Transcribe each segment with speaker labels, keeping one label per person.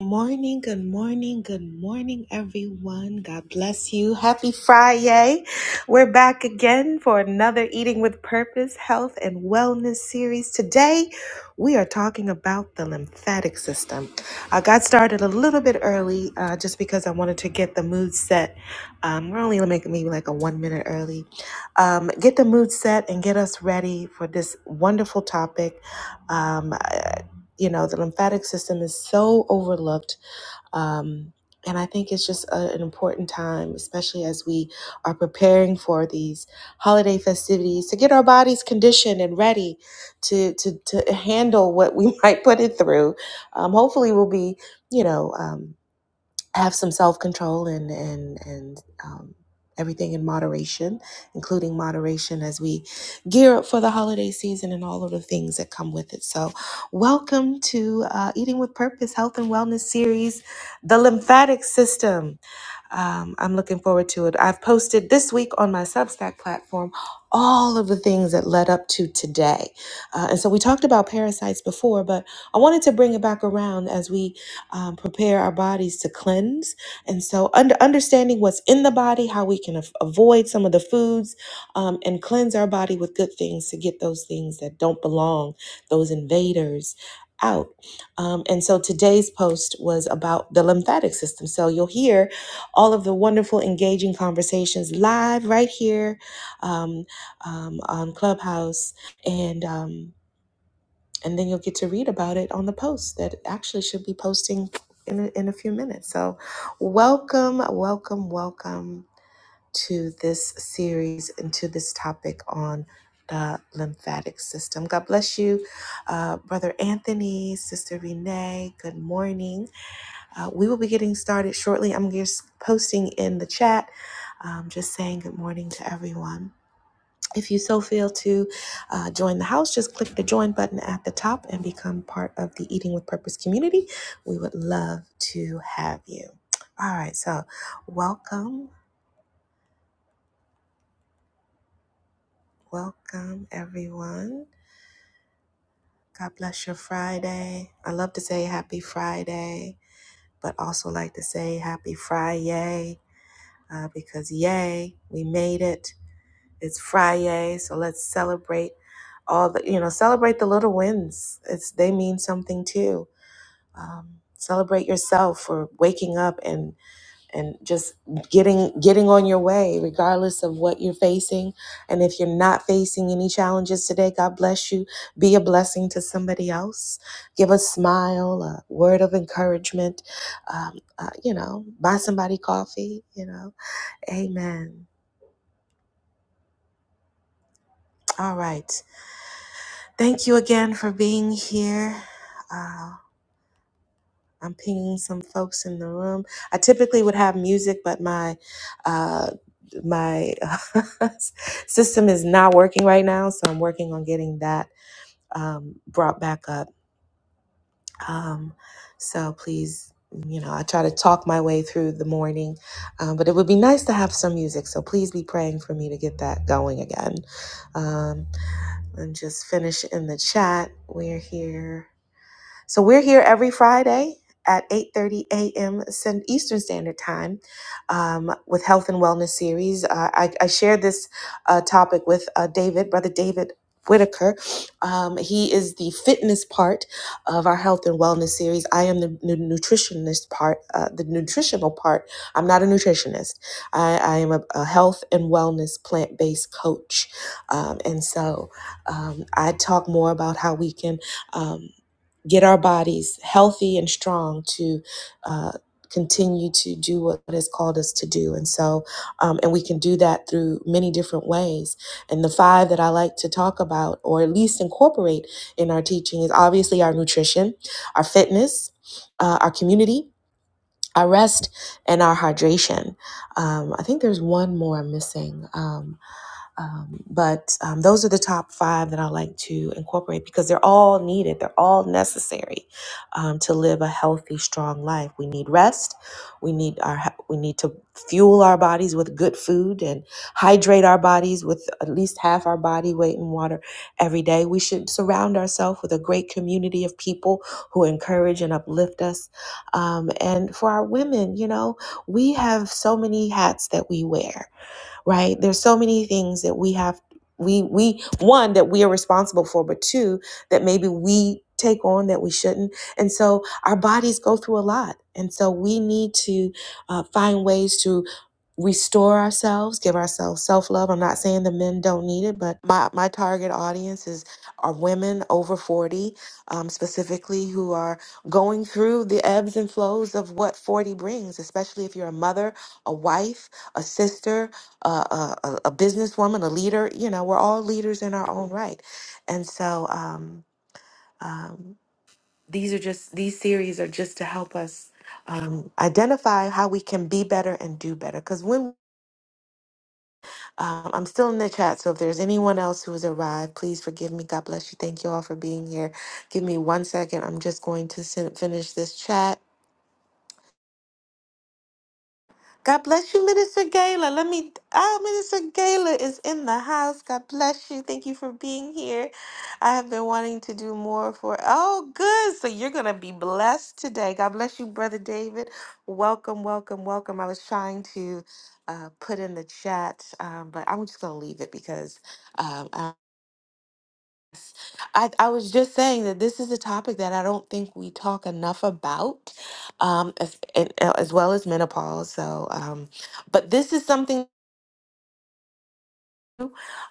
Speaker 1: Morning, good morning, good morning, everyone. God bless you. Happy Friday. We're back again for another Eating with Purpose Health and Wellness series. Today, we are talking about the lymphatic system. I got started a little bit early uh, just because I wanted to get the mood set. Um, we're only going to make maybe like a one minute early. Um, get the mood set and get us ready for this wonderful topic. Um, uh, you know, the lymphatic system is so overlooked um, and I think it's just a, an important time, especially as we are preparing for these holiday festivities, to get our bodies conditioned and ready to to, to handle what we might put it through. Um, hopefully, we'll be, you know. Um, have some self control and and and um, everything in moderation, including moderation as we gear up for the holiday season and all of the things that come with it. So, welcome to uh, Eating with Purpose Health and Wellness Series, the lymphatic system. Um, I'm looking forward to it. I've posted this week on my Substack platform all of the things that led up to today. Uh, and so we talked about parasites before, but I wanted to bring it back around as we um, prepare our bodies to cleanse. And so under, understanding what's in the body, how we can af- avoid some of the foods um, and cleanse our body with good things to get those things that don't belong, those invaders out. Um, and so today's post was about the lymphatic system. So you'll hear all of the wonderful, engaging conversations live right here um, um, on Clubhouse, and um, and then you'll get to read about it on the post that actually should be posting in a, in a few minutes. So, welcome, welcome, welcome to this series and to this topic on the lymphatic system. God bless you, uh, Brother Anthony, Sister Renee. Good morning uh, we will be getting started shortly. I'm just posting in the chat, um, just saying good morning to everyone. If you so feel to uh, join the house, just click the join button at the top and become part of the Eating with Purpose community. We would love to have you. All right, so welcome, welcome everyone. God bless your Friday. I love to say happy Friday, but also like to say happy Friday uh, because yay, we made it It's Friday, so let's celebrate all the you know celebrate the little wins. It's they mean something too. Um, celebrate yourself for waking up and and just getting getting on your way, regardless of what you're facing. And if you're not facing any challenges today, God bless you. Be a blessing to somebody else. Give a smile, a word of encouragement. Um, uh, you know, buy somebody coffee. You know, Amen. All right. Thank you again for being here. Uh, I'm pinging some folks in the room. I typically would have music, but my uh, my system is not working right now, so I'm working on getting that um, brought back up. Um, so please, you know, I try to talk my way through the morning, um, but it would be nice to have some music. So please be praying for me to get that going again. Um, and just finish in the chat. We're here. So we're here every Friday at 8:30 a.m. Cen- Eastern Standard Time um, with Health and Wellness Series. Uh, I, I shared this uh, topic with uh, David, Brother David. Whitaker. Um, he is the fitness part of our health and wellness series. I am the nu- nutritionist part, uh, the nutritional part. I'm not a nutritionist. I, I am a, a health and wellness plant based coach. Um, and so um, I talk more about how we can. um get our bodies healthy and strong to uh, continue to do what it has called us to do and so um, and we can do that through many different ways and the five that i like to talk about or at least incorporate in our teaching is obviously our nutrition our fitness uh, our community our rest and our hydration um, i think there's one more i'm missing Um, um, but um, those are the top five that I like to incorporate because they're all needed. They're all necessary um, to live a healthy, strong life. We need rest. We need our he- we need to fuel our bodies with good food and hydrate our bodies with at least half our body weight in water every day. We should surround ourselves with a great community of people who encourage and uplift us. Um, and for our women, you know, we have so many hats that we wear right there's so many things that we have we we one that we are responsible for but two that maybe we take on that we shouldn't and so our bodies go through a lot and so we need to uh, find ways to restore ourselves give ourselves self-love i'm not saying the men don't need it but my, my target audience is are women over 40 um, specifically who are going through the ebbs and flows of what 40 brings especially if you're a mother a wife a sister a, a, a businesswoman, a leader. You know, we're all leaders in our own right. And so um, um, these are just, these series are just to help us um, identify how we can be better and do better. Because when um, I'm still in the chat, so if there's anyone else who has arrived, please forgive me. God bless you. Thank you all for being here. Give me one second. I'm just going to sen- finish this chat God bless you, Minister Gala. Let me, ah, Minister Gala is in the house. God bless you. Thank you for being here. I have been wanting to do more for, oh, good. So you're going to be blessed today. God bless you, Brother David. Welcome, welcome, welcome. I was trying to uh, put in the chat, um, but I'm just going to leave it because um, I, I was just saying that this is a topic that I don't think we talk enough about, um, as, and, uh, as well as menopause. So, um, but this is something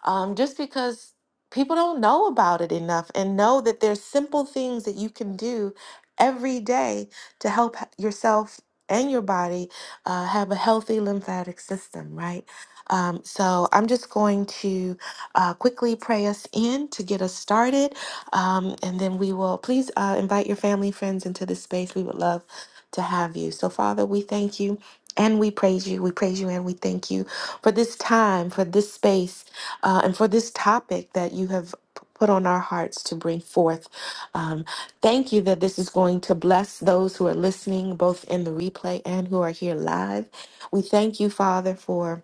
Speaker 1: um, just because people don't know about it enough and know that there's simple things that you can do every day to help h- yourself and your body uh, have a healthy lymphatic system, right? Um, so I'm just going to uh, quickly pray us in to get us started, um, and then we will please uh, invite your family, friends into this space. We would love to have you. So Father, we thank you and we praise you. We praise you and we thank you for this time, for this space uh, and for this topic that you have p- put on our hearts to bring forth. Um, thank you that this is going to bless those who are listening, both in the replay and who are here live. We thank you, Father, for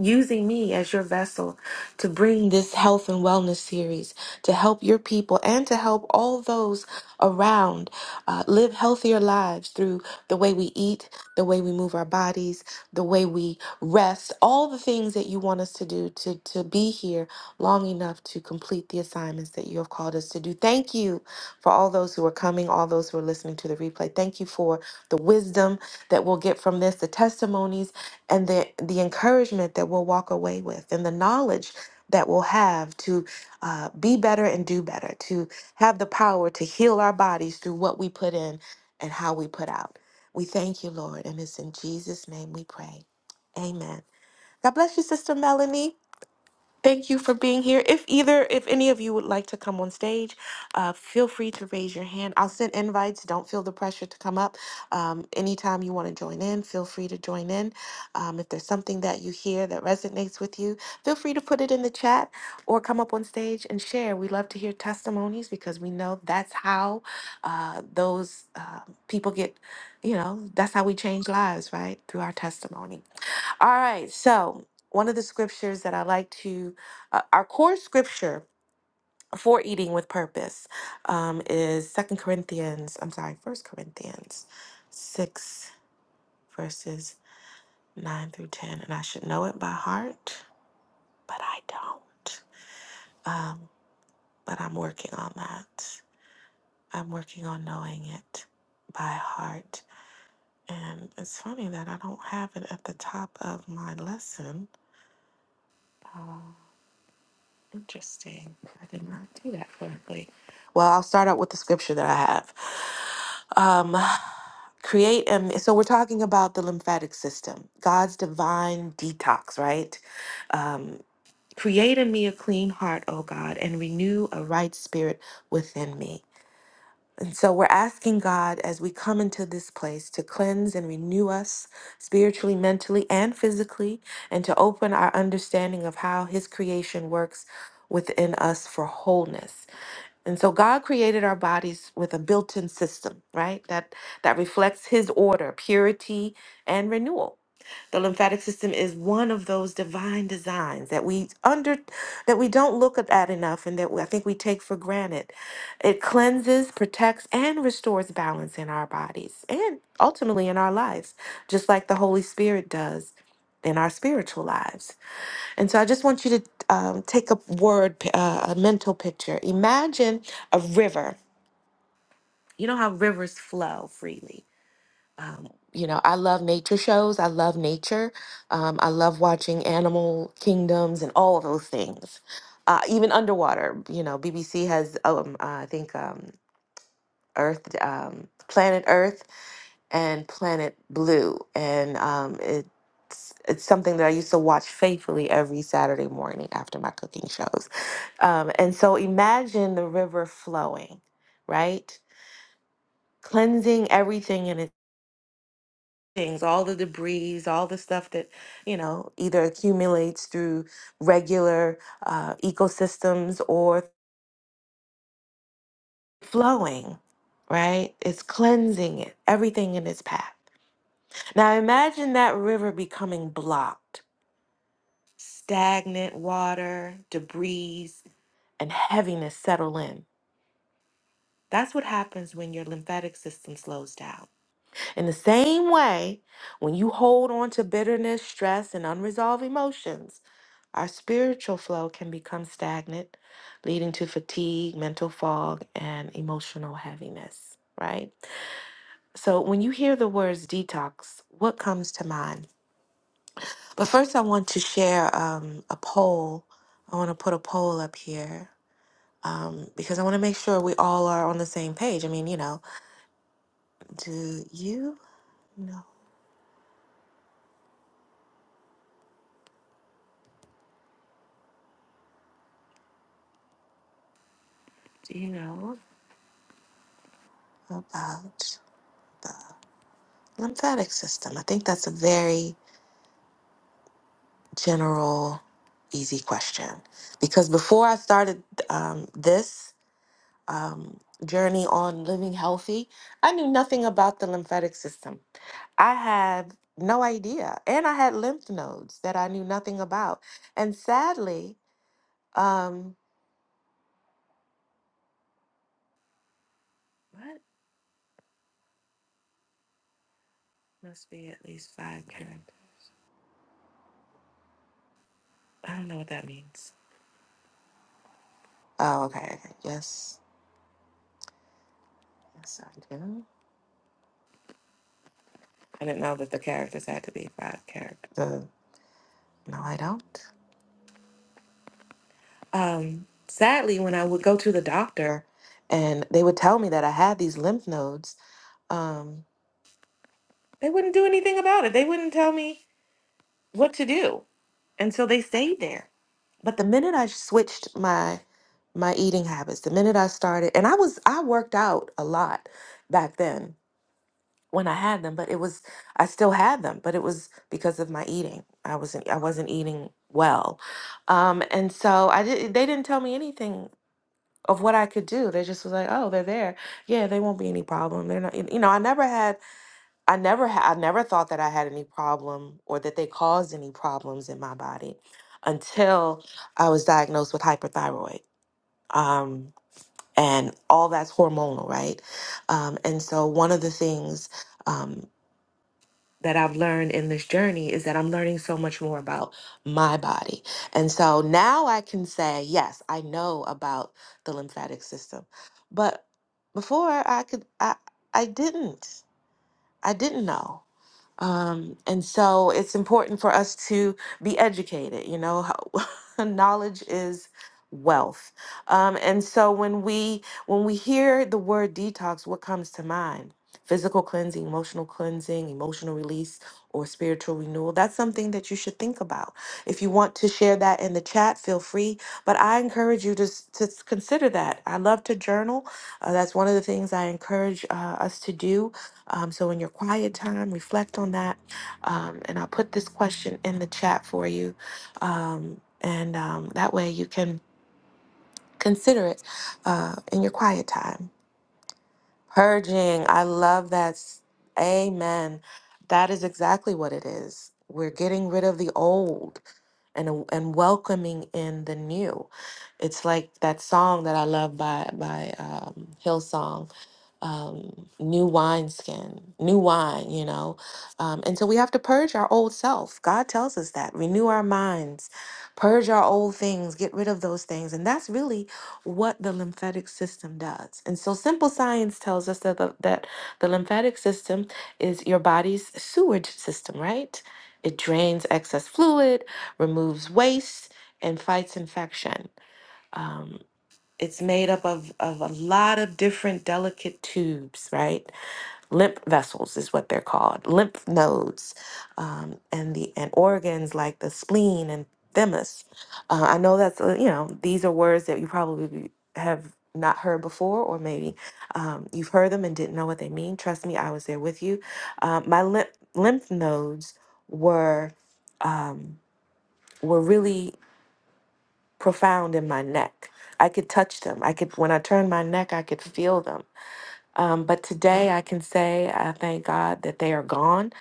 Speaker 1: using me as your vessel to bring this health and wellness series to help your people and to help all those around uh, live healthier lives through the way we eat, the way we move our bodies, the way we rest, all the things that you want us to do to, to be here long enough to complete the assignments that you have called us to do. Thank you for all those who are coming, all those who are listening to the replay. Thank you for the wisdom that we'll get from this, the testimonies and the the encouragement that we'll walk away with and the knowledge that we'll have to uh, be better and do better to have the power to heal our bodies through what we put in and how we put out we thank you lord and it's in jesus name we pray amen god bless you sister melanie Thank you for being here. If either, if any of you would like to come on stage, uh, feel free to raise your hand. I'll send invites. Don't feel the pressure to come up. Um, anytime you want to join in, feel free to join in. Um, if there's something that you hear that resonates with you, feel free to put it in the chat or come up on stage and share. We love to hear testimonies because we know that's how uh, those uh, people get, you know, that's how we change lives, right? Through our testimony. All right, so one of the scriptures that I like to, uh, our core scripture for eating with purpose um, is Second Corinthians, I'm sorry, First Corinthians 6, verses 9 through 10. And I should know it by heart, but I don't. Um, but I'm working on that. I'm working on knowing it by heart. And it's funny that I don't have it at the top of my lesson. Uh, Interesting. I did not do that correctly. Well, I'll start out with the scripture that I have. Um, create and so we're talking about the lymphatic system, God's divine detox, right? Um, create in me a clean heart, O God, and renew a right spirit within me. And so we're asking God as we come into this place to cleanse and renew us spiritually, mentally, and physically, and to open our understanding of how His creation works within us for wholeness. And so God created our bodies with a built-in system, right? That that reflects his order, purity, and renewal. The lymphatic system is one of those divine designs that we under that we don't look at enough and that we- I think we take for granted. It cleanses, protects and restores balance in our bodies and ultimately in our lives, just like the Holy Spirit does in our spiritual lives. And so I just want you to um, take a word, pi- uh, a mental picture. Imagine a river. You know how rivers flow freely. Um, you know, I love nature shows. I love nature. Um, I love watching animal kingdoms and all of those things. Uh, even underwater, you know, BBC has, um, uh, I think, um, Earth, um, Planet Earth, and Planet Blue, and um, it's it's something that I used to watch faithfully every Saturday morning after my cooking shows. Um, and so, imagine the river flowing, right? Cleansing everything in its things, all the debris, all the stuff that, you know, either accumulates through regular uh, ecosystems or flowing, right? It's cleansing it, everything in its path. Now imagine that river becoming blocked, stagnant water, debris, and heaviness settle in. That's what happens when your lymphatic system slows down. In the same way, when you hold on to bitterness, stress, and unresolved emotions, Our spiritual flow can become stagnant, leading to fatigue, mental fog, and emotional heaviness, right? So, when you hear the words detox, what comes to mind? But first, I want to share um, a poll. I want to put a poll up here um, because I want to make sure we all are on the same page. I mean, you know, do you know? Do you know about lymphatic system? I think that's a very general, easy question. Because before I started um, this um, journey on living healthy, I knew nothing about the lymphatic system. I had no idea. And I had lymph nodes that I knew nothing about. And sadly, um, what must be at least five current? I don't know what that means. Oh, okay. okay. Yes. Yes, I do. I didn't know that the characters had to be five characters. Uh, no, I don't. Um, sadly, when I would go to the doctor and they would tell me that I had these lymph nodes, um, they wouldn't do anything about it. They wouldn't tell me what to do. And so they stayed there. But the minute I switched my my eating habits, the minute I started, and I was I worked out a lot back then when I had them, but it was I still had them, but it was because of my eating. I wasn't I wasn't eating well. Um, and so I did, they didn't tell me anything of what I could do. They just was like, oh, they're there. Yeah, they won't be any problem. They're not, you know, I never had, I never had, I never thought that I had any problem or that they caused any problems in my body until I was diagnosed with hyperthyroid. Um, and all that's hormonal, right? Um, and so one of the things um, that I've learned in this journey is that I'm learning so much more about my body. And so now I can say, yes, I know about the lymphatic system. But before I could I I didn't. I didn't know. Um, and so it's important for us to be educated, you know, how, knowledge is wealth. Um, and so when we when we hear the word detox, what comes to mind? Physical cleansing, emotional cleansing, emotional release, or spiritual renewal. That's something that you should think about. If you want to share that in the chat, feel free. But I encourage you to, s- to s- consider that. I love to journal. Uh, that's one of the things I encourage uh, us to do um, so, in your quiet time, reflect on that. Um, and I'll put this question in the chat for you. Um, and um, that way you can consider it uh, in your quiet time. Purging. I love that. s- Amen. That is exactly what it is. We're getting rid of the old and and welcoming in the new. It's like that song that I love by by um, Hillsong um, new wineskin, new wine, you know. Um, and so we have to purge our old self. God tells us that. Renew our minds, purge our old things, get rid of those things. And that's really what the lymphatic system does. And so simple science tells us that the, that the lymphatic system is your body's sewage system, right? It drains excess fluid, removes waste, and fights infection. Um, it's made up of, of a lot of different delicate tubes, right? Lymph vessels is what they're called, lymph nodes, um, and the and organs like the spleen and thymus. Uh, I know that's uh, you know these are words that you probably be- have not heard before, or maybe um, you've heard them and didn't know what they mean. Trust me, I was there with you. Uh, my lymph lymph nodes were um, were really profound in my neck. I could touch them. I could, when I turned my neck, I could feel them. Um, but today I can say I thank God that they are gone.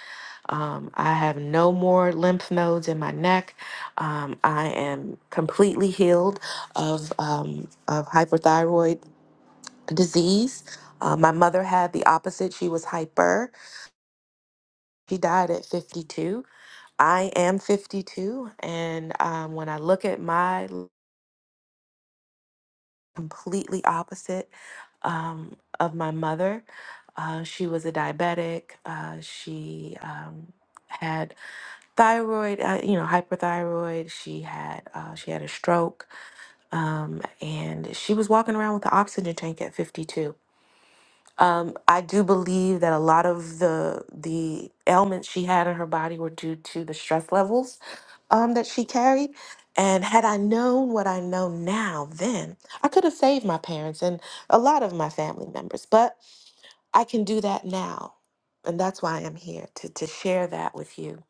Speaker 1: Um, I have no more lymph nodes in my neck. Um, I am completely healed of, um, of hyperthyroid disease. Uh, my mother had the opposite. She was hyper. She died at 52. I am 52. And um, when I look at my completely opposite um, of my mother. Uh, she was a diabetic. Uh, she um, had thyroid, uh, you know, hyperthyroid. She had uh, she had a stroke, um, and she was walking around with an oxygen tank at 52. Um, I do believe that a lot of the the ailments she had in her body were due to the stress levels um, that she carried. And had I known what I know now then, I could have saved my parents and a lot of my family members. But I can do that now. And that's why I'm here to, to share that with you.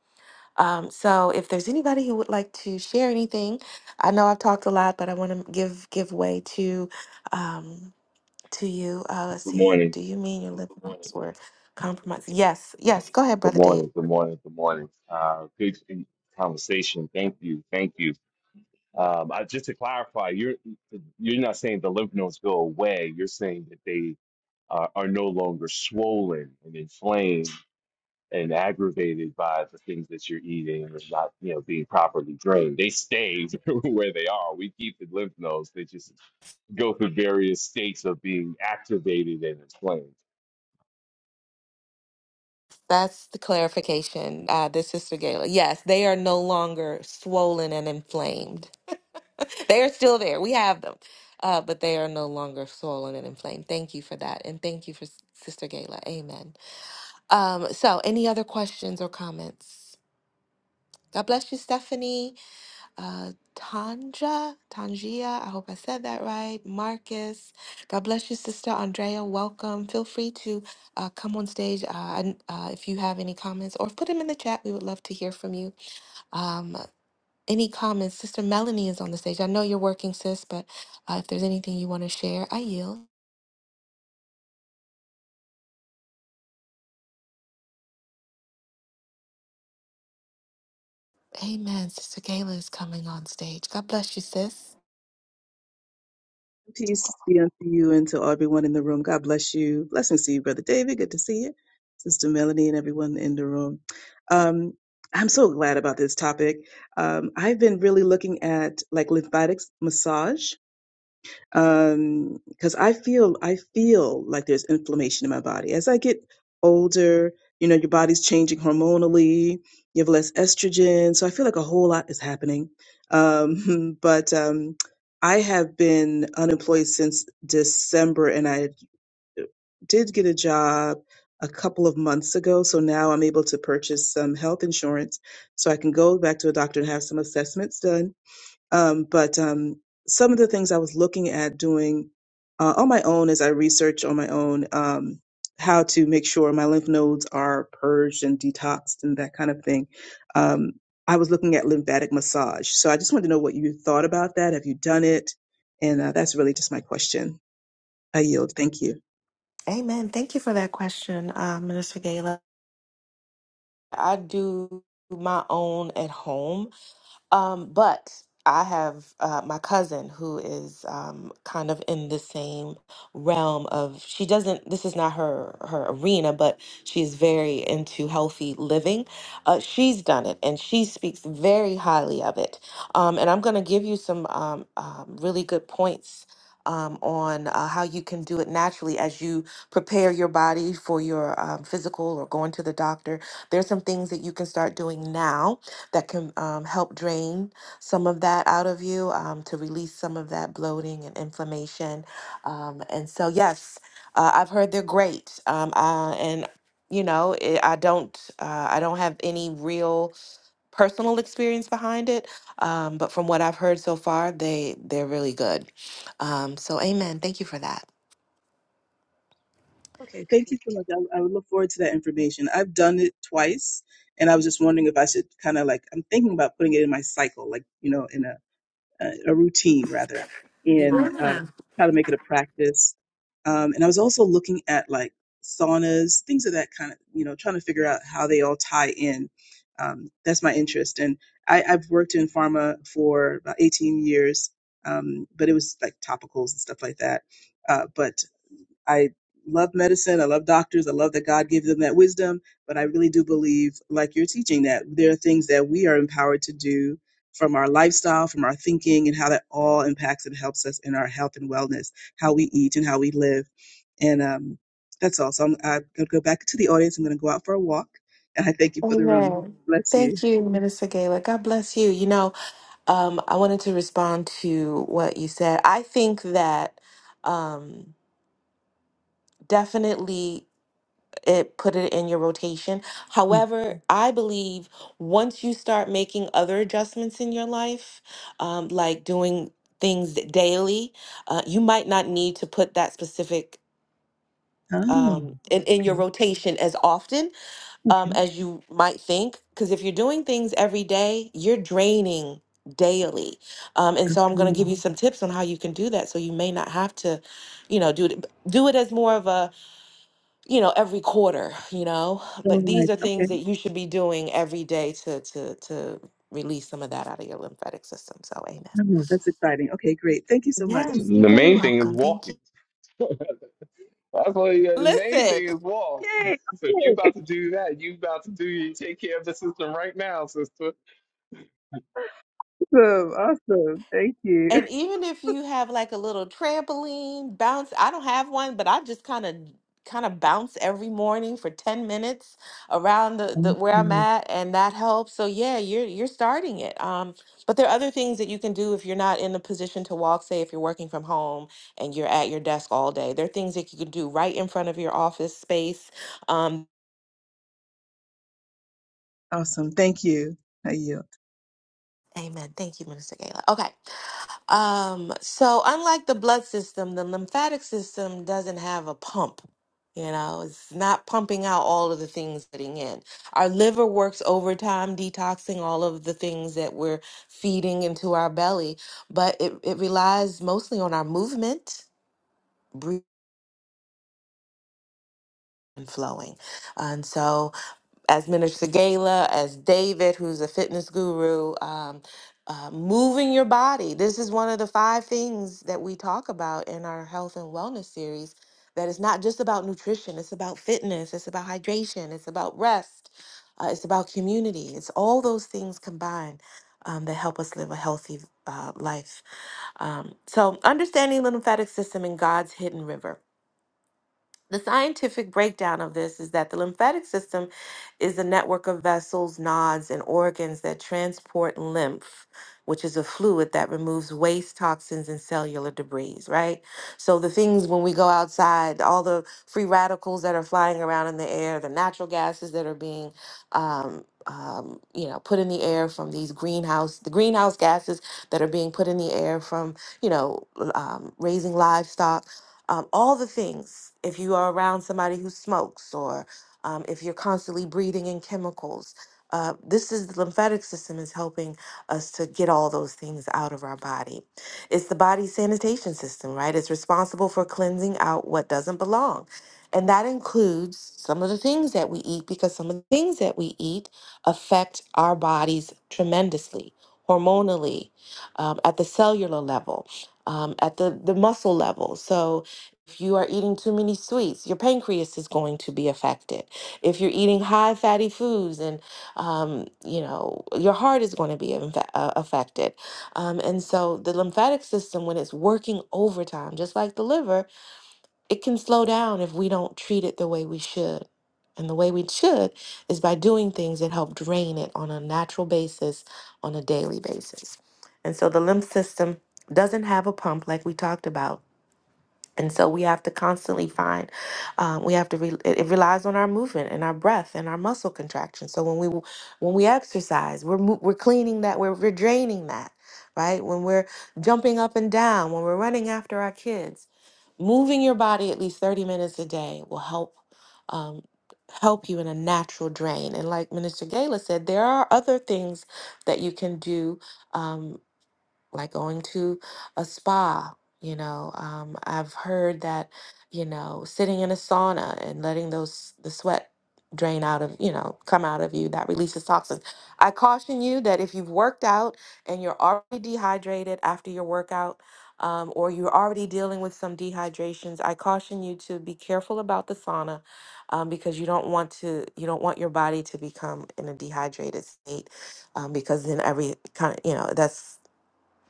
Speaker 1: Um, so if there's anybody who would like to share anything, I know I've talked a lot, but I want to give give way to um, to you. Uh, let's
Speaker 2: Good
Speaker 1: see.
Speaker 2: morning.
Speaker 1: Do you mean your lips were compromised? Yes. Yes. Go ahead,
Speaker 2: Good
Speaker 1: Brother
Speaker 2: morning. Good morning. Good morning. Uh, good conversation. Thank you. Thank you. Um, I, just to clarify, you're you're not saying the lymph nodes go away. You're saying that they uh, are no longer swollen and inflamed and aggravated by the things that you're eating and not you know being properly drained. They stay where they are. We keep the lymph nodes. They just go through various states of being activated and inflamed.
Speaker 1: That's the clarification. Uh, this is Gala. Yes, they are no longer swollen and inflamed. They are still there. We have them, uh, but they are no longer swollen and inflamed. Thank you for that, and thank you for S- Sister Gayla. Amen. Um, so, any other questions or comments? God bless you, Stephanie uh, Tanja, Tangia, I hope I said that right. Marcus, God bless you, Sister Andrea. Welcome. Feel free to uh, come on stage uh, and, uh, if you have any comments or put them in the chat. We would love to hear from you. Um, any comments? Sister Melanie is on the stage. I know you're working, sis, but uh, if there's anything you want to share, I yield. Amen. Sister Gayla is coming on stage. God bless you, sis.
Speaker 3: Peace be unto you and to everyone in the room. God bless you. Blessings to you, Brother David. Good to see you. Sister Melanie and everyone in the room. Um, I'm so glad about this topic. Um, I've been really looking at like lymphatic massage um because i feel i feel like there's inflammation in my body as i get older you know your body's changing hormonally you have less estrogen so i feel like a whole lot is happening um but um i have been unemployed since december and i did get a job a couple of months ago so now i'm able to purchase some health insurance so i can go back to a doctor and have some assessments done um, but um, some of the things I was looking at doing uh, on my own as I research on my own um, how to make sure my lymph nodes are purged and detoxed and that kind of thing, um, I was looking at lymphatic massage. So I just wanted to know what you thought about that. Have you done it? And uh, that's really just my question. I yield. Thank you.
Speaker 1: Amen. Thank you for that question, uh, Minister Gayla. I do my own at home Um, but I have uh, my cousin who is um, kind of in the same realm of she doesn't this is not her her arena, but she's very into healthy living. Uh, she's done it and she speaks very highly of it. Um, and I'm going to give you some um, um, really good points. Um, on uh, how you can do it naturally as you prepare your body for your um, physical or going to the doctor. There's some things that you can start doing now that can um, help drain some of that out of you um, to release some of that bloating and inflammation. Um, and so, yes, uh, I've heard they're great, um, uh, and you know, it, I don't, uh, I don't have any real personal experience behind it, um, but from what I've heard so far, they they're really good. Um, so, Amen. Thank you for that.
Speaker 3: Okay, thank you so much. I, I would look forward to that information. I've done it twice, and I was just wondering if I should kind of like I'm thinking about putting it in my cycle, like you know, in a uh, a routine rather
Speaker 1: Yeah.
Speaker 3: in uh,
Speaker 1: Amen.
Speaker 3: how to make it a practice. Um, and I was also looking at like saunas, things of that kind of, you know, trying to figure out how they all tie in. Um, that's my interest. And I, I've worked in pharma for about 18 years, um, but it was like topicals and stuff like that. Uh, but I love medicine. I love doctors. I love that God gives them that wisdom. But I really do believe, like you're teaching, that there are things that we are empowered to do from our lifestyle, from our thinking, and how that all impacts and helps us in our health and wellness, how we eat and how we live. And um, that's all. So I'm, I'm going to go back to the audience. I'm going to go out for a walk. And I thank you for the room.
Speaker 1: Amen.
Speaker 3: Bless you.
Speaker 1: Thank you, Minister Gala. God bless you. You know. Um, I wanted to respond to what you said. I think that um, definitely it put it in your rotation. However, I believe once you start making other adjustments in your life, um, like doing things daily, uh, you might not need to put that specific
Speaker 3: Oh,
Speaker 1: um, in, in your
Speaker 3: okay.
Speaker 1: rotation as often um,
Speaker 3: Okay.
Speaker 1: as you might think. Because if you're doing things every day, you're draining daily. Um, and so I'm going to give
Speaker 3: Absolutely.
Speaker 1: you some tips on how you can do that. So you may not have to, you know, do it, do it as more of a, you know, every quarter, you know,
Speaker 3: So
Speaker 1: but these
Speaker 3: nice.
Speaker 1: are things
Speaker 3: Okay.
Speaker 1: that you should be doing every day to, to, to release some of that out of your lymphatic system. So amen.
Speaker 3: No, that's exciting. Okay, great. Thank you so much.
Speaker 2: The
Speaker 1: Yes, you're very
Speaker 2: main thing is
Speaker 1: welcome. Thank you.
Speaker 2: walking. That's what the main
Speaker 1: Listen.
Speaker 2: thing is walk.
Speaker 3: Yay.
Speaker 2: So if you
Speaker 3: Okay.
Speaker 2: about to do that, you about to do you take care of the system right now, sister.
Speaker 3: Awesome. Awesome. Thank you.
Speaker 1: And even if you have like a little trampoline bounce, I don't have one, but I just kind of kind of bounce every morning for 10 minutes around the, the
Speaker 3: Thank
Speaker 1: where I'm
Speaker 3: you.
Speaker 1: at and that helps. So yeah, you're you're starting it. Um, but there are other things that you can do if you're not in a position to walk, say if you're working from home and you're at your desk all day. There are things that you can do right in front of your office space. Um,
Speaker 3: Awesome. Thank you. Thank you.
Speaker 1: Amen. Thank you, Minister Gala. Okay. Um, so unlike the blood system, the lymphatic system doesn't have a pump. You know, it's not pumping out all of the things getting in. Our liver works overtime, detoxing all of the things that we're feeding into our belly, but it, it relies mostly on our movement, breathing, and flowing. And so as Minister Gala, as David, who's a fitness guru, um, uh, moving your body. This is one of the five things that we talk about in our health and wellness series. That it's not just about nutrition, it's about fitness, it's about hydration, it's about rest, uh, it's about community. It's all those things combined um, that help us live a healthy uh, life. Um, so, understanding the lymphatic system in God's hidden river. The scientific breakdown of this is that the lymphatic system is a network of vessels, nodes, and organs that transport lymph, which is a fluid that removes waste, toxins, and cellular debris, right? So the things when we go outside, all the free radicals that are flying around in the air, the natural gases that are being um, um, you know, put in the air from these greenhouse, the greenhouse gases that are being put in the air from, you know, l- um, raising livestock um, all the things. If you are around somebody who smokes, or um, if you're constantly breathing in chemicals, uh, this is the lymphatic system is helping us to get all those things out of our body. It's the body's sanitation system, right? It's responsible for cleansing out what doesn't belong. And that includes some of the things that we eat because some of the things that we eat affect our bodies tremendously, hormonally, um, at the cellular level, um, at the, the muscle level. So, if you are eating too many sweets, your pancreas is going to be affected. If you're eating high fatty foods, and um, you know your heart is going to be infe- uh, affected. Um, and so the lymphatic system, when it's working overtime, just like the liver, it can slow down if we don't treat it the way we should. And the way we should is by doing things that help drain it on a natural basis, on a daily basis. And so the lymph system doesn't have a pump like we talked about and so we have to constantly find, um, we have to, re- it it relies on our movement and our breath and our muscle contraction. So when we, w- when we exercise, we're, mo- we're cleaning that, we're, we're draining that, right? When we're jumping up and down, when we're running after our kids, moving your body at least 30 minutes a day will help, um, help you in a natural drain. And like Minister Gala said, there are other things that you can do um, like going to a spa. You know, um, I've heard that, you know, sitting in a sauna and letting those the sweat drain out of, you know, come out of you that releases toxins. I caution you that if you've worked out and you're already dehydrated after your workout, um, or you're already dealing with some dehydrations, I caution you to be careful about the sauna um, because you don't want to you don't want your body to become in a dehydrated state um, because then every kind of you know that's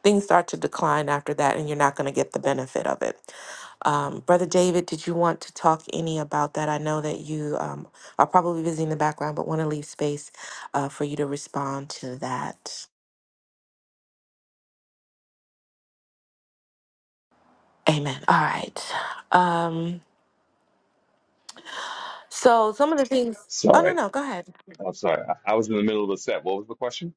Speaker 1: things start to decline after that and you're not going to get the benefit of it um, brother david did you want to talk any about that i know that you um, are probably busy in the background but want to leave space uh, for you to respond to that amen all right um, so some of the things oh no
Speaker 2: Sorry.
Speaker 1: no go ahead
Speaker 2: I'm sorry. I, I was in the middle of the set. What was the question?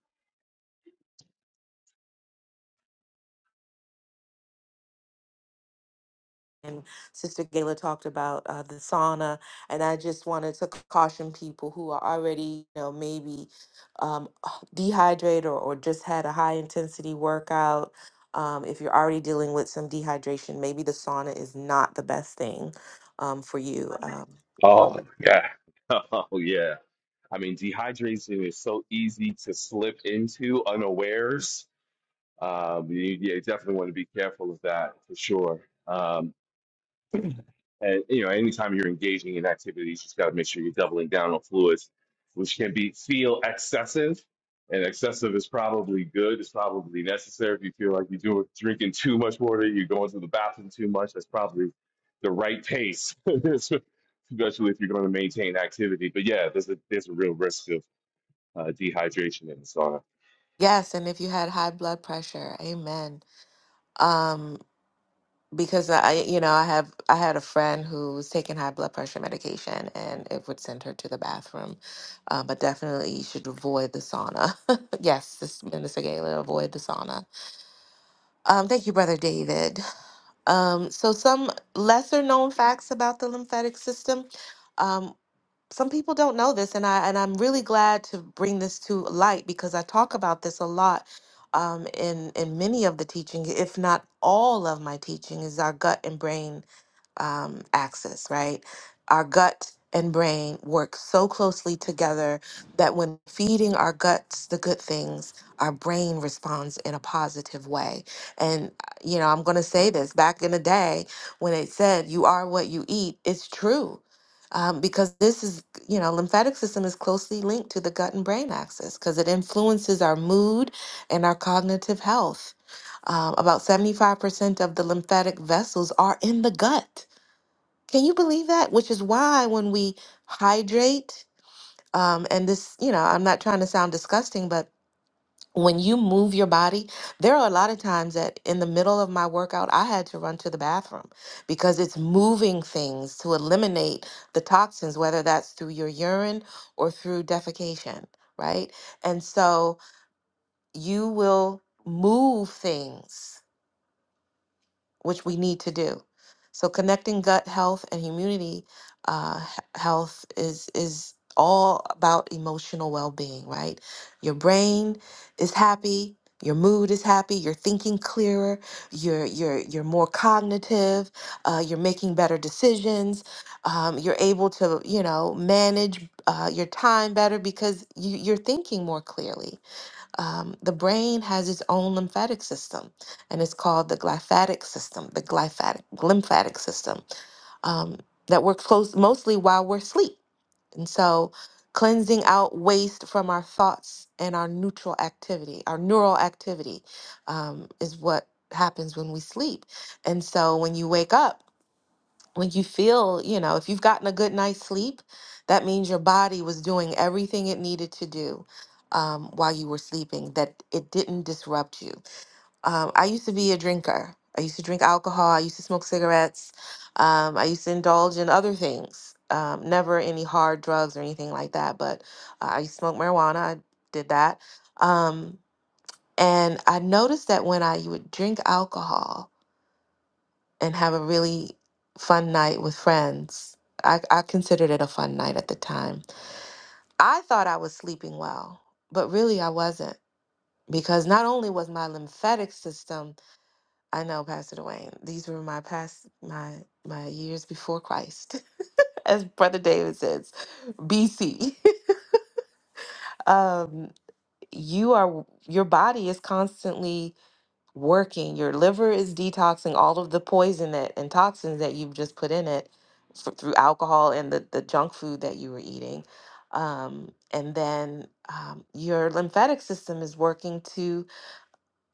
Speaker 1: and Sister Gayla talked about uh, the sauna, and I just wanted to caution people who are already, you know, maybe um, dehydrated or, or just had a high intensity workout. Um, if you're already dealing with some dehydration, maybe the sauna is not the best thing um, for you. Um,
Speaker 2: Oh yeah. Oh yeah. I mean dehydration is so easy to slip into unawares. Um you, yeah, you definitely want to be careful of that for sure. Um, And you know, anytime you're engaging in activities, you just got to make sure you're doubling down on fluids, which can be feel excessive. And excessive is probably good. It's probably necessary. If you feel like you're doing, drinking too much water, you're going to the bathroom too much. That's probably the right pace, especially if you're going to maintain activity. But yeah, there's a there's a real risk of uh, dehydration in the sauna.
Speaker 1: yes, and if you had high blood pressure, amen. Um, because I, you know, I have I had a friend who was taking high blood pressure medication, and it would send her to the bathroom. Uh, but definitely, you should avoid the sauna. yes, this Minister Galen, avoid the sauna. Um, thank you, Brother David. Um, so, some lesser known facts about the lymphatic system. Um, some people don't know this and i and i'm really glad to bring this to light because i talk about this a lot um, in in many of the teaching if not all of my teaching is our gut and brain um, axis right our gut and brain work so closely together that when feeding our guts the good things our brain responds in a positive way and uh, you know i'm going to say this back in the day when it said you are what you eat it's true um, because this is you know, lymphatic system is closely linked to the gut and brain axis because it influences our mood and our cognitive health. Um, about 75% of the lymphatic vessels are in the gut. Can you believe that? Which is why when we hydrate, um, and this, you know, I'm not trying to sound disgusting, but when you move your body, there are a lot of times that in the middle of my workout, I had to run to the bathroom because it's moving things to eliminate the toxins, whether that's through your urine or through defecation, right? And so you will move things which we need to do. So connecting gut health and immunity uh, h- health is is all about emotional well-being, right? Your brain is happy, your mood is happy, you're thinking clearer, you're you're you're more cognitive, uh, you're making better decisions, um, you're able to you know manage uh, your time better because you, you're thinking more clearly um, the brain has its own lymphatic system, and it's called the glyphatic system, the glyphatic lymphatic system um, that works close mostly while we're asleep. And so, cleansing out waste from our thoughts and our neutral activity, our neural activity, um, is what happens when we sleep. And so, when you wake up when you feel, you know, if you've gotten a good night's sleep, that means your body was doing everything it needed to do um, while you were sleeping, that it didn't disrupt you. Um, I used to be a drinker. I used to drink alcohol. I used to smoke cigarettes. Um, I used to indulge in other things, um, never any hard drugs or anything like that. But uh, I used to smoke marijuana. I did that. Um, and I noticed that when I would drink alcohol, and have a really fun night with friends. I, I considered it a fun night at the time. I thought I was sleeping well, but really I wasn't because not only was my lymphatic system, I know Pastor Dwayne, these were my past my my years before Christ, as Brother David says, BC. um, you are your body is constantly working. Your liver is detoxing all of the poison that and toxins that you've just put in it f- through alcohol and the, the junk food that you were eating. Um, and then um, your lymphatic system is working to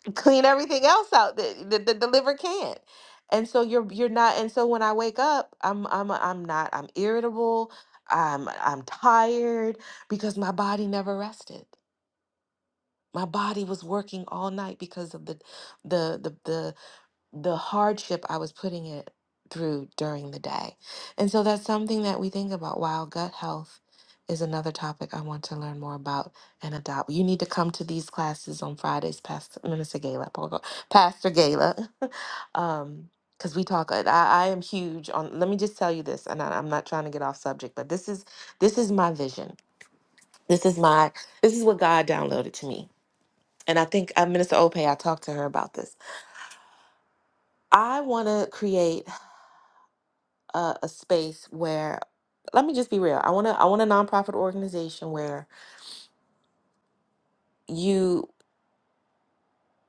Speaker 1: clean everything else out that, that, that the liver can't. And so you're you're not. And so when I wake up, I'm I'm I'm not. I'm irritable. I'm I'm tired because my body never rested. My body was working all night because of the the the the the hardship I was putting it through during the day. And so that's something that we think about. Wow, gut health is another topic I want to learn more about and adopt. You need to come to these classes on Fridays, Pastor Minister Gala, Paul- Pastor Gala, um, because we talk. I, I am huge on. Let me just tell you this, and I, I'm not trying to get off subject, but this is this is my vision. This is my this is what God downloaded to me, and I think uh, Minister Ope. I talked to her about this. I want to create. a, a space where let me just be real. I want to I want a nonprofit organization where you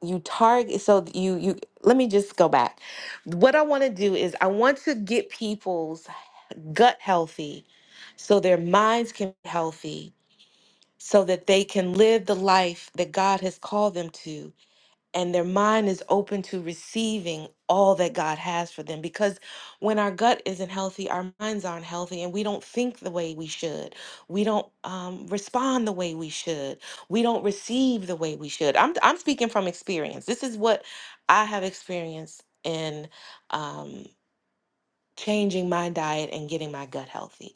Speaker 1: you target so you you let me just go back. What I want to do is I want to get people's gut healthy so their minds can be healthy so that they can live the life that God has called them to and their mind is open to receiving all that God has for them. Because when our gut isn't healthy, our minds aren't healthy, and we don't think the way we should. We don't um, respond the way we should. We don't receive the way we should. I'm, I'm speaking from experience. This is what I have experienced in um, changing my diet and getting my gut healthy.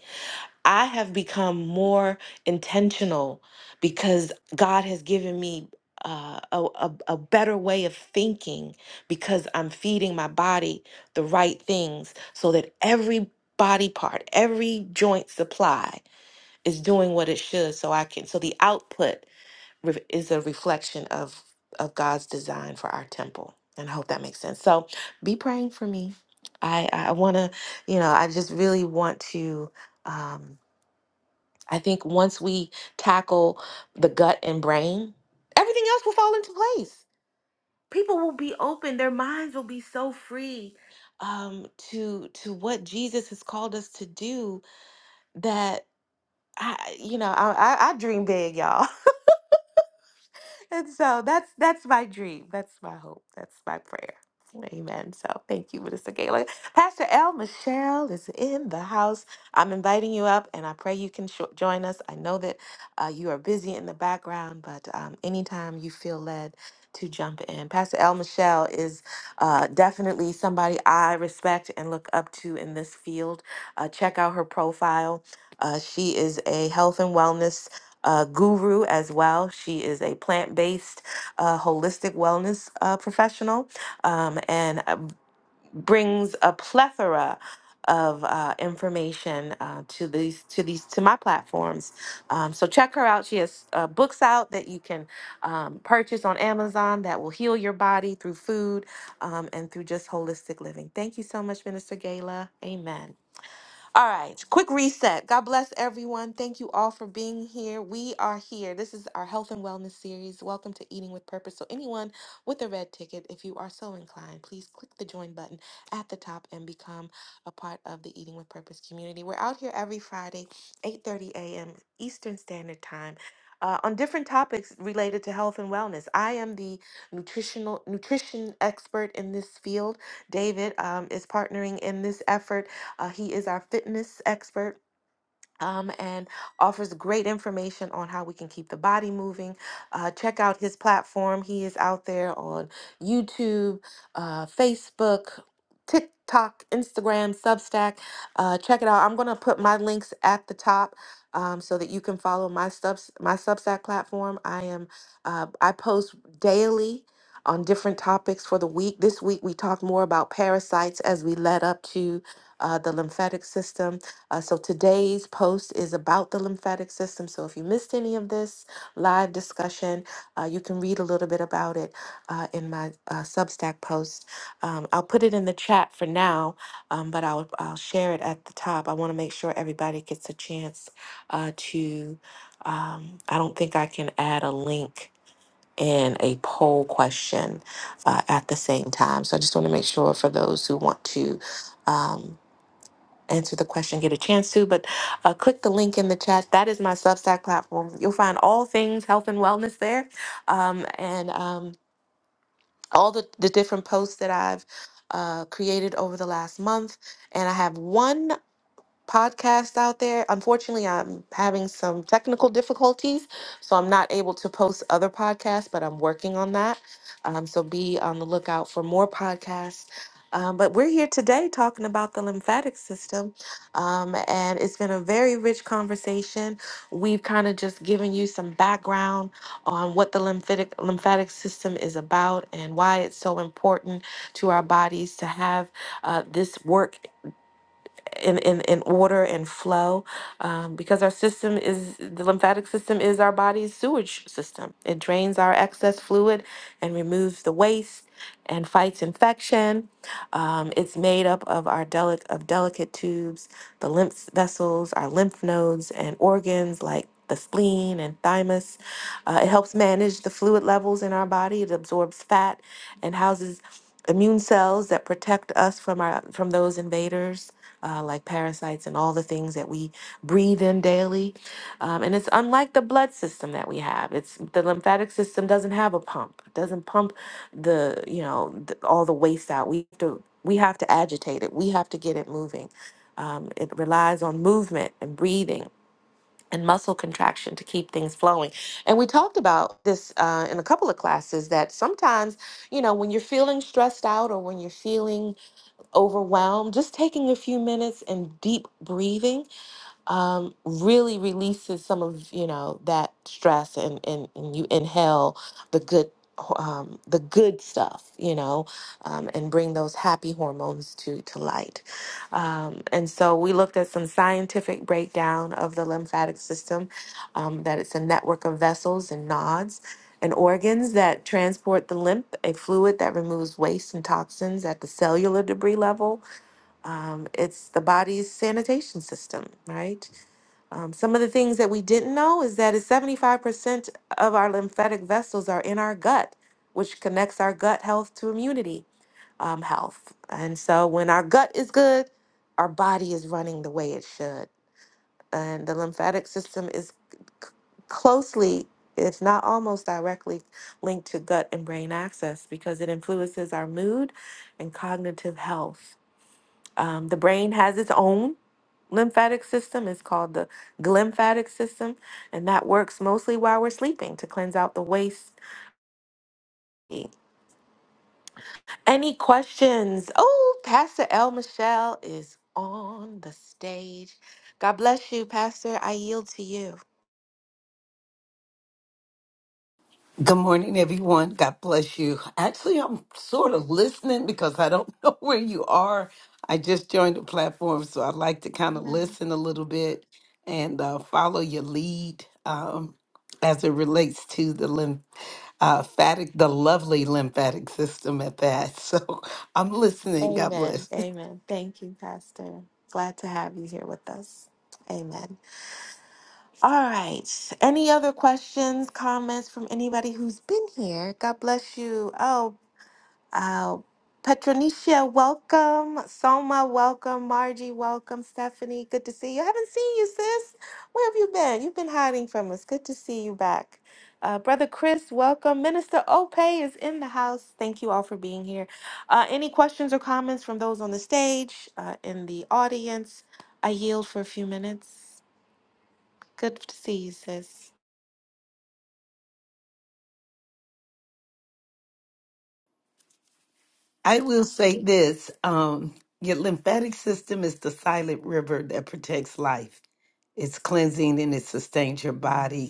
Speaker 1: I have become more intentional because God has given me uh, a, a, a better way of thinking because I'm feeding my body the right things so that every body part, every joint supply is doing what it should. So I can, so the output re- is a reflection of, of God's design for our temple. And I hope that makes sense. So be praying for me. I, I want to, you know, I just really want to. Um, I think once we tackle the gut and brain, everything else will fall into place. People will be open, their minds will be so free um, to to what Jesus has called us to do that I, you know, I, I, I dream big, y'all. and so that's that's my dream. That's my hope. That's my prayer. Amen. So thank you, Minister Gala. Pastor L. Michelle is in the house. I'm inviting you up, and I pray you can sho- join us. I know that uh, you are busy in the background, but um, anytime you feel led to jump in, Pastor L. Michelle is uh, definitely somebody I respect and look up to in this field. Uh, check out her profile. Uh, she is a health and wellness uh, guru as well. She is a plant based uh, holistic wellness uh, professional um, and uh, brings a plethora of uh, information uh, to these to these to my platforms. Um, so check her out. She has uh, books out that you can um, purchase on Amazon that will heal your body through food um, and through just holistic living. Thank you so much, Minister Gala. Amen. All right, quick reset. God bless everyone. Thank you all for being here. We are here. This is our health and wellness series. Welcome to Eating with Purpose. So, anyone with a red ticket, if you are so inclined, please click the join button at the top and become a part of the Eating with Purpose community. We're out here every Friday, 8:30 a.m. Eastern Standard Time. uh, on different topics related to health and wellness, I am the nutritional nutrition expert in this field. David um, is partnering in this effort uh, he is our fitness expert um, and offers great information on how we can keep the body moving. Uh, check out his platform. He is out there on YouTube, uh, Facebook, TikTok, Instagram, Substack. Uh, check it out. I'm going to put my links at the top. Um, so that you can follow my subs my Substack platform. I am uh, I post daily on different topics for the week. This week we talked more about parasites as we led up to uh, the lymphatic system. Uh, so today's post is about the lymphatic system. So if you missed any of this live discussion, uh, you can read a little bit about it uh, in my uh, Substack post. Um, I'll put it in the chat for now, um, but I'll I'll share it at the top. I want to make sure everybody gets a chance uh, to. Um, I don't think I can add a link and a poll question uh, at the same time. So I just want to make sure for those who want to. Um, answer the question get a chance to but uh, click the link in the chat that is my substack platform you'll find all things health and wellness there um, and um, all the, the different posts that i've uh, created over the last month and i have one podcast out there. Unfortunately, I'm having some technical difficulties, so I'm not able to post other podcasts, but I'm working on that. Um, so be on the lookout for more podcasts. Um, but we're here today talking about the lymphatic system, um, and it's been a very rich conversation. We've kind of just given you some background on what the lymphatic lymphatic system is about and why it's so important to our bodies to have uh, this work in, in, in order and flow um, because our system is the lymphatic system is our body's sewage system it drains our excess fluid and removes the waste and fights infection um, it's made up of our delic- of delicate tubes the lymph vessels our lymph nodes and organs like the spleen and thymus. Uh, it helps manage the fluid levels in our body. It absorbs fat and houses immune cells that protect us from our from those invaders uh, like parasites and all the things that we breathe in daily. Um, and it's unlike the blood system that we have. It's the lymphatic system doesn't have a pump. It doesn't pump the you know th- all the waste out. We have to we have to agitate it. We have to get it moving. Um, it relies on movement and breathing. And muscle contraction to keep things flowing. And we talked about this uh, in a couple of classes that sometimes, you know, when you're feeling stressed out or when you're feeling overwhelmed, just taking a few minutes and deep breathing um, really releases some of you know that stress and, and, and you inhale the good ho- um, the good stuff you know um, and bring those happy hormones to to light um, and so we looked at some scientific breakdown of the lymphatic system um, that it's a network of vessels and nodes and organs that transport the lymph a fluid that removes waste and toxins at the cellular debris level um, it's the body's sanitation system right um, some of the things that we didn't know is that it's 75% of our lymphatic vessels are in our gut, which connects our gut health to immunity um, health. And so when our gut is good, our body is running the way it should. And the lymphatic system is c- closely, if not almost directly, linked to gut and brain access because it influences our mood and cognitive health. Um, the brain has its own lymphatic system is called the glymphatic system, and that works mostly while we're sleeping to cleanse out the waste. Any questions? Oh, Pastor El Michelle is on the stage. God bless you, Pastor. I yield to you.
Speaker 4: Good morning, everyone. God bless you. Actually, I'm sort of listening because I don't know where you are. I just joined the platform, so i like to kind of
Speaker 1: Amen.
Speaker 4: listen a little bit and uh, follow your lead um, as it relates to the lymph, uh, phatic, the lovely lymphatic system at that. So I'm listening. God
Speaker 1: Amen.
Speaker 4: bless.
Speaker 1: Amen. Thank you, Pastor. Glad to have you here with us. Amen. All right. Any other questions, comments from anybody who's been here? God bless you. Oh. Uh, Petronicia, welcome. Soma, welcome. Margie, welcome. Stephanie, good to see you. I haven't seen you, sis. Where have you been? You've been hiding from us. Good to see you back. Uh, Brother Chris, welcome. Minister Ope is in the house. Thank you all for being here. Uh, any questions or comments from those on the stage, uh, in the audience? I yield for a few minutes. Good to see you, sis.
Speaker 4: I will say this um, your lymphatic system is the silent river that protects life. It's cleansing and it sustains your body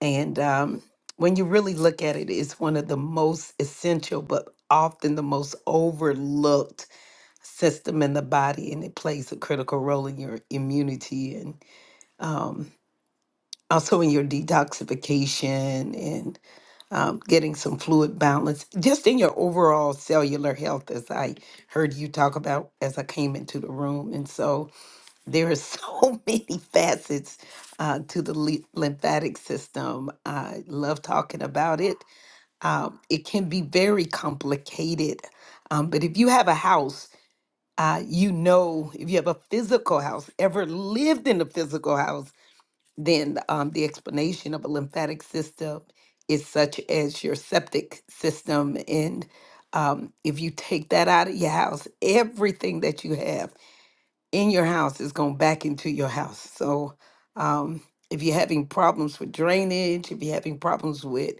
Speaker 4: And um, when you really look at it, it's one of the most essential, but often the most overlooked system in the body, and it plays a critical role in your immunity and um, also in your detoxification and um, getting some fluid balance, just in your overall cellular health, as I heard you talk about as I came into the room. And so, there are so many facets uh, to the ly- lymphatic system. I love talking about it. Um, it can be very complicated, um, but if you have a house, uh, you know, if you have a physical house, ever lived in a physical house, then um, the explanation of a lymphatic system is such as your septic system. And um, if you take that out of your house, everything that you have in your house is going back into your house. So um, if you're having problems with drainage, if you're having problems with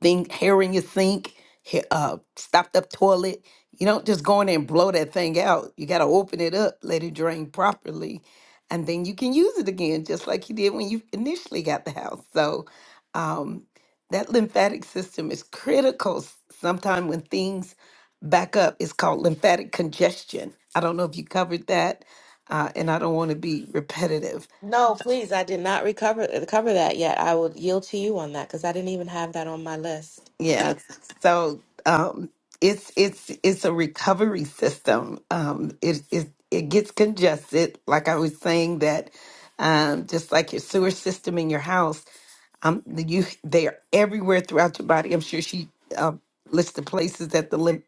Speaker 4: thing hair in your sink, hair, uh, stopped up toilet. You don't just go in there and blow that thing out. You got to open it up, let it drain properly, and then you can use it again, just like you did when you initially got the house. So um, that lymphatic system is critical. Sometimes when things back up, it's called lymphatic congestion. I don't know if you covered that, uh, and I don't want to be repetitive
Speaker 1: No, please. I did not recover cover that yet. I will yield to you on that because I didn't even have that on my list.
Speaker 4: Yes. So um, it's it's it's a recovery system. Um, it it it gets congested, like I was saying that, um, just like your sewer system in your house, um, you they are everywhere throughout your body. I'm sure she uh, lists the places that the lymph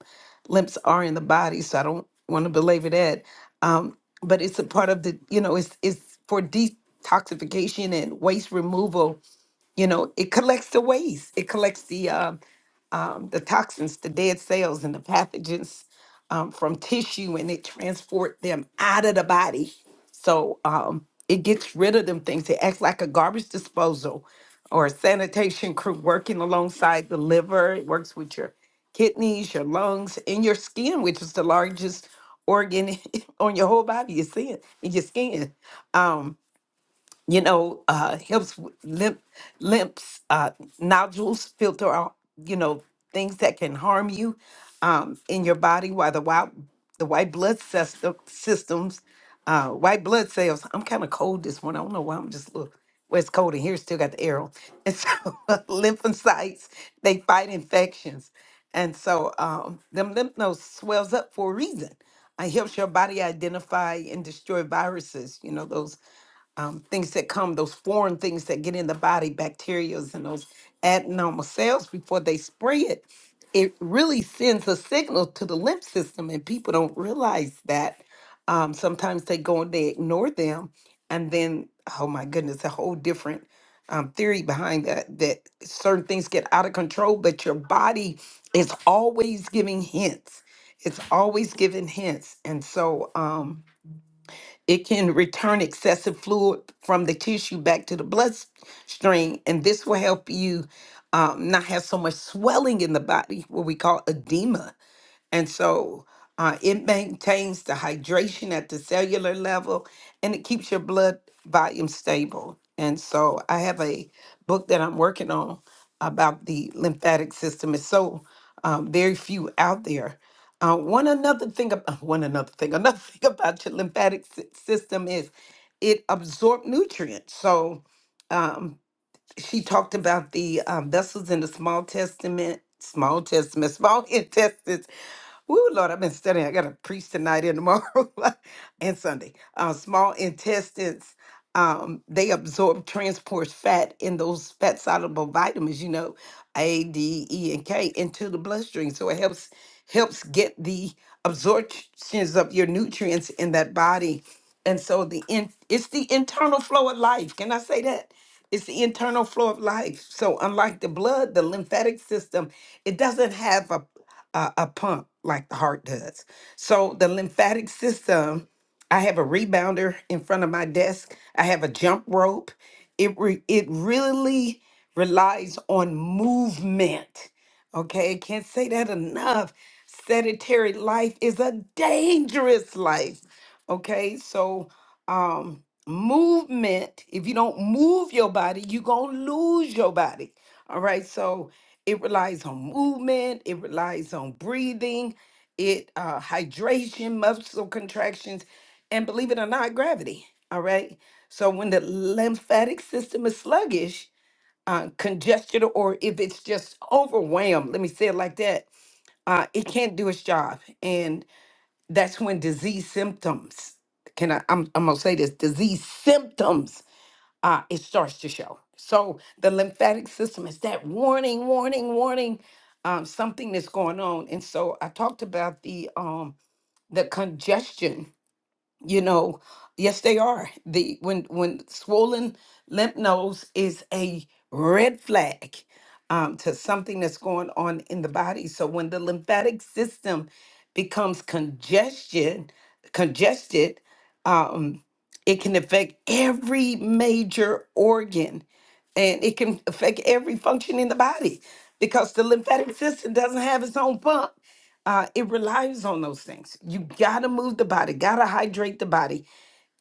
Speaker 4: lymphs are in the body. So I don't want to belabor that. Um, but it's a part of the you know it's it's for detoxification and waste removal. You know it collects the waste. It collects the um um, the toxins, the dead cells, and the pathogens um, from tissue, and it transport them out of the body. So um, it gets rid of them things. It acts like a garbage disposal or a sanitation crew working alongside the liver. It works with your kidneys, your lungs, and your skin, which is the largest organ on your whole body. Your skin, your skin. Um, you know, uh, helps with lymph, lymphs, uh, nodules, filter out, you know, things that can harm you um, in your body. While the white, the white blood system, systems, uh, white blood cells. I'm kind of cold this morning. I don't know why. I'm just a little. Well, it's cold in here. Still got the air on. And so, lymphocytes they fight infections, and so um, them lymph nodes swells up for a reason. It helps your body identify and destroy viruses. You know those um, things that come, those foreign things that get in the body, bacterias and those adenoma cells before they spread, it, it really sends a signal to the lymph system, and people don't realize that. Um, sometimes they go and they ignore them, and then oh my goodness, a whole different um, theory behind that that certain things get out of control, but your body is always giving hints. It's always giving hints, and so. Um, it can return excessive fluid from the tissue back to the bloodstream, and this will help you um, not have so much swelling in the body, what we call edema and so uh, it maintains the hydration at the cellular level and it keeps your blood volume stable. And so I have a book that I'm working on about the lymphatic system. It's so um, very few out there. Uh, one another thing, ab- uh, one another thing, another thing about your lymphatic sy- system is it absorbs nutrients. So um, she talked about the um, vessels in the small testament, small testament, small intestines Woo, Lord, I've been studying. I got to preach tonight and tomorrow and Sunday. Uh, small intestines, um, they absorb, transport fat and those fat soluble vitamins, you know, A, D, E, and K into the bloodstream. So it helps helps get the absorptions of your nutrients in that body. And so the in, it's the internal flow of life. Can I say that? It's the internal flow of life. So unlike the blood, the lymphatic system, it doesn't have a a, a pump like the heart does. So the lymphatic system, I have a rebounder in front of my desk. I have a jump rope. It re, it really relies on movement. Okay, I can't say that enough. Sedentary life is a dangerous life. Okay, so um, movement, if you don't move your body, you're going to lose your body. All right, so it relies on movement, it relies on breathing, it uh, hydration, muscle contractions, and believe it or not, gravity. All right, so when the lymphatic system is sluggish, uh, congested, or if it's just overwhelmed, let me say it like that uh, it can't do its job, and that's when disease symptoms. Can I? I'm, I'm gonna say this: disease symptoms. Uh, it starts to show. So the lymphatic system is that warning, warning, warning. Um, something that's going on, and so I talked about the um the congestion you know yes they are the when when swollen lymph nodes is a red flag um, to something that's going on in the body so when the lymphatic system becomes congestion congested um, it can affect every major organ and it can affect every function in the body because the lymphatic system doesn't have its own pump uh, it relies on those things. You got to move the body, got to hydrate the body,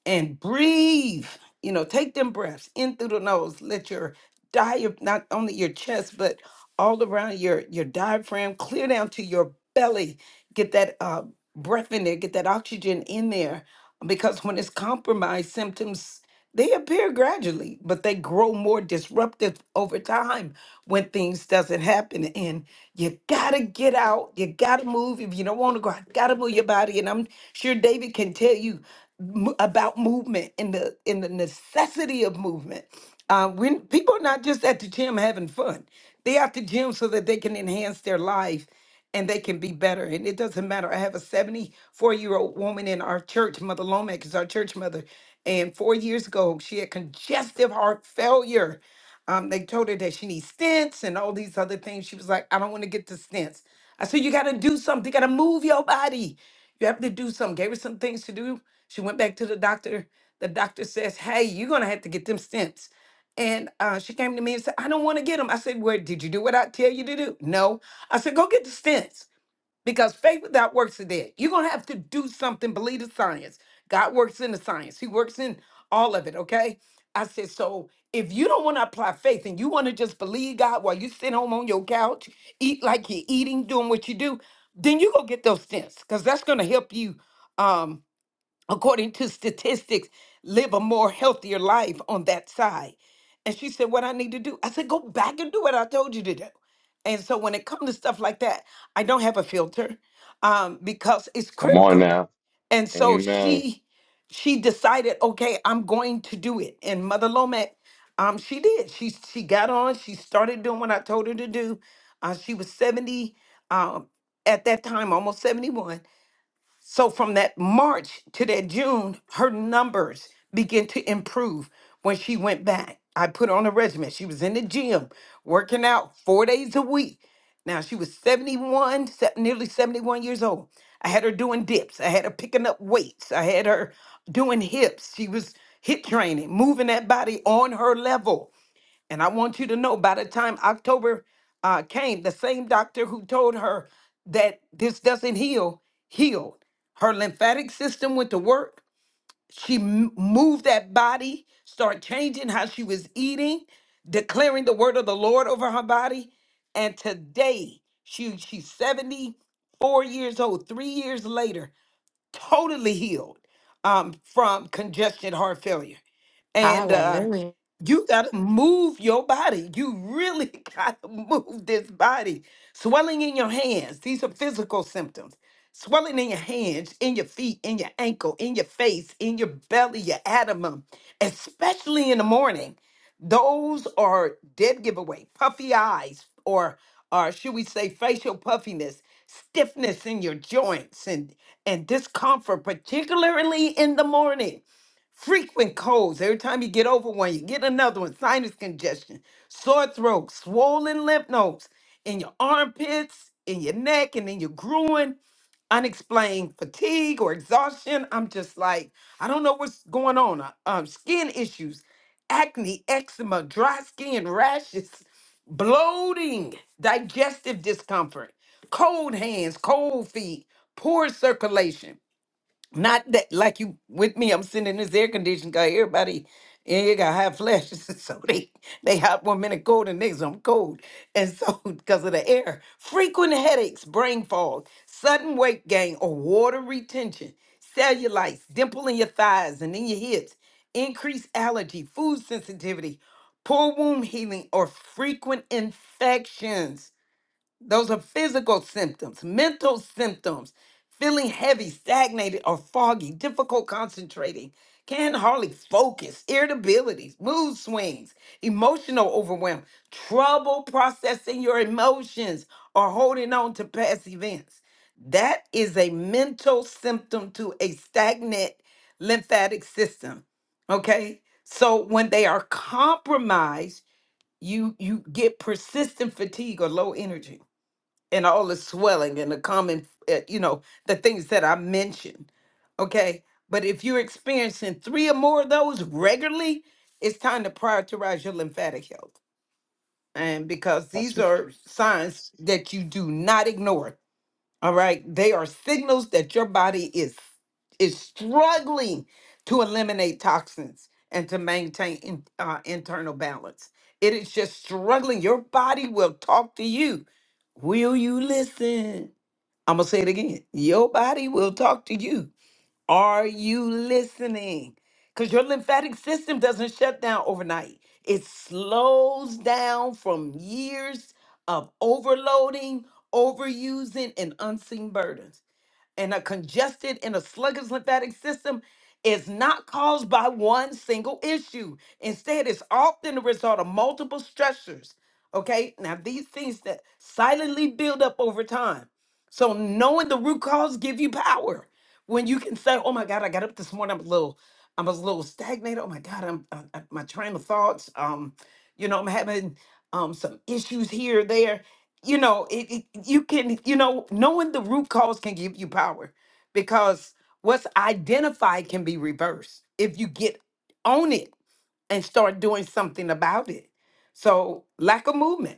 Speaker 4: and breathe. You know, take them breaths in through the nose. Let your diaphragm, not only your chest, but all around your your diaphragm, clear down to your belly. Get that uh, breath in there. Get that oxygen in there, because when it's compromised, symptoms they appear gradually, but they grow more disruptive over time when things doesn't happen. And you gotta get out. You gotta move. If you don't want to go, out, gotta move your body. And I'm sure David can tell you m- about movement and the and the necessity of movement. Uh, when people are not just at the gym having fun, they at the gym so that they can enhance their life and they can be better. And it doesn't matter. I have a 74 year old woman in our church, Mother Lomax is our church mother. And four years ago, she had congestive heart failure. Um, they told her that she needs stents and all these other things. She was like, I don't want to get the stents. I said, You got to do something. You got to move your body. You have to do something. Gave her some things to do. She went back to the doctor. The doctor says, "Hey, you're gonna have to get them stents." And uh, she came to me and said, "I don't want to get them." I said, "Well, did you do what I tell you to do?" No. I said, "Go get the stents because faith without works is dead. You're gonna have to do something. Believe the science. God works in the science. He works in all of it. Okay." I said, "So if you don't want to apply faith and you want to just believe God while you sit home on your couch, eat like you're eating, doing what you do, then you go get those stents because that's gonna help you." Um, according to statistics, live a more healthier life on that side. And she said, What I need to do? I said, Go back and do what I told you to do. And so when it comes to stuff like that, I don't have a filter um, because it's
Speaker 2: Come on
Speaker 4: critical.
Speaker 2: now,
Speaker 4: And so
Speaker 2: amen.
Speaker 4: she she decided, okay, I'm going to do it. And Mother Lomax, um, she did. She she got on. She started doing what I told her to do. Uh, she was 70 um, at that time, almost 71 so from that March to that June, her numbers began to improve when she went back. I put on a regimen. She was in the gym, working out four days a week. Now she was 71, se- nearly 71 years old. I had her doing dips. I had her picking up weights. I had her doing hips. She was hip training, moving that body on her level and I want you to know by the time October uh, came, the same doctor who told her that this doesn't heal, healed. Her lymphatic system went to work. She m- moved that body, started changing how she was eating, declaring the word of the Lord over her body. And today, she, she's 74 years old, three years later, totally healed um, from congestion heart failure. And uh,
Speaker 1: Hallelujah.
Speaker 4: you got to move your body. You really got to move this body. Swelling in your hands. These are physical symptoms. Swelling in your hands, in your feet, in your ankle, in your face, in your belly, your abdomen, especially in the morning. Those are dead giveaway. Puffy eyes, or or should we say facial puffiness, stiffness in your joints, and and discomfort, particularly in the morning frequent colds. Every time you get over one, you get another one. Sinus congestion, sore throat, swollen lymph nodes in your armpits, in your neck, and in your groin. Unexplained fatigue or exhaustion. I'm just like, I don't know what's going on. Uh, Um, skin issues, acne, eczema, dry skin, rashes, bloating, digestive discomfort, cold hands, cold feet, poor circulation. Not that like you with me, I'm sitting in this air conditioning car. Everybody in you got hot flashes, so they they hot one minute cold and next I'm cold, and so because of the air, frequent headaches, brain fog, sudden weight gain or water retention, cellulites, dimple in your thighs and in your hips, increased allergy, food sensitivity, poor womb healing, or frequent infections. Those are physical symptoms, mental symptoms, feeling heavy, stagnated, or foggy, difficult concentrating, can hardly focus, irritability, mood swings, emotional overwhelm, trouble processing your emotions, or holding on to past events. That is a mental symptom to a stagnant lymphatic system. Okay? So when they are compromised, you you get persistent fatigue or low energy and all the swelling and the common, uh, you know, the things that I mentioned. Okay. But if you're experiencing three or more of those regularly, it's time to prioritize your lymphatic health. And because
Speaker 2: That's
Speaker 4: these are signs that you do not ignore all right. They are signals that your body is is struggling to eliminate toxins and to maintain in- uh, internal balance. It is just struggling. Your body will talk to you. Will you listen? I'm gonna say it again. Your body will talk to you. Are you listening? Because your lymphatic system doesn't shut down overnight. It slows down from years of overloading, overusing, and unseen burdens and a congested and a sluggish lymphatic system is not caused by one single issue. Instead, it's often the result of multiple stressors. Okay, now these things that silently build up over time. So knowing the root cause give you power. When you can say, "Oh my God, I got up this morning. I'm a little, I was a little stagnated. Oh my God, I'm, i I- my train of thoughts. Um, you know, I'm having um some issues here, there." you know it, it- you can you know knowing the root cause can give you power because what's identified can be reversed if you get on it and start doing something about it so lack of movement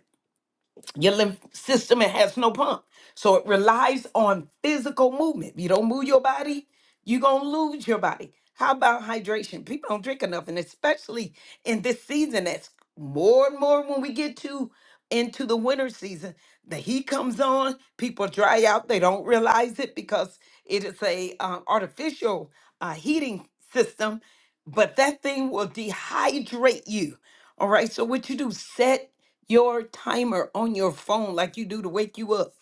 Speaker 4: your lymph system it has no pump so it relies on physical movement if you don't move your body you're gonna lose your body how about hydration people don't drink enough and especially in this season that's more and more when we get to into the winter season the heat comes on people dry out they don't realize it because it is a uh, artificial uh, heating system but that thing will dehydrate you all right so what you do set your timer on your phone like you do to wake you up.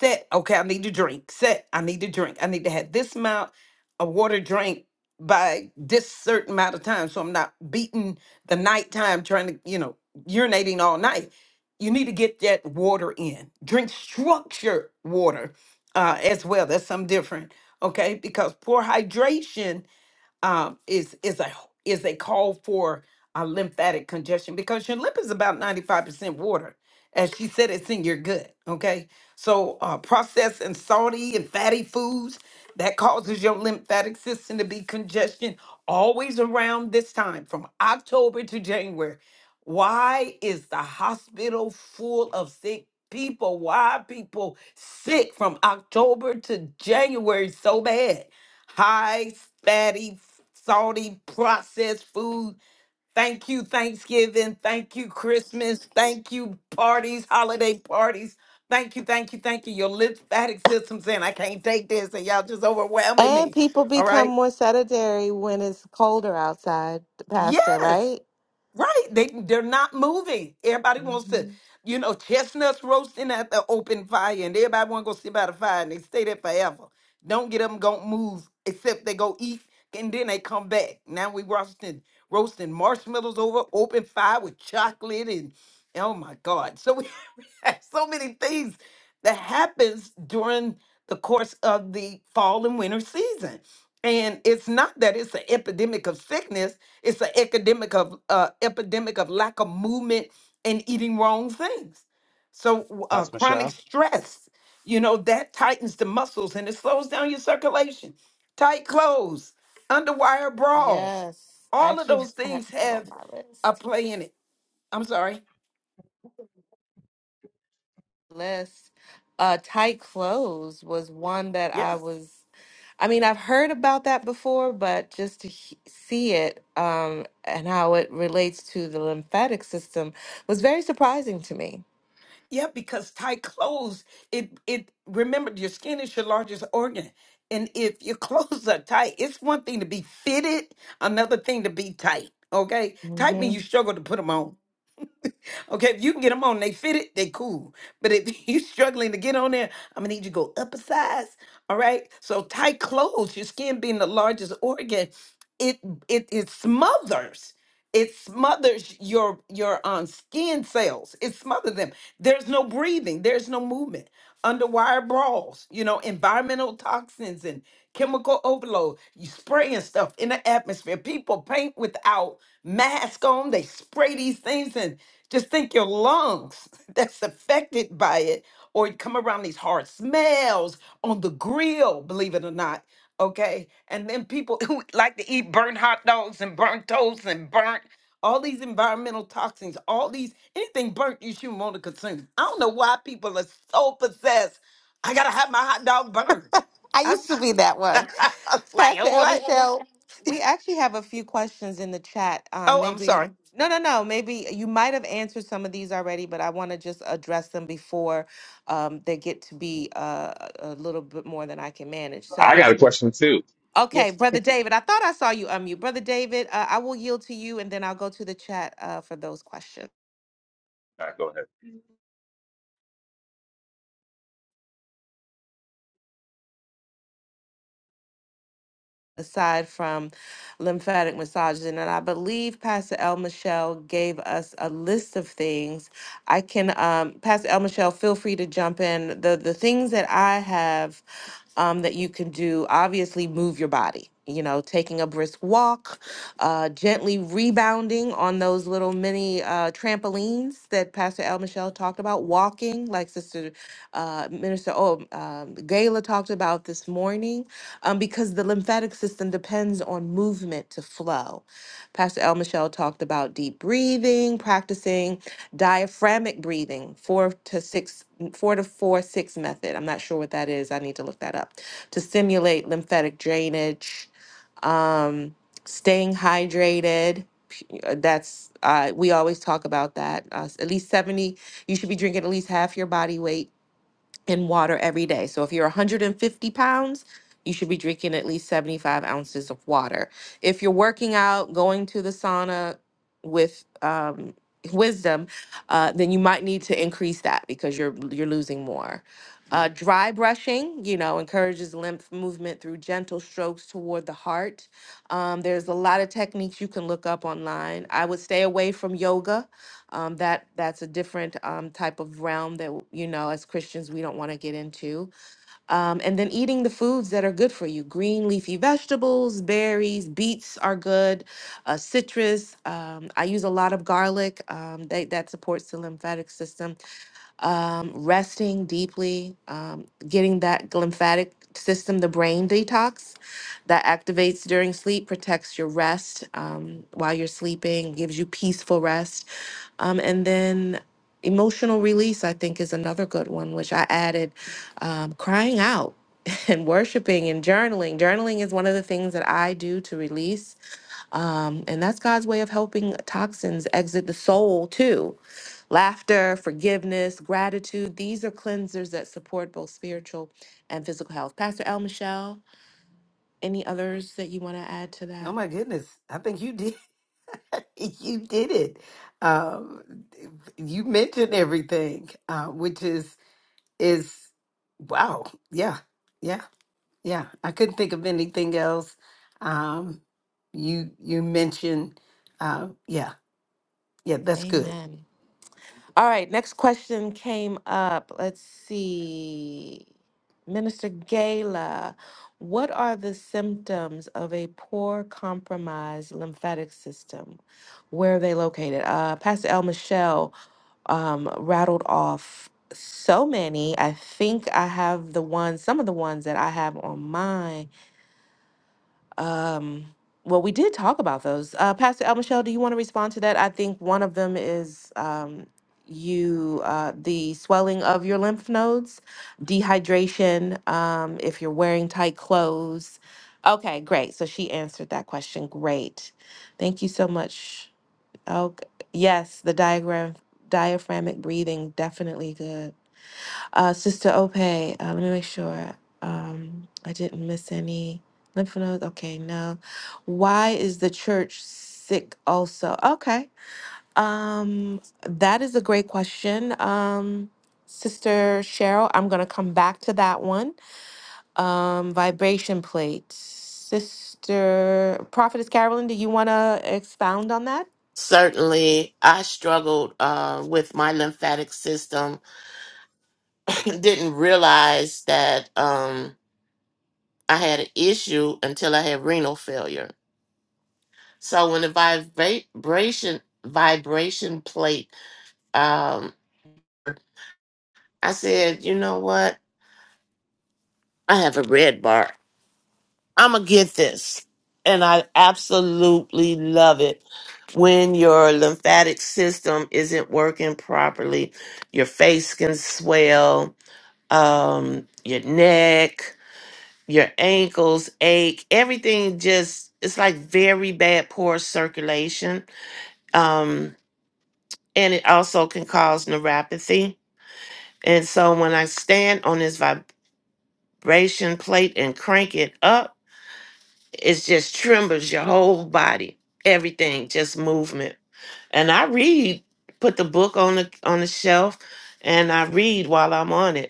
Speaker 4: Set, okay, I need to drink. Set, I need to drink. I need to have this amount of water drink by this certain amount of time. So I'm not beating the nighttime trying to, you know, urinating all night. You need to get that water in. Drink structured water uh, as well. That's something different, okay? Because poor hydration um, is is a is a call for a lymphatic congestion because your lymph is about 95% water. As she said, it's in your gut. Okay. So uh, processed and salty and fatty foods that causes your lymphatic system to be congestion always around this time from October to January. Why is the hospital full of sick people? Why are people sick from October to January so bad? high fatty, salty, processed food. Thank you, Thanksgiving. Thank you, Christmas. Thank you, parties, holiday parties. Thank you, thank you, thank you. Your lymphatic system's in. I can't take this, and y'all just overwhelming
Speaker 1: And
Speaker 4: me.
Speaker 1: people
Speaker 4: All
Speaker 1: become
Speaker 4: right.
Speaker 1: more sedentary when it's colder outside, Pastor,
Speaker 4: Yes.
Speaker 1: right?
Speaker 4: Right. They they're not moving. Everybody wants to,
Speaker 1: hmm
Speaker 4: you know, chestnuts roasting at the open fire and everybody wanna go sit by the fire and they stay there forever. Don't get them don't move except they go eat and then they come back. Now we roasting roasting marshmallows over open fire with chocolate and oh my God. So we we have so many things that happens during the course of the fall and winter season. And it's not that it's an epidemic of sickness it's an epidemic of uh, epidemic of lack of movement and eating wrong things. So w- uh,
Speaker 2: Pastor
Speaker 4: chronic
Speaker 2: Michelle.
Speaker 4: stress, you know, that tightens the muscles and it slows down your circulation. Tight clothes, underwire bras,
Speaker 1: Yes. I
Speaker 4: all of
Speaker 1: actually
Speaker 4: those
Speaker 1: had
Speaker 4: things
Speaker 1: that on
Speaker 4: have
Speaker 1: my
Speaker 4: a
Speaker 1: list.
Speaker 4: play in it. I'm sorry.
Speaker 1: List. Uh, tight clothes was one that
Speaker 4: Yeah.
Speaker 1: I was, I mean, I've heard about that before, but just to he- see it um, and how it relates to the lymphatic system was very surprising to me.
Speaker 4: Yeah, because tight clothes, it it remember your skin is your largest organ. And if your clothes are tight, it's one thing to be fitted, another thing to be tight. Okay? Tight means you struggle to put them on. Okay, if you can get them on, they fit it, they cool. But if you're struggling to get on there, I'm gonna need you to go up a size. All right. So tight clothes, your skin being the largest organ, it it it smothers. It smothers your your um skin cells. It smothers them. There's no breathing. There's no movement. Underwire brawls, you know, environmental toxins and chemical overload. You spraying stuff in the atmosphere. People paint without mask on. They spray these things and just think your lungs that's affected by it, or it come around these hard smells on the grill, believe it or not. Okay. And then people who like to eat burnt hot dogs and burnt toast and burnt all these environmental toxins, all these anything burnt you shouldn't want to consume. I don't know why people are so possessed. I gotta have my hot dog burned.
Speaker 1: I
Speaker 4: I
Speaker 1: used
Speaker 4: was,
Speaker 1: to be that one.
Speaker 4: I was like,
Speaker 1: Pastor El
Speaker 4: what?
Speaker 1: Michelle, we actually have a few questions in the chat. Um,
Speaker 4: Oh, I'm
Speaker 1: maybe
Speaker 4: sorry.
Speaker 1: no, no, no. Maybe you might have answered some of these already, but I want to just address them before um, they get to be uh, a little bit more than I can manage.
Speaker 2: I
Speaker 1: So,
Speaker 2: got
Speaker 4: Yes,
Speaker 2: a
Speaker 4: ma'am.
Speaker 2: question too.
Speaker 1: okay,
Speaker 4: Yes.
Speaker 1: brother David, I thought I saw you unmute. Brother David, uh, I will yield to you, and then I'll go to the chat uh, for those questions.
Speaker 2: All right, go ahead.
Speaker 1: aside from lymphatic massages. And I believe Pastor El Michelle gave us a list of things. I can, um, Pastor El Michelle, feel free to jump in. The the things that I have um, that you can do, obviously, move your body. You know, taking a brisk walk, uh, gently rebounding on those little mini uh, trampolines that Pastor El Michelle talked about. Walking, like Sister uh, Minister oh, um, Gayla talked about this morning um, because the lymphatic system depends on movement to flow. Pastor El Michelle talked about deep breathing, practicing diaphragmic breathing, four to six, four to four six method. I'm not sure what that is. I need to look that up to stimulate lymphatic drainage. Um, staying hydrated. p- uh, That's uh, we always talk about that. Uh, at least seventy. You should be drinking at least half your body weight in water every day. So if you're 150 pounds, you should be drinking at least 75 ounces of water. If you're working out, going to the sauna with um, wisdom, uh, then you might need to increase that because you're you're losing more. Uh, dry brushing, you know, encourages lymph movement through gentle strokes toward the heart. Um, there's a lot of techniques you can look up online. I would stay away from yoga um, that that's a different um, type of realm that you know as christians we don't want to get into um, and then eating the foods that are good for you green leafy vegetables berries beets are good uh, citrus um, i use a lot of garlic um, they, that supports the lymphatic system um, resting deeply, um, getting that lymphatic system, the brain detox that activates during sleep, protects your rest um, while you're sleeping, gives you peaceful rest. Um, and then emotional release, I think, is another good one, which I added um, crying out and worshiping and journaling. Journaling is one of the things that I do to release. Um, and that's God's way of helping toxins exit the soul too. Laughter, forgiveness, gratitude, these are cleansers that support both spiritual and physical health. Pastor L. Michelle, any others that you want to add to
Speaker 4: Oh
Speaker 1: that?
Speaker 4: my goodness. I think you did. You did it. Um, you mentioned everything, uh, which is is wow. Yeah, yeah, yeah. I couldn't think of anything else. Um, you you mentioned, uh, yeah, yeah. That's good.
Speaker 1: Amen. All right, next question came up. Let's see. Minister Gala, what are the symptoms of a poor compromised lymphatic system? Where are they located? Uh, Pastor L. Michelle, um, rattled off so many. I think I have the ones, some of the ones that I have on mine. Um, well, we did talk about those. Uh, Pastor El Michelle, do you want to respond to that? I think one of them is um, you, uh, the swelling of your lymph nodes, dehydration, um, if you're wearing tight clothes. Okay, great. So she answered that question. Great. Thank you so much. Okay. Yes, the diagram diaphragmatic breathing definitely good. Uh, Sister Ope, uh, let me make sure um, I didn't miss any lymph nodes. Okay, no. Why is the church sick? Also, okay. Um, that is a great question. Um, Sister Cheryl, I'm gonna come back to that one. Um, vibration plate. Sister Prophetess Carolyn, do you wanna expound on that?
Speaker 5: certainly i struggled uh, with my lymphatic system didn't realize that um, i had an issue until i had renal failure so when the vibration vibration plate um, i said you know what i have a red bar i'm gonna get this and i absolutely love it when your lymphatic system isn't working properly your face can swell um your neck your ankles ache everything just it's like very bad poor circulation um and it also can cause neuropathy and so when i stand on this vibration plate and crank it up it just trembles your whole body everything just movement and i read put the book on the on the shelf and i read while i'm on it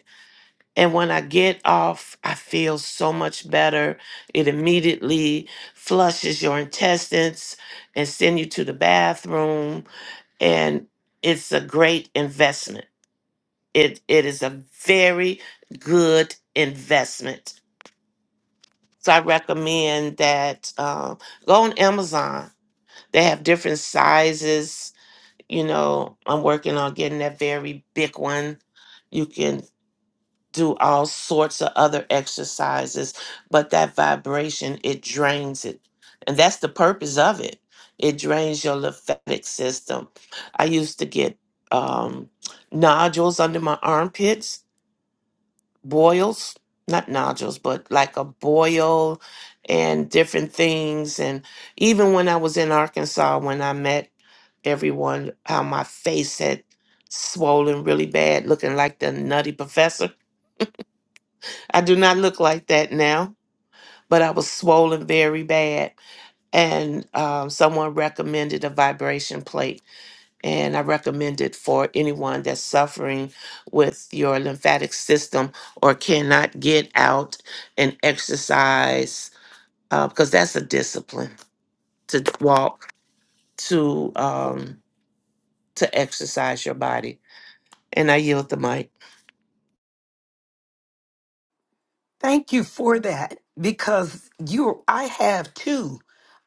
Speaker 5: And when I get off, I feel so much better. It immediately flushes your intestines and send you to the bathroom. And it's a great investment. It it is a very good investment. So I recommend that um, go on Amazon. They have different sizes. You know, I'm working on getting that very big one. You can do all sorts of other exercises, but that vibration, it drains it. And that's the purpose of it. It drains your lymphatic system. I used to get um, nodules under my armpits, boils, not nodules, but like a boil and different things. And even when I was in Arkansas, when I met everyone, how my face had swollen really bad, looking like the nutty professor I do not look like that now, but I was swollen very bad. And um, someone recommended a vibration plate. And I recommend it for anyone that's suffering with your lymphatic system or cannot get out and exercise, uh, because that's a discipline to walk, to, um, to exercise your body. And I yield the mic.
Speaker 4: Thank you for that because you I have two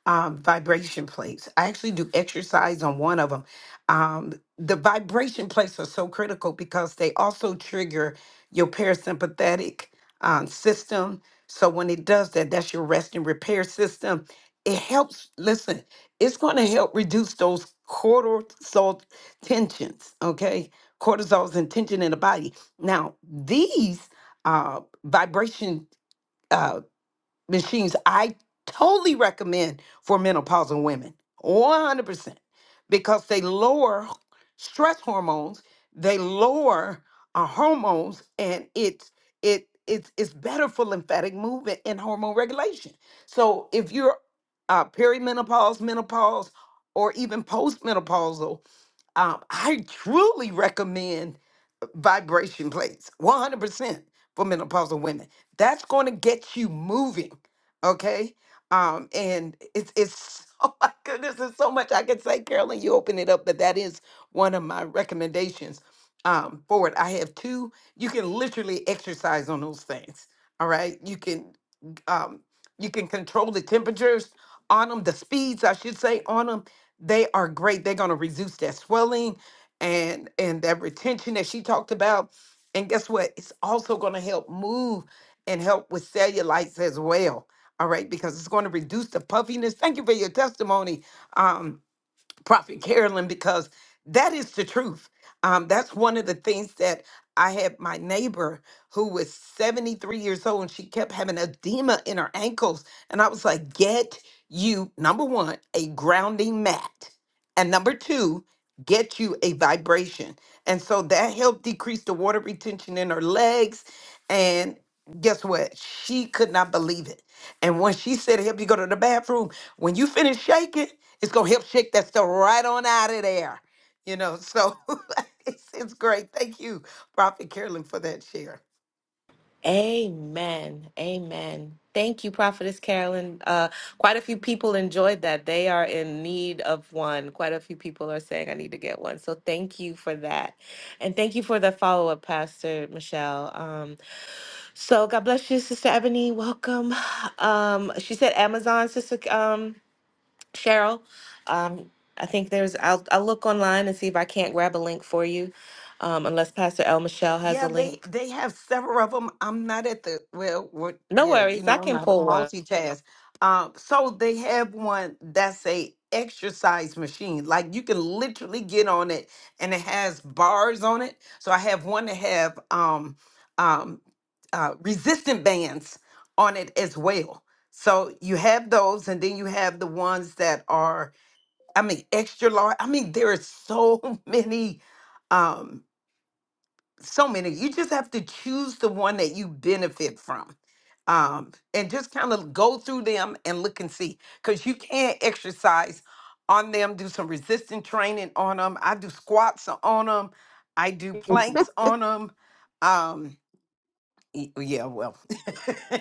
Speaker 4: um, vibration plates. I actually do exercise on one of them. Um, the vibration plates are so critical because they also trigger your parasympathetic um, system. So when it does that, that's your rest and repair system. It helps. Listen, it's going to help reduce those cortisol tensions. Okay, cortisol's and tension in the body. Now these. uh, vibration uh, machines I totally recommend for menopausal women, 100%, because they lower stress hormones, they lower our hormones, and it's it it's it's better for lymphatic movement and hormone regulation. So if you're uh, perimenopause, menopause, or even postmenopausal, um, I truly recommend vibration plates 100% for menopausal women that's going to get you moving okay um and it's it's oh my goodness there's so much i could say carolyn you open it up but that is one of my recommendations um for it i have two you can literally exercise on those things all right you can um you can control the temperatures on them the speeds i should say on them they are great they're going to reduce that swelling and and that retention that she talked about and guess what it's also going to help move and help with cellulites as well all right because it's going to reduce the puffiness thank you for your testimony um Prophet Carolyn because that is the truth. Um, that's one of the things that I had my neighbor who was 73 years old and she kept having edema in her ankles. And I was like, get you, number one, a grounding mat. And number two, get you a vibration. And so that helped decrease the water retention in her legs. And guess what? She could not believe it. And when she said, help you go to the bathroom, when you finish shaking, it's gonna help shake that stuff right on out of there. You know, so it's, it's great. Thank you, Prophet Carolyn, for that share.
Speaker 1: Amen. Amen. Thank you, Prophetess Carolyn. Uh, quite a few people enjoyed that. They are in need of one. Quite a few people are saying, I need to get one. So thank you for that. And thank you for the follow up, Pastor Michelle. Um, so God bless you, Sister Ebony. Welcome. Um, she said Amazon, Sister um, Cheryl. Um, I think there's, I'll, I'll look online and see if I can't grab a link for you, um, unless Pastor El Michelle has a
Speaker 4: Yeah, they
Speaker 1: link.
Speaker 4: they have several of them. I'm not at the well, what?
Speaker 1: No
Speaker 4: Yeah, you
Speaker 1: worries. I
Speaker 4: know, I'm
Speaker 1: can
Speaker 4: not a
Speaker 1: pull one.
Speaker 4: multitask. Um, so they have one that's a exercise machine. Like you can literally get on it, and it has bars on it. So I have one that have um um uh, resistant bands on it as well. So you have those, and then you have the ones that are, I mean, extra large. I mean, there are so many. Um, so many. You just have to choose the one that you benefit from. Um, and just kind of go through them and look and see. Because you can exercise on them, do some resistance training on them. I do squats on them, I do planks on them. Um, y- yeah, well.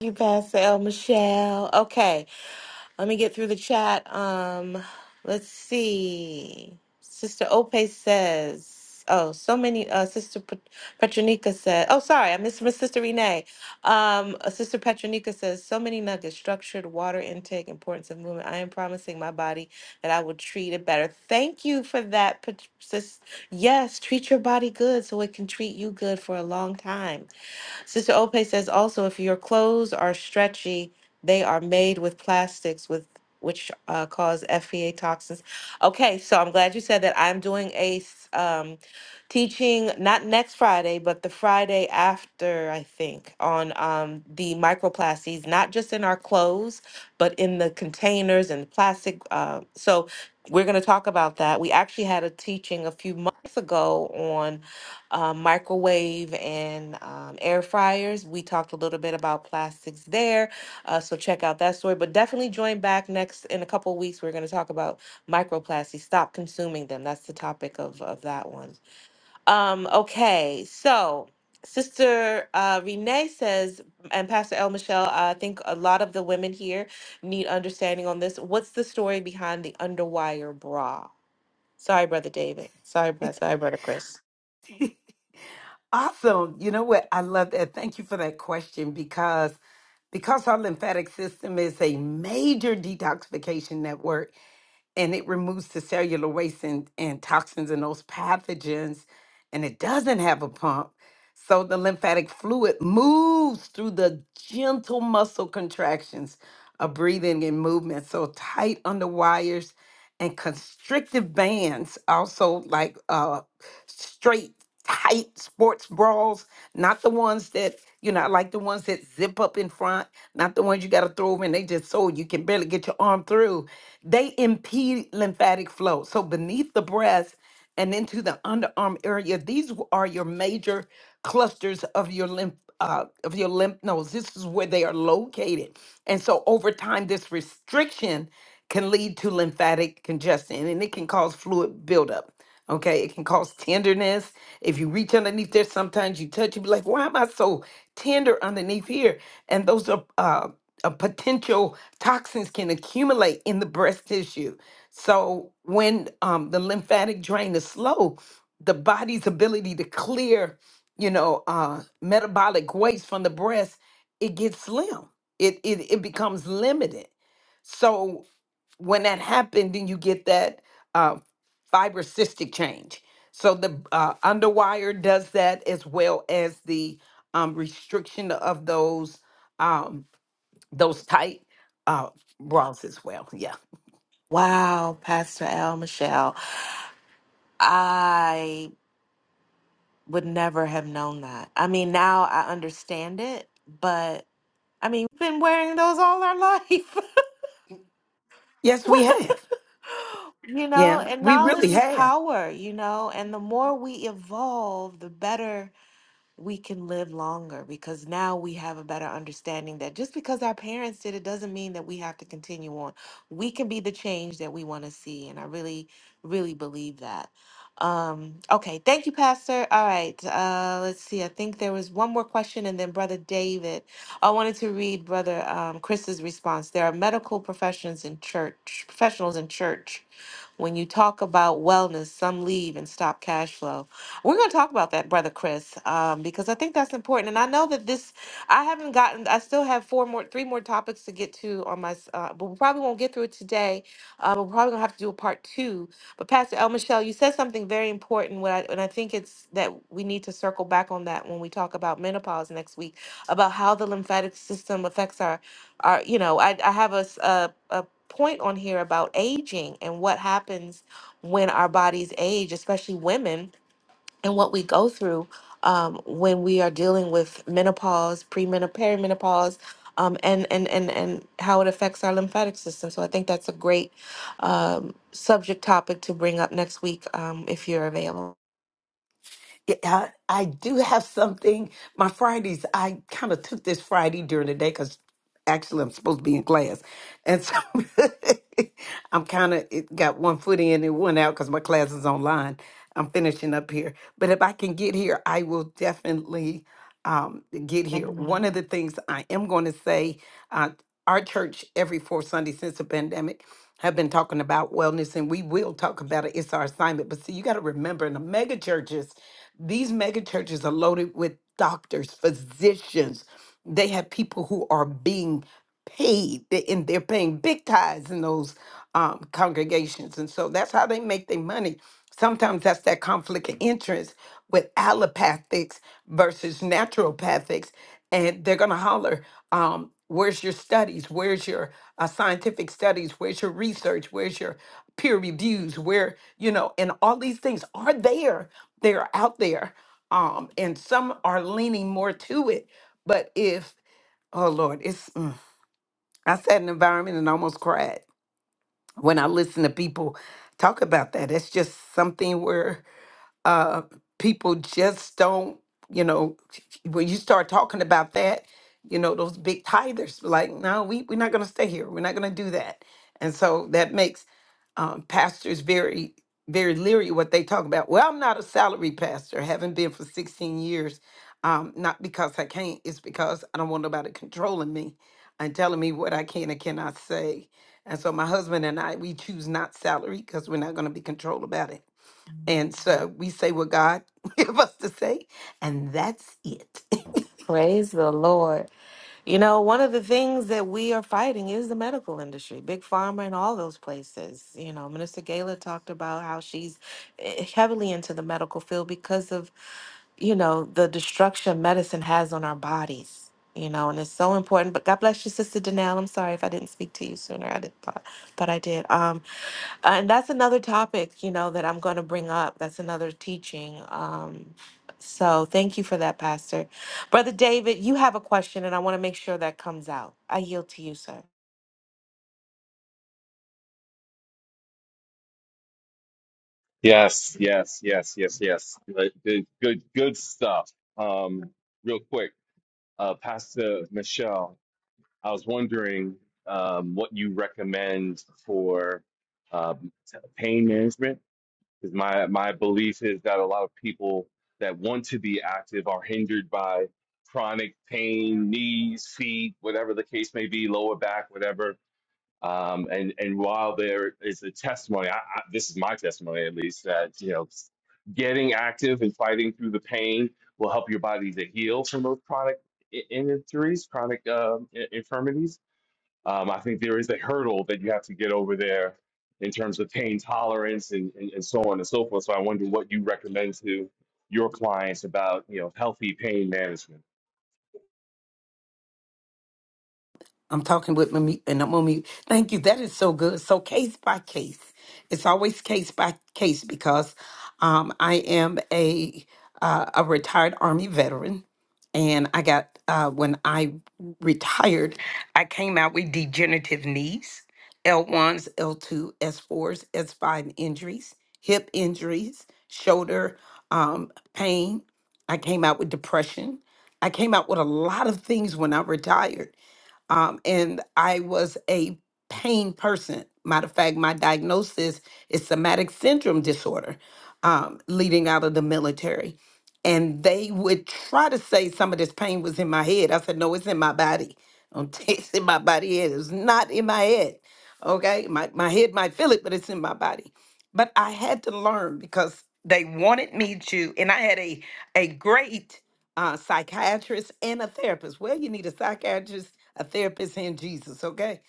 Speaker 1: You, Pastor El Michelle. Okay, let me get through the chat. Um, let's see. Sister Ope says, "Oh, so many." Uh, Sister Pet- Petronica said, "Oh, sorry, I missed my sister Renee." Um, uh, Sister Petronica says, "So many nuggets: structured water intake, importance of movement. I am promising my body that I will treat it better." Thank you for that, Pet- sis. Yes, treat your body good so it can treat you good for a long time. Sister Ope says also if your clothes are stretchy, they are made with plastics with which uh, cause FEA toxins. Okay, so I'm glad you said that. I'm doing a s- um, teaching not next Friday, but the Friday after, I think, on um, the microplastics, not just in our clothes, but in the containers and plastic. Uh, so we're going to talk about that. We actually had a teaching a few months ago on um, microwave and um, air fryers. We talked a little bit about plastics there, uh, so check out that story. But definitely join back next in a couple of weeks. We're going to talk about microplastics. Stop consuming them. That's the topic of of that one. Um, okay, so. Sister uh, Renee says, and Pastor El Michelle, I think a lot of the women here need understanding on this. What's the story behind the underwire bra? Sorry, Brother David. Sorry, brother. Sorry, Brother Chris.
Speaker 4: awesome. You know what? I love that. Thank you for that question because because our lymphatic system is a major detoxification network and it removes the cellular waste and, and toxins and those pathogens and it doesn't have a pump so the lymphatic fluid moves through the gentle muscle contractions of breathing and movement so tight on the wires and constrictive bands, also like uh, straight, tight sports bras, not the ones that, you know, I like the ones that zip up in front, not the ones you got to throw them and they just so you can barely get your arm through. They impede lymphatic flow. So beneath the breast, and into the underarm area. These are your major clusters of your lymph uh, of your lymph nodes. This is where they are located, and so over time, this restriction can lead to lymphatic congestion, and it can cause fluid buildup. Okay, it can cause tenderness. If you reach underneath there, sometimes you touch, you be like, "Why am I so tender underneath here?" And those are uh, a potential toxins can accumulate in the breast tissue. So when um, the lymphatic drain is slow, the body's ability to clear, you know, uh, metabolic waste from the breast, it gets slim. It it it becomes limited. So when that happens, then you get that uh, fibrocystic change. So the uh, underwire does that as well as the um, restriction of those. um, those tight uh, bras as well. Yeah.
Speaker 1: Wow, Pastor Al Michelle. I would never have known that. I mean, now I understand it, but I mean, we've been wearing those all our life.
Speaker 4: Yes, we have.
Speaker 1: you know,
Speaker 4: Yeah,
Speaker 1: and
Speaker 4: we
Speaker 1: knowledge
Speaker 4: really
Speaker 1: is
Speaker 4: have.
Speaker 1: power, you know, and the more we evolve, the better we can live longer because now we have a better understanding that just because our parents did it doesn't mean that we have to continue on. We can be the change that we want to see. And I really, really believe that. Um, okay. Thank you, Pastor. All right. Uh, let's see. I think there was one more question and then Brother David. I wanted to read Brother um, Chris's response. There are medical professions in church, professionals in church when you talk about wellness, some leave and stop cash flow. We're going to talk about that, Brother Chris, um, because I think that's important. And I know that this, I haven't gotten, I still have four more, three more topics to get to on my, s- uh, but we probably won't get through it today. Uh, we're probably going to have to do a part two. But Pastor El Michelle, you said something very important, what I, and I think it's that we need to circle back on that when we talk about menopause next week, about how the lymphatic system affects our, our you know, I, I have a, s- a, a point on here about aging and what happens when our bodies age, especially women, and what we go through um, when we are dealing with menopause, premenopause, perimenopause, um, and, and, and, and how it affects our lymphatic system. So I think that's a great um, subject topic to bring up next week um, if you're available.
Speaker 4: Yeah, I, I do have something. My Fridays, I kind of took this Friday during the day because actually I'm supposed to be in class. And so I'm kind of it got one foot in and one out because my class is online. I'm finishing up here. But if I can get here, I will definitely. um, get here. One of the things I am going to say, uh, our church every fourth Sunday since the pandemic have been talking about wellness, and we will talk about it. It's our assignment. But see, you got to remember, in the mega churches, these mega churches are loaded with doctors, physicians. They have people who are being paid, they- and they're paying big tithes in those um, congregations, and so that's how they make their money. Sometimes that's that conflict of interest with allopathics versus naturopathics and they're going to holler um, where's your studies where's your uh, scientific studies where's your research where's your peer reviews where you know and all these things are there they're out there um, and some are leaning more to it but if oh lord it's mm, i sat in an environment and almost cried when i listen to people talk about that it's just something where uh, people just don't, you know, when you start talking about that, you know, those big tithers, like, no, we, we're not going to stay here. We're not going to do that. And so that makes um, pastors very, very leery what they talk about. Well, I'm not a salary pastor, haven't been for 16 years. Um, not because I can't, it's because I don't want nobody controlling me and telling me what I can and cannot say. And so my husband and I, we choose not salary because we're not going to be controlled about it and so we say what God gave us to say, and that's it.
Speaker 1: Praise the Lord. You know, one of the things that we are fighting is the medical industry, big pharma, and all those places. You know, Minister Gala talked about how she's eh, eh, heavily into the medical field because of you know, the destruction medicine has on our bodies, you know, and it's so important. But God bless you, Sister Danelle. I'm sorry if I didn't speak to you sooner. I did thought, but I did. Um, and that's another topic, you know, that I'm going to bring up. That's another teaching. Um, so thank you for that, Pastor. Brother David, you have a question, and I want to make sure that comes out. I yield to you, sir.
Speaker 2: Yes, yes, yes, yes, yes. Good, good, good good stuff. Um, real quick, uh, Pastor Michelle, I was wondering um, what you recommend for um, t- pain management. Because my my belief is that a lot of people that want to be active are hindered by chronic pain, knees, feet, whatever the case may be, lower back, whatever um, and and while there is a testimony, I, I, this is my testimony at least that you know, getting active and fighting through the pain will help your body to heal from those chronic i- injuries, chronic um, i- infirmities. Um, I think there is a hurdle that you have to get over there in terms of pain tolerance and, and, and so on and so forth. So I wonder what you recommend to your clients about you know healthy pain management.
Speaker 4: I'm talking with my mute, and I'm on mute. Thank you. That is so good. So case by case, it's always case by case because um, I am a uh, a retired Army veteran, and I got uh, when I retired, I came out with degenerative knees, L ones, L two, S fours, S five injuries, hip injuries, shoulder um, pain. I came out with depression. I came out with a lot of things when I retired um, and I was a pain person. Matter of fact, my diagnosis is somatic syndrome disorder, um, leading out of the military. And they would try to say some of this pain was in my head. I said, no, it's in my body. I'm tasting my body head. It's not in my head. Okay. My, my head might feel it, but it's in my body. But I had to learn because they wanted me to, and I had a a great uh, psychiatrist and a therapist. Well, you need a psychiatrist, a therapist, and Jesus, okay?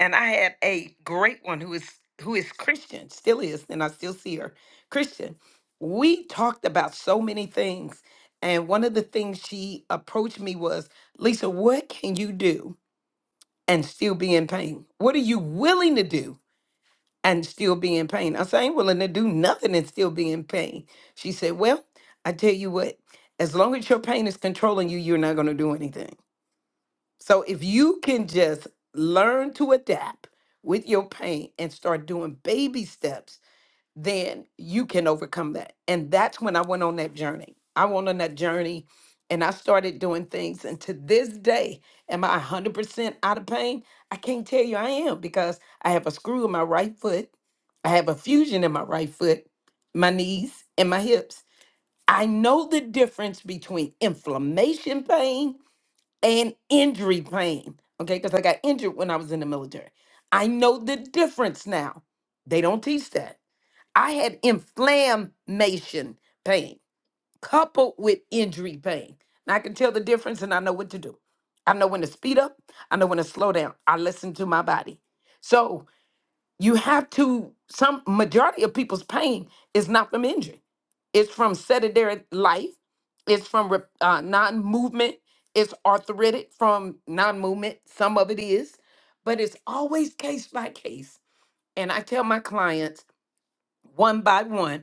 Speaker 4: And I had a great one who is who is Christian, still is, and I still see her Christian. We talked about so many things, and one of the things she approached me was, Lisa, what can you do and still be in pain? What are you willing to do and still be in pain. I said, I ain't willing to do nothing and still be in pain. She said, Well, I tell you what, as long as your pain is controlling you, you're not going to do anything. So if you can just learn to adapt with your pain and start doing baby steps then you can overcome that. And that's when I went on that journey. I went on that journey and I started doing things. And to this day, am I 100% out of pain? I can't tell you I am because I have a screw in my right foot. I have a fusion in my right foot, my knees, and my hips. I know the difference between inflammation pain and injury pain. Okay. Because I got injured when I was in the military. I know the difference now. They don't teach that. I had inflammation pain coupled with injury pain. Now I can tell the difference and I know what to do. I know when to speed up, I know when to slow down. I listen to my body. So you have to some majority of people's pain is not from injury. It's from sedentary life. It's from rep- uh, non-movement. It's arthritic from non-movement. Some of it is, but it's always case by case. And I tell my clients one by one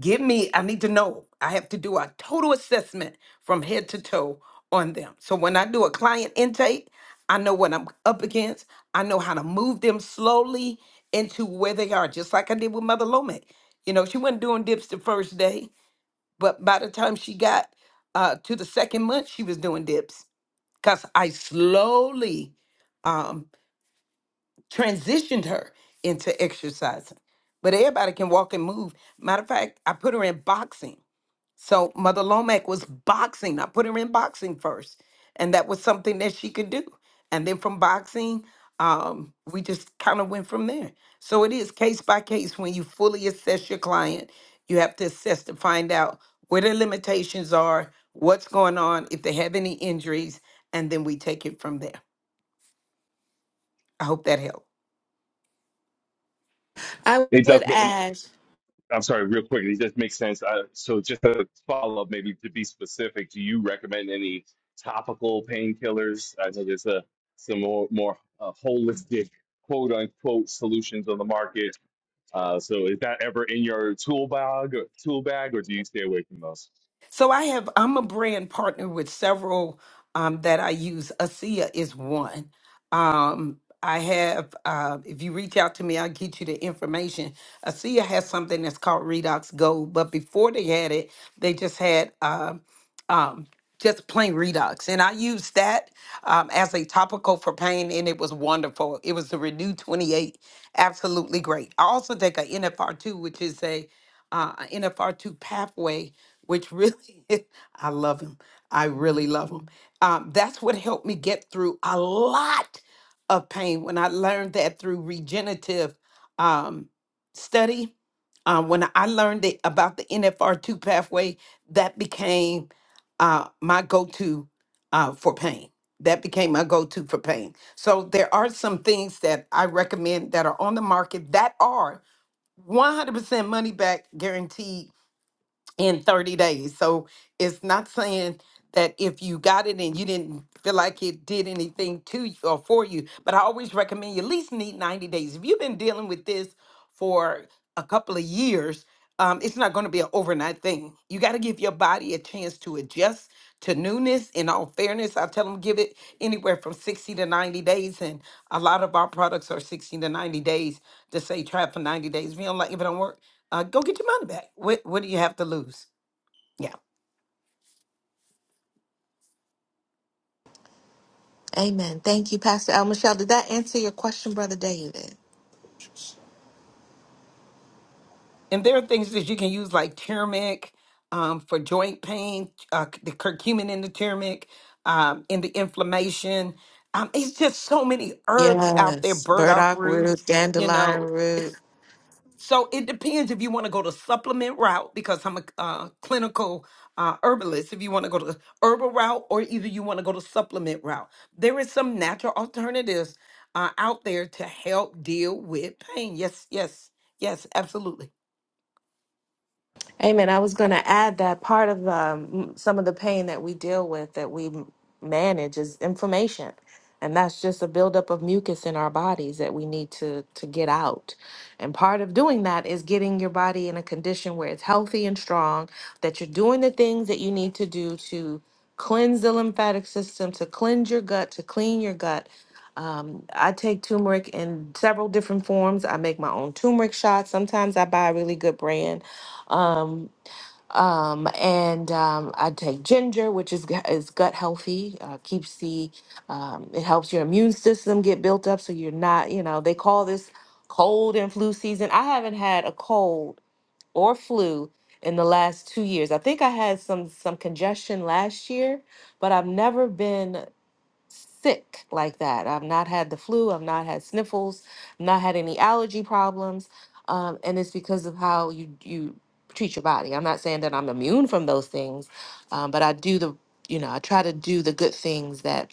Speaker 4: Give me, I need to know. I have to do a total assessment from head to toe on them. So when I do a client intake, I know what I'm up against. I know how to move them slowly into where they are, just like I did with Mother Lomax. You know, she wasn't doing dips the first day, but by the time she got uh, to the second month, she was doing dips because I slowly um, transitioned her into exercising. But everybody can walk and move. Matter of fact, I put her in boxing so Mother Lomac was boxing. I put her in boxing first, and that was something that she could do. And then from boxing, um, we just kind of went from there. So it is case by case when you fully assess your client, you have to assess to find out where their limitations are, what's going on, if they have any injuries, and then we take it from there. I hope that helped.
Speaker 1: I
Speaker 2: It does.
Speaker 1: would add,
Speaker 2: I'm sorry, real quick. It just makes sense. Uh, so, just a follow up, maybe to be specific, do you recommend any topical painkillers? I know there's a, some more, more uh, holistic, quote unquote, solutions on the market. Uh, so, is that ever in your tool bag, or, tool bag, or do you stay away from those?
Speaker 4: So I have I'm a brand partner with several um, that I use. ASEA is one. Um, I have uh, if you reach out to me, I'll get you the information. ASEA has something that's called Redox Gold, but before they had it, they just had. um um, just plain redox. And I used that um, as a topical for pain, and it was wonderful. It was the Renew 28, absolutely great. I also take a NFR2, which is a uh, a NFR2 pathway, which really, I love him. I really love him. Um, that's what helped me get through a lot of pain when I learned that through regenerative um, study. Uh, when I learned it, about the NFR2 pathway, that became uh, my go-to uh, for pain. That became my go-to for pain. So there are some things that I recommend that are on the market that are 100% money back guaranteed in 30 days. So it's not saying that if you got it and you didn't feel like it did anything to you or for you, but I always recommend you at least need 90 days. If you've been dealing with this for a couple of years, um, it's not going to be an overnight thing. You got to give your body a chance to adjust to newness. In all fairness, I tell them give it anywhere from 60 to 90 days. And a lot of our products are 60 to 90 days to say try it for 90 days. If you don't like, if it don't work, uh, go get your money back. What what do you have to lose? Yeah,
Speaker 1: Amen. Thank you, Pastor Al Michelle. Did that answer your question, Brother David?
Speaker 4: and there are things that you can use like turmeric um, for joint pain, uh, the curcumin in the turmeric, um, in the inflammation. Um, it's just so many herbs out there,
Speaker 1: Yes.
Speaker 4: burdock
Speaker 1: Burdock root,
Speaker 4: roots. You
Speaker 1: dandelion
Speaker 4: know,
Speaker 1: root.
Speaker 4: So it depends if you want to go the supplement route because I'm a uh, clinical uh, herbalist. If you want to go to the herbal route, or either you want to go to supplement route, there is some natural alternatives uh, out there to help deal with pain. Yes, yes, yes, absolutely.
Speaker 1: Amen. I was going to add that part of um, some of the pain that we deal with, that we m- manage, is inflammation, and that's just a buildup of mucus in our bodies that we need to to get out. And part of doing that is getting your body in a condition where it's healthy and strong, that you're doing the things that you need to do to cleanse the lymphatic system, to cleanse your gut, to clean your gut. Um, I take turmeric in several different forms. I make my own turmeric shots. Sometimes I buy a really good brand. Um, um, and um, I take ginger, which is gu- is gut healthy. Uh, keeps the um, it helps your immune system get built up, so you're not you know they call this cold and flu season. I haven't had a cold or flu in the last two years. I think I had some some congestion last year, but I've never been sick like that. I've not had the flu. I've not had sniffles. I've Not had any allergy problems. Um, and it's because of how you you treat your body. I'm not saying that I'm immune from those things, um, but I do the you know I try to do the good things that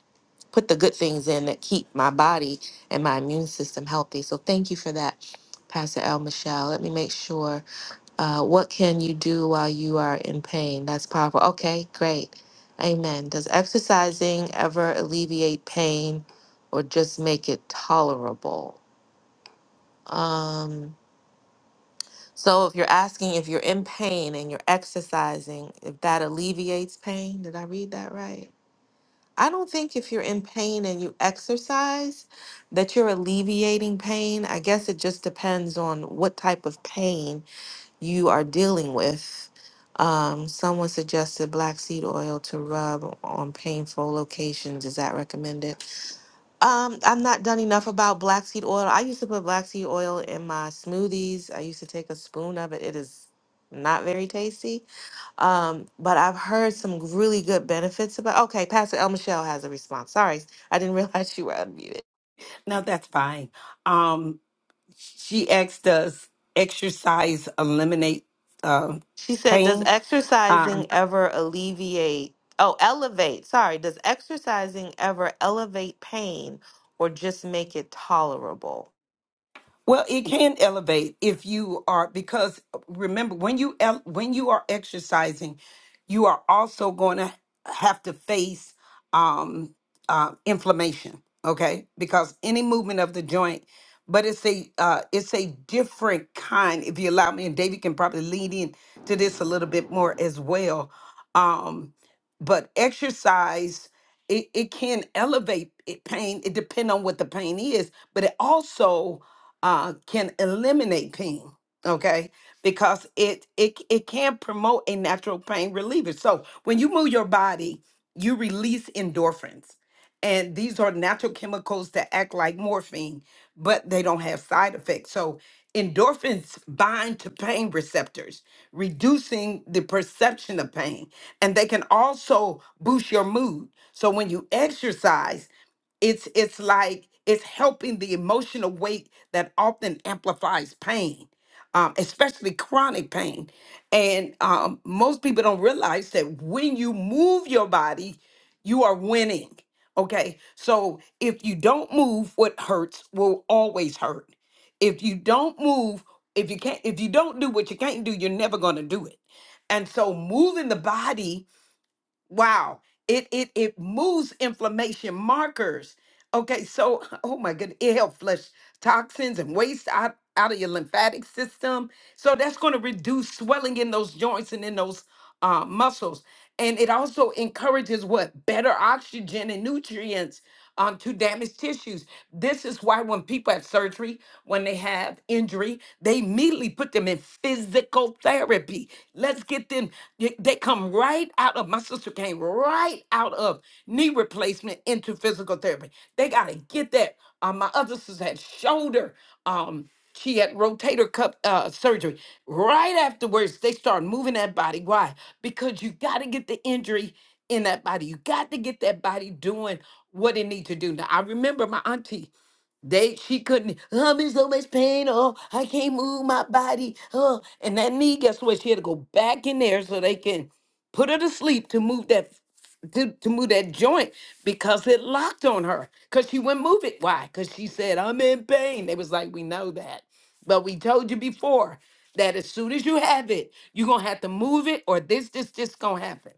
Speaker 1: put the good things in that keep my body and my immune system healthy. So thank you for that, Pastor El Michelle. Let me make sure. Uh, what can you do while you are in pain? That's powerful. Okay, great. Amen. Does exercising ever alleviate pain or just make it tolerable? Um, so, if you're asking if you're in pain and you're exercising, if that alleviates pain, did I read that right? I don't think if you're in pain and you exercise that you're alleviating pain. I guess it just depends on what type of pain you are dealing with. Um, someone suggested black seed oil to rub on painful locations. Is that recommended? Um, I've not done enough about black seed oil. I used to put black seed oil in my smoothies. I used to take a spoon of it. It is not very tasty. Um, but I've heard some really good benefits about. Okay, Pastor El Michelle has a response. Sorry, I didn't realize you were unmuted.
Speaker 4: No, that's fine. Um, she asked, "Does exercise eliminate uh,
Speaker 1: She said, Does
Speaker 4: pain?" Um,
Speaker 1: exercising ever alleviate, oh, elevate, sorry, does exercising ever elevate pain or just make it tolerable?
Speaker 4: Well, it can elevate if you are because remember when you el- when you are exercising, you are also going to have to face um, uh, inflammation. Okay, because any movement of the joint, but it's a uh, it's a different kind. If you allow me, and David can probably lead in to this a little bit more as well. Um, but exercise it, it can elevate it, pain. It depends on what the pain is, but it also uh, can eliminate pain. Okay, because it it it can promote a natural pain reliever. So when you move your body you release endorphins. And these are natural chemicals that act like morphine, but they don't have side effects. So, endorphins bind to pain receptors, reducing the perception of pain. And they can also boost your mood. So, when you exercise, it's it's like it's helping the emotional weight that often amplifies pain um, especially chronic pain. And um, most people don't realize that when you move your body, you are winning. Okay. So if you don't move, what hurts will always hurt. If you don't move, if you can't, if you don't do what you can't do, you're never going to do it. And so moving the body Wow. It it it moves inflammation markers. Okay, so oh my goodness, it helps flush toxins and waste out, out of your lymphatic system. So that's going to reduce swelling in those joints and in those uh, muscles. And it also encourages what better oxygen and nutrients um, to damaged tissues. This is why when people have surgery, when they have injury, they immediately put them in physical therapy. Let's get them. They they come right out of, my sister came right out of knee replacement into physical therapy. They got to get that. Uh, my other sister had shoulder. Um, she had rotator cuff uh, surgery. Right afterwards, they start moving that body. Why? Because you got to get the injury in that body. You got to get that body doing what it need to do. Now I remember my auntie. They she couldn't. "Oh, I'm in so much pain. Oh, I can't move my body. Oh, and that knee. Guess what? She had to go back in there so they can put her to sleep to move that to, to move that joint because it locked on her because she wouldn't move it. Why? Because she said I'm in pain. They was like, we know that, but we told you before that as soon as you have it, you're gonna have to move it or this this this gonna happen.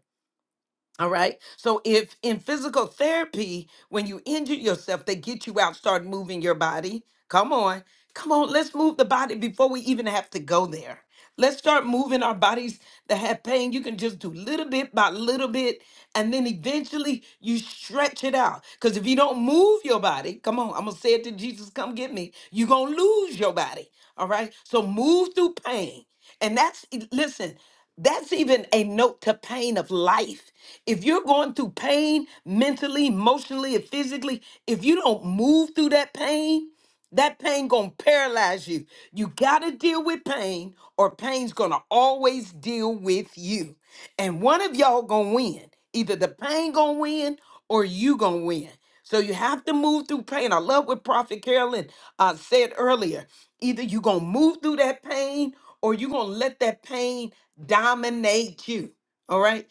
Speaker 4: All right. So if in physical therapy, when you injure yourself, they get you out, start moving your body. Come on. Come on. Let's move the body before we even have to go there. Let's start moving our bodies that have pain. You can just do little bit by little bit. And then eventually you stretch it out. Because if you don't move your body, come on, I'm going to say it to Jesus, come get me. You're going to lose your body. All right. So move through pain. And that's, e- listen, that's even a note to pain of life. If you're going through pain mentally, emotionally, and physically, if you don't move through that pain, that pain gonna paralyze you. You gotta deal with pain, or pain's gonna always deal with you. And one of y'all gonna win. Either the pain gonna win or you gonna win. So you have to move through pain. I love what Prophet Carolyn uh, said earlier. Either you gonna move through that pain or you gonna let that pain dominate you. All right.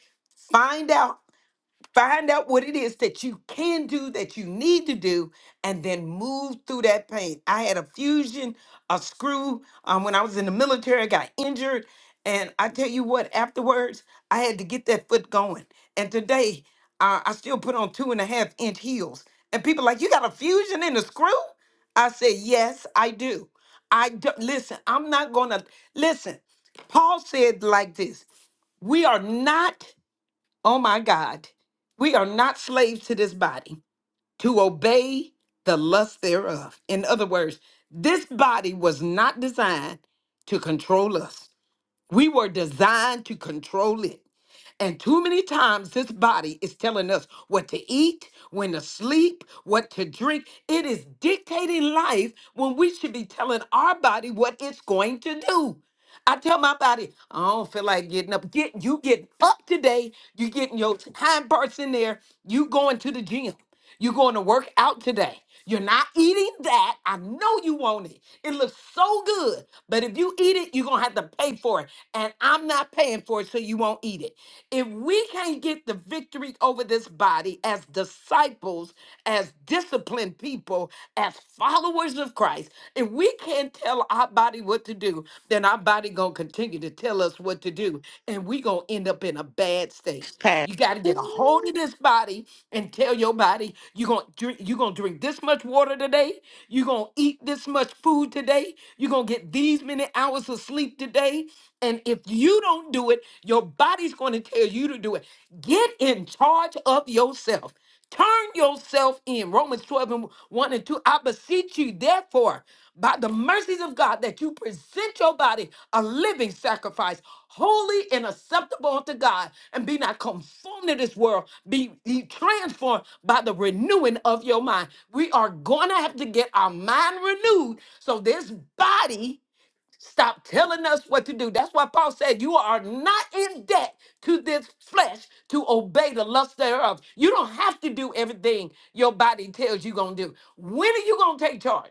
Speaker 4: Find out Find out what it is that you can do, that you need to do, and then move through that pain. I had a fusion, a screw. Um, when I was in the military, I got injured. And I tell you what, afterwards, I had to get that foot going. And today, uh, I still put on two and a half inch heels. And people like, you got a fusion and a screw? I said, yes, I do. I do. Listen, I'm not going to. Listen, Paul said like this We are not. Oh my God. We are not slaves to this body to obey the lust thereof. In other words, this body was not designed to control us. We were designed to control it. And too many times this body is telling us what to eat, when to sleep, what to drink. It is dictating life when we should be telling our body what it's going to do. I tell my body, I don't feel like getting up. Get you getting up today. You getting your time parts in there. You going to the gym. You're going to work out today. You're not eating that. I know you want it. It looks so good. But if you eat it, you're going to have to pay for it. And I'm not paying for it, so you won't eat it. If we can't get the victory over this body as disciples, as disciplined people, as followers of Christ, if we can't tell our body what to do, then then our body gonna continue to tell us what to do, and we gonna end up in a bad state.
Speaker 1: Pass.
Speaker 4: You gotta get a hold
Speaker 1: Ooh,
Speaker 4: of this body and tell your body you're gonna drink, you gonna drink this much water today, you're gonna eat this much food today, you're gonna get these many hours of sleep today. And if you don't do it, your body's gonna tell you to do it. Get in charge of yourself. Turn yourself in. Romans 12 and 1 and 2. I beseech you, therefore, by the mercies of God, that you present your body a living sacrifice, holy and acceptable unto God, and be not conformed to this world, be, be transformed by the renewing of your mind. We are going to have to get our mind renewed so this body Stop telling us what to do. That's why Paul said, You are not in debt to this flesh to obey the lust thereof. You don't have to do everything your body tells you going to do. When are you going to take charge?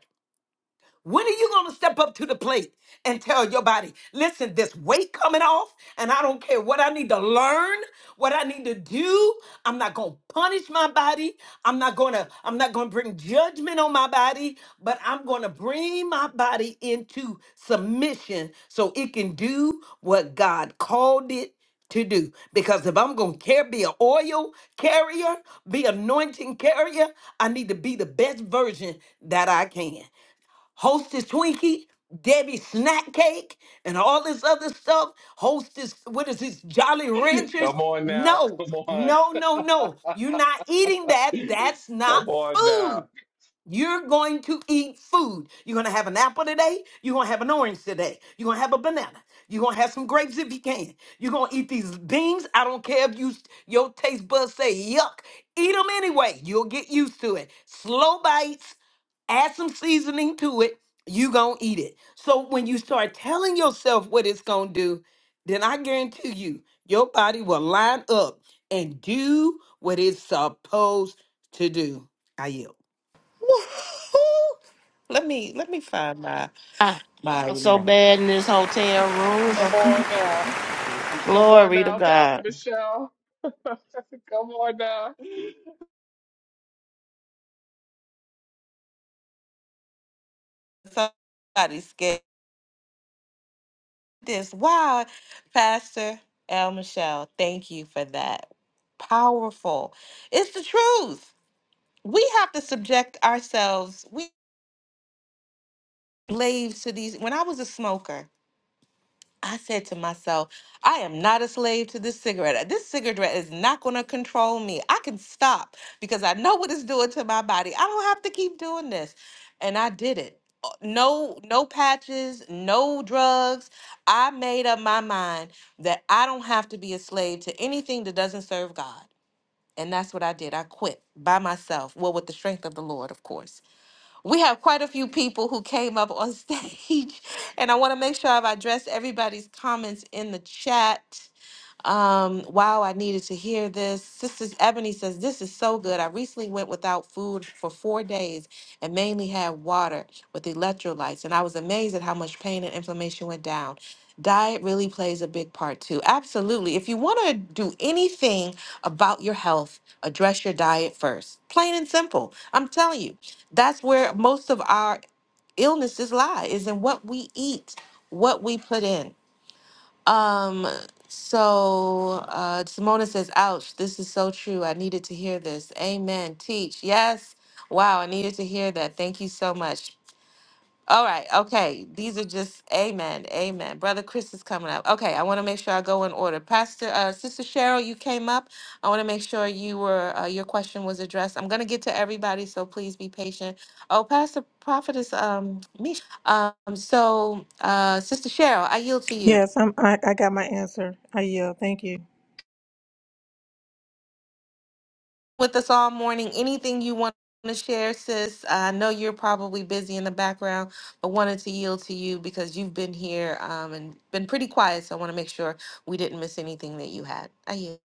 Speaker 4: When are you going to step up to the plate and tell your body, listen, this weight coming off, and I don't care what I need to learn, what I need to do. I'm not going to punish my body. I'm not going to I'm not going to bring judgment on my body, but I'm going to bring my body into submission so it can do what God called it to do. Because if I'm gonna care, be an oil carrier, be anointing carrier, I need to be the best version that I can. Hostess Twinkie, Debbie Snack Cake, and all this other stuff. Hostess, what is this, Jolly Ranchers?
Speaker 2: Come on now.
Speaker 4: No,
Speaker 2: Come on.
Speaker 4: no, no, no. You're not eating that. That's not
Speaker 2: Come on
Speaker 4: food.
Speaker 2: now.
Speaker 4: You're going to eat food. You're going to have an apple today. You're going to have an orange today. You're going to have a banana. You're going to have some grapes if you can. You're going to eat these beans. I don't care if you your taste buds say yuck. Eat them anyway. You'll get used to it. Slow bites, add some seasoning to it. you going to eat it. So when you start telling yourself what it's going to do, then I guarantee you, your body will line up and do what it's supposed to do. I yield.
Speaker 1: woo-hoo. Let me let me find my my
Speaker 5: I'm so
Speaker 1: note.
Speaker 5: bad in this hotel room.
Speaker 2: Come
Speaker 5: but
Speaker 2: on now. Come on
Speaker 5: Glory to
Speaker 2: now,
Speaker 5: God.
Speaker 2: Pastor Michelle. Come on now.
Speaker 1: somebody scared this. Wow, Pastor El Michelle, thank you for that. Powerful. It's the truth. We have to subject ourselves. We slaves to these. When I was a smoker, I said to myself, I am not a slave to this cigarette. Uh, This cigarette is not going to control me. I can stop because I know what it's doing to my body. I don't have to keep doing this. And I did it. Uh, No no patches, no drugs. I made up my mind that I don't have to be a slave to anything that doesn't serve God. And that's what I did. I quit by myself. Well, with the strength of the Lord, of course we have quite a few people who came up on stage, and I want to make sure I've addressed everybody's comments in the chat. Um, wow, I needed to hear this. Sister Ebony says, This is so good. I recently went without food for four days and mainly had water with electrolytes, and I was amazed at how much pain and inflammation went down. Diet really plays a big part too. Absolutely. If you want to do anything about your health, address your diet first. Plain and simple. I'm telling you, that's where most of our illnesses lie, is in what we eat, what we put in. Um, so uh Simona says, ouch, this is so true. I needed to hear this. Amen. Teach. Yes. Wow, I needed to hear that. Thank you so much. All right, okay. These are just amen. Amen. Brother Chris is coming up. Okay, I want to make sure I go in order. Pastor uh Sister Cheryl, you came up. I want to make sure you were uh, your question was addressed. I'm gonna get to everybody, so please be patient. Oh, Pastor Prophetess um Mish. Um, so uh Sister Cheryl, I yield to you.
Speaker 6: Yes, I'm, I, I got my answer. I yield. Thank you.
Speaker 1: with us all morning. Anything you want to share, sis? I know you're probably busy in the background, but wanted to yield to you because you've been here um, and been pretty quiet. So I want to make sure we didn't miss anything that you had. I yield.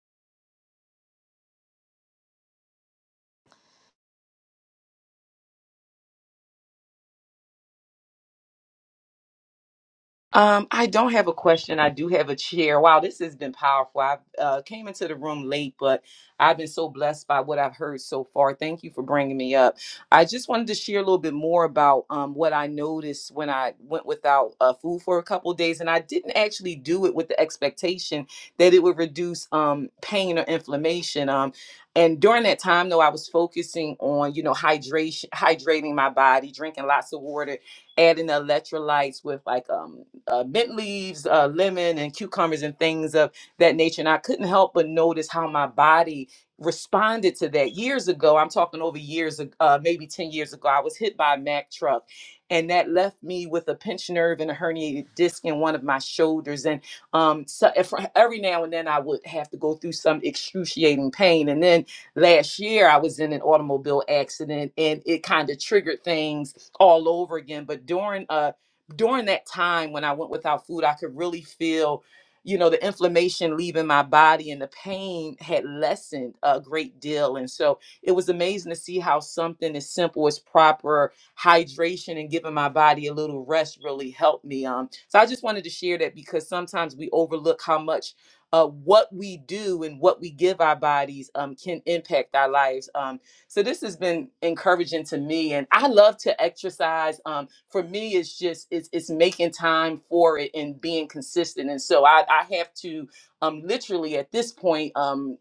Speaker 7: Um, I don't have a question. I do have a chair. Wow, this has been powerful. I uh, came into the room late, but I've been so blessed by what I've heard so far. Thank you for bringing me up. I just wanted to share a little bit more about um, what I noticed when I went without uh, food for a couple of days, and I didn't actually do it with the expectation that it would reduce um, pain or inflammation. Um, and during that time, though, I was focusing on you know hydration, hydrating my body, drinking lots of water, adding electrolytes with like um uh, mint leaves, uh, lemon, and cucumbers and things of that nature. And I couldn't help but notice how my body responded to that. Years ago, I'm talking over years, ag- uh, maybe 10 years ago, I was hit by a Mack truck. And that left me with a pinched nerve and a herniated disc in one of my shoulders. And um, so if, every now and then I would have to go through some excruciating pain. And then last year I was in an automobile accident and it kind of triggered things all over again. But during uh during that time when I went without food, I could really feel, you know, the inflammation leaving my body and the pain had lessened a great deal. And so it was amazing to see how something as simple as proper hydration and giving my body a little rest really helped me. Um, so I just wanted to share that because sometimes we overlook how much. Uh, what we do and what we give our bodies um, can impact our lives. Um, so this has been encouraging to me, and I love to exercise. Um, for me, it's just it's it's making time for it and being consistent. And so I I have to um literally at this point um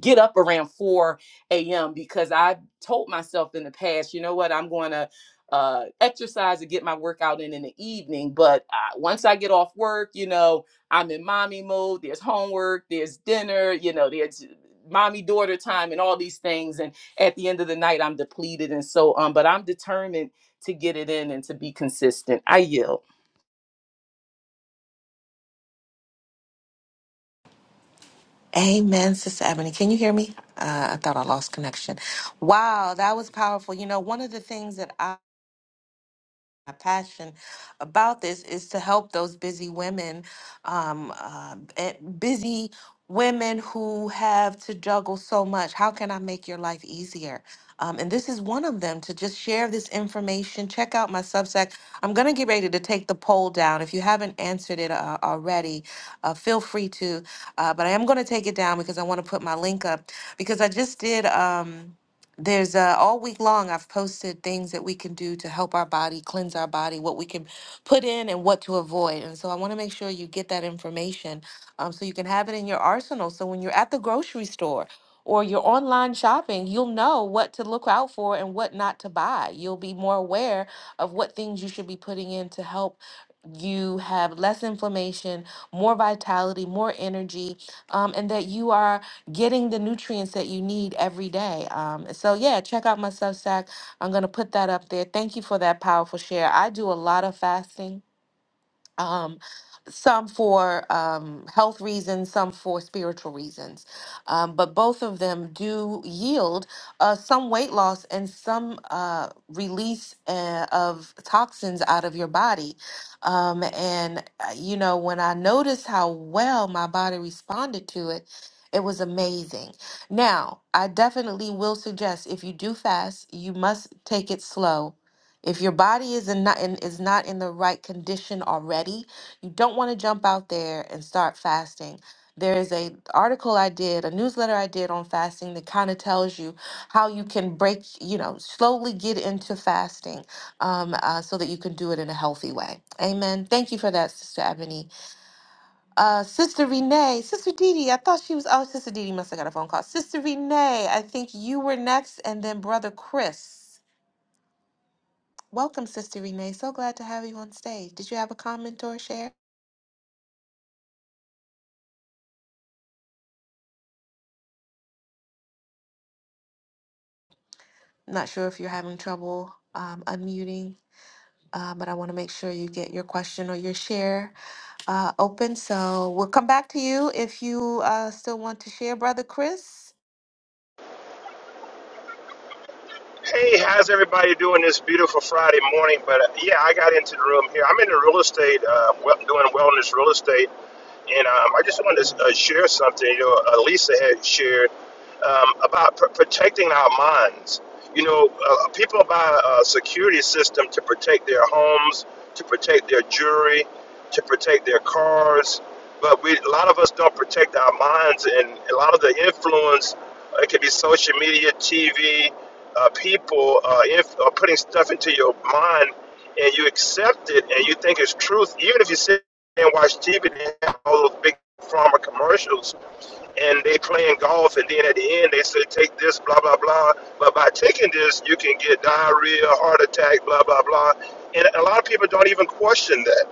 Speaker 7: get up around 4 a.m. because I told myself in the past, you know what, I'm going to uh, exercise and get my workout in in the evening. But uh, once I get off work, you know, I'm in mommy mode. There's homework, there's dinner, you know, there's mommy daughter time and all these things. And at the end of the night, I'm depleted and so on. Um, But I'm determined to get it in and to be consistent. I yield.
Speaker 1: Amen, Sister Ebony. Can you hear me? Uh, I thought I lost connection. Wow, that was powerful. You know, one of the things that my passion about this is to help those busy women, um, uh, eh, busy women who have to juggle so much. How can I make your life easier? Um, and this is one of them to just share this information. Check out my Substack. I'm going to get ready to take the poll down. If you haven't answered it uh, already, uh, feel free to. Uh, but I am going to take it down because I want to put my link up because I just did. Um, there's uh, all week long i've posted things that we can do to help our body cleanse our body what we can put in and what to avoid and so i want to make sure you get that information um, so you can have it in your arsenal so when you're at the grocery store or you're online shopping you'll know what to look out for and what not to buy you'll be more aware of what things you should be putting in to help you have less inflammation more vitality more energy um, and that you are getting the nutrients that you need every day. Um, so yeah, check out my Substack. I'm gonna put that up there. Thank you for that powerful share. I do a lot of fasting um, some for um, health reasons, some for spiritual reasons. Um, but both of them do yield uh, some weight loss and some uh, release uh, of toxins out of your body. Um, and, uh, you know, when I noticed how well my body responded to it, it was amazing. Now, I definitely will suggest if you do fast, you must take it slow if your body is in not in, is not in the right condition already, you don't want to jump out there and start fasting. There is a article I did, a newsletter I did on fasting that kind of tells you how you can break, you know, slowly get into fasting, um, uh, so that you can do it in a healthy way. Amen. Thank you for that, Sister Ebony. Uh, Sister Renee, Sister Didi. I thought she was. Oh, Sister Didi must have got a phone call. Sister Renee, I think you were next, and then Brother Chris. Welcome, Sister Renee. So glad to have you on stage. Did you have a comment or a share? Not sure if you're having trouble um, unmuting, uh, but I want to make sure you get your question or your share uh, open. So we'll come back to you if you uh, still want to share, Brother Chris.
Speaker 8: Hey, how's everybody doing this beautiful Friday morning? But uh, yeah, I got into the room here. I'm in the real estate, uh, well, doing wellness real estate. And um, I just wanted to uh, share something. You know, uh, Lisa had shared um, about pr- protecting our minds. You know, uh, people buy a security system to protect their homes, to protect their jewelry, to protect their cars. But we, a lot of us don't protect our minds, and a lot of the influence, uh, it could be social media, TV, uh, people uh, inf- uh, putting stuff into your mind, and you accept it, and you think it's truth, even if you say and watch TV. They have all those big pharma commercials, and they playing golf, and then at the end they say take this, blah blah blah. But by taking this, you can get diarrhea, heart attack, blah blah blah. And a lot of people don't even question that.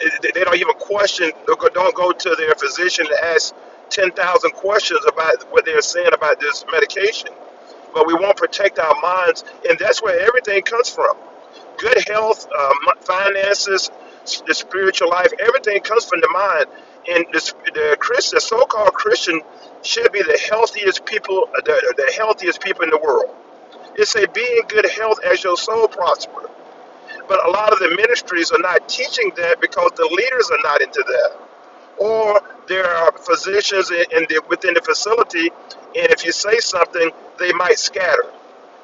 Speaker 8: It- They don't even question. Don't go to their physician and ask ten thousand questions about what they're saying about this medication but we won't protect our minds, and that's where everything comes from. Good health, uh, m- finances, s- the spiritual life, everything comes from the mind. And the, s- the Christian, the so-called Christian, should be the healthiest people, uh, the, the healthiest people in the world. It a be in good health as your soul prosper. But a lot of the ministries are not teaching that because the leaders are not into that. Or there are physicians in, in the, within the facility, and if you say something, they might scatter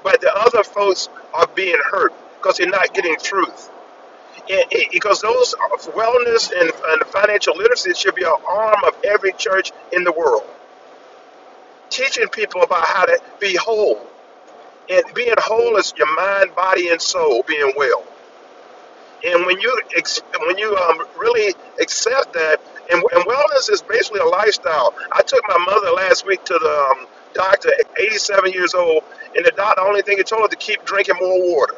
Speaker 8: but the other folks are being hurt because they're not getting truth. And it, because those are- wellness and, and financial literacy should be an arm of every church in the world, teaching people about how to be whole. And being whole is your mind, body, and soul being well. And when you ex- when you um, really accept that, and, and wellness is basically a lifestyle. I took my mother last week to the um, doctor, 87 years old, and the doctor only thing he told her to keep drinking more water.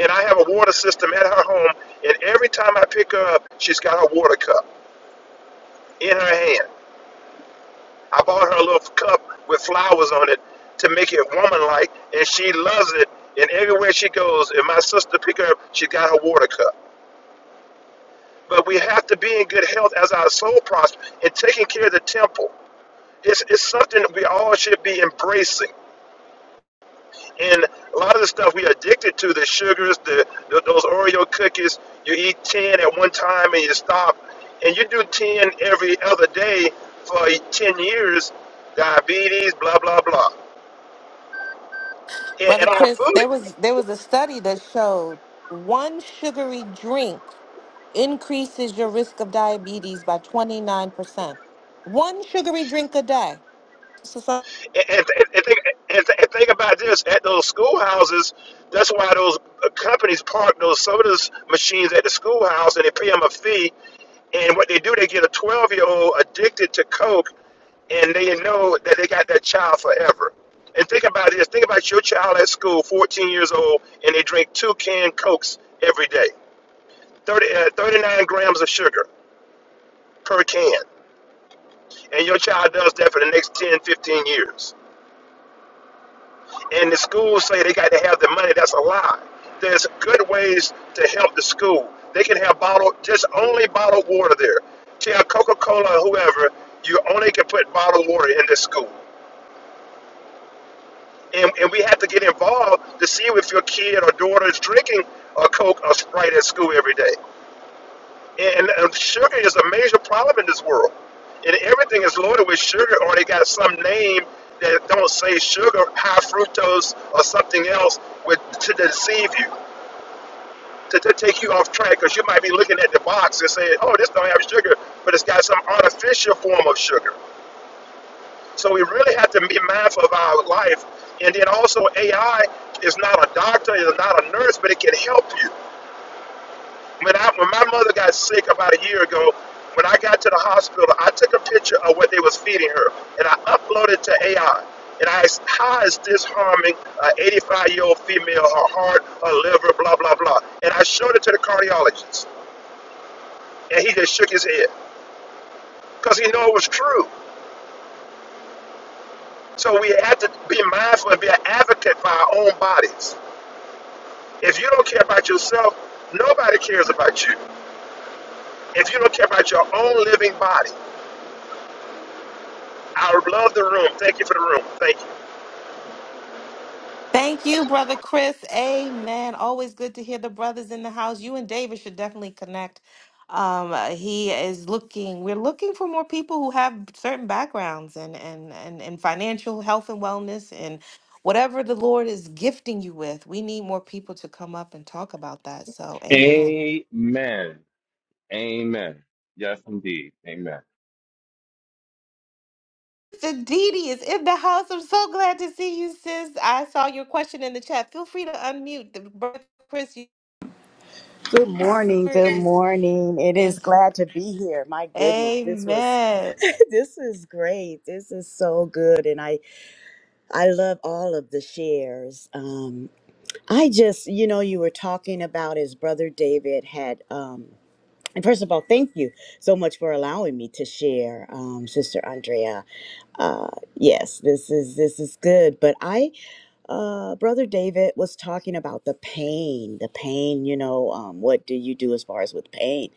Speaker 8: and I have a water system at her home. And every time I pick her up, she's got her water cup in her hand. I bought her a little cup with flowers on it to make it woman-like, and she loves it. And everywhere she goes, if my sister pick her up, she got her water cup. But we have to be in good health as our soul prosper and taking care of the temple. It's, it's something that we all should be embracing. And a lot of the stuff we addicted to, the sugars, the, the those Oreo cookies, you eat 10 at one time and you stop. And you do 10 every other day for 10 years, diabetes, blah, blah, blah. And,
Speaker 1: Brother
Speaker 8: and our
Speaker 1: Chris,
Speaker 8: food,
Speaker 1: there was there was a study that showed one sugary drink increases your risk of diabetes by 29%. One sugary drink a day.
Speaker 8: and, and, and, think, and, th- and think about this, at those schoolhouses, that's why those uh, companies park those sodas machines at the schoolhouse and they pay them a fee. And what they do, they get a 12-year-old addicted to Coke and they know that they got that child forever. And think about this. Think about your child at school, 14 years old, and they drink two canned Cokes every day, 30, uh, 39 grams of sugar per can. And your child does that for the next 10, 15 years. And the schools say they got to have the money. That's a lie. There's good ways to help the school. They can have bottled, just only bottled water there. Tell Coca-Cola or whoever, you only can put bottled water in this school. and, and we have to get involved to see if your kid or daughter is drinking a Coke or Sprite at school every day. And, and sugar is a major problem in this world. And everything is loaded with sugar, or they got some name that don't say sugar, high fructose, or something else with, to deceive you, to, to take you off track, because you might be looking at the box and saying, oh, this don't have sugar, but it's got some artificial form of sugar. So we really have to be mindful of our life. And then also AI is not a doctor, is not a nurse, but it can help you. When I when my mother got sick about a year ago, when I got to the hospital, I took a picture of what they was feeding her and I uploaded it to AI. And I asked, how is this harming an 85 year old female, her heart, her liver, blah, blah, blah. And I showed it to the cardiologist. And he just shook his head because he knew it was true. So we had to be mindful and be an advocate for our own bodies. If you don't care about yourself, nobody cares about you. If you don't care about your own living body, I love the room. Thank you for the room. Thank you.
Speaker 1: Thank you, Brother Chris. Amen. Always good to hear the brothers in the house. You and David should definitely connect. Um, uh, he is looking, we're looking for more people who have certain backgrounds and, and, and, and financial health and wellness and whatever the Lord is gifting you with. We need more people to come up and talk about that. So, amen.
Speaker 2: Amen. Amen. Yes, indeed. Amen.
Speaker 1: Sister Didi is in the house. I'm so glad to see you, sis. I saw your question in the chat. Feel free to unmute. The brother Chris, you
Speaker 9: Good morning. Good
Speaker 1: is
Speaker 9: morning. It is
Speaker 1: is
Speaker 9: glad to be here. My goodness, this was
Speaker 1: Amen.
Speaker 9: this is great. This is so good and I I love all of the shares. Um I just, you know, you were talking about his brother David had um and first of all, thank you so much for allowing me to share, um, Sister Andrea. Uh, yes, this is this is good. But I uh, Brother David was talking about the pain, the pain, you know, um, what do you do as far as with pain?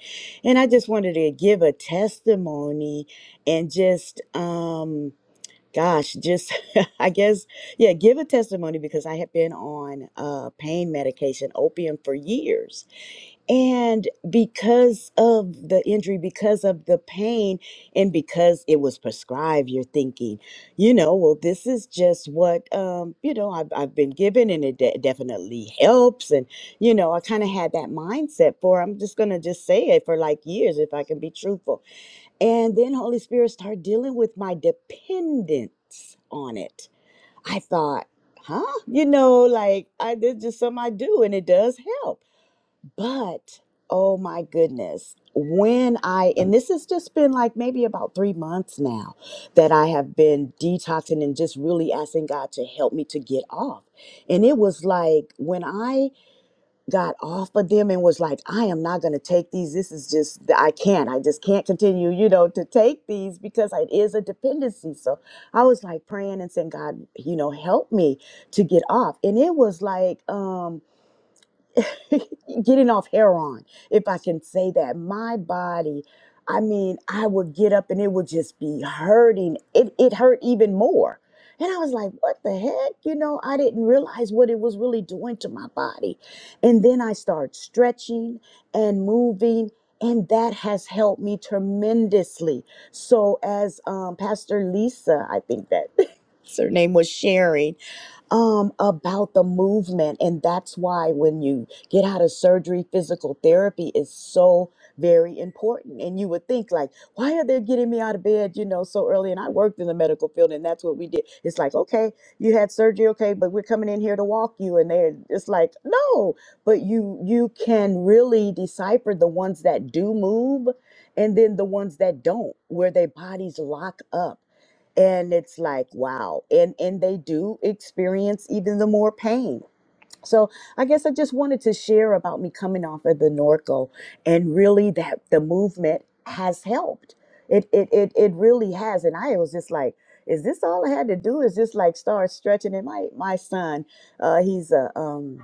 Speaker 9: And I just wanted to give a testimony and just, um, gosh, just, I guess, yeah, give a testimony because I have been on uh, pain medication, opium, for years and because of the injury, because of the pain, and because it was prescribed, you're thinking, you know, well, this is just what, um, you know, I've, I've been given and it de- definitely helps. And, you know, I kind of had that mindset for, I'm just going to just say it for like years if I can be truthful. And then Holy Spirit started dealing with my dependence on it. I thought, huh? You know, like I, did just something I do and it does help but oh my goodness, when I, and this has just been like maybe about three months now that I have been detoxing and just really asking God to help me to get off. And it was like when I got off of them and was like, I am not going to take these. This is just, I can't, I just can't continue, you know, to take these because it is a dependency. So I was like praying and saying, God, you know, help me to get off. And it was like, um, getting off heroin, if I can say that. My body, I mean, I would get up and it would just be hurting. It, it hurt even more. And I was like, what the heck? You know, I didn't realize what it was really doing to my body. And then I started stretching and moving, and that has helped me tremendously. So, as um, Pastor Lisa, I think that her name was sharing, um, about the movement. And that's why when you get out of surgery, physical therapy is so very important. And you would think, like, why are they getting me out of bed, you know, so early? And I worked in the medical field, and that's what we did. It's like, okay, you had surgery, okay, but we're coming in here to walk you. And they're it's like, no, but you you can really decipher the ones that do move and then the ones that don't, where their bodies lock up and it's like wow and and they do experience even the more pain so i guess i just wanted to share about me coming off of the norco and really that the movement has helped it it it, it really has and i was just like is this all i had to do is just like start stretching and my my son uh he's a um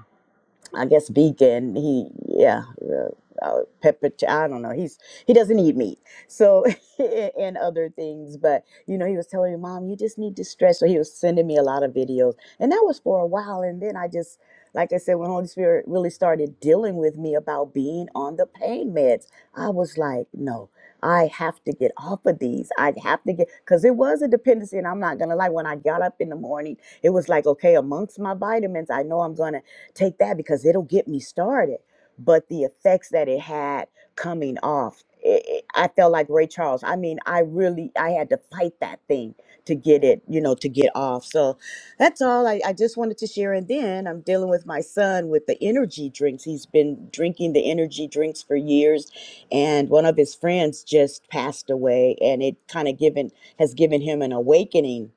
Speaker 9: I guess vegan. He yeah, uh, uh, pepper. I don't know. He's he doesn't eat meat, so and other things. But you know, he was telling me, Mom, you just need to stretch. So he was sending me a lot of videos, and that was for a while. And then I just, like I said, when Holy Spirit really started dealing with me about being on the pain meds, I was like, no. I have to get off of these. I have to get because it was a dependency, and I'm not gonna lie. When I got up in the morning, it was like, okay, amongst my vitamins, I know I'm gonna take that because it'll get me started. But the effects that it had coming off, it, it- I felt like Ray Charles. I mean, I really, I had to fight that thing to get it, you know, to get off. So that's all I, I just wanted to share. And then I'm dealing with my son with the energy drinks. He's been drinking the energy drinks for years. And one of his friends just passed away and it kind of given, has given him an awakening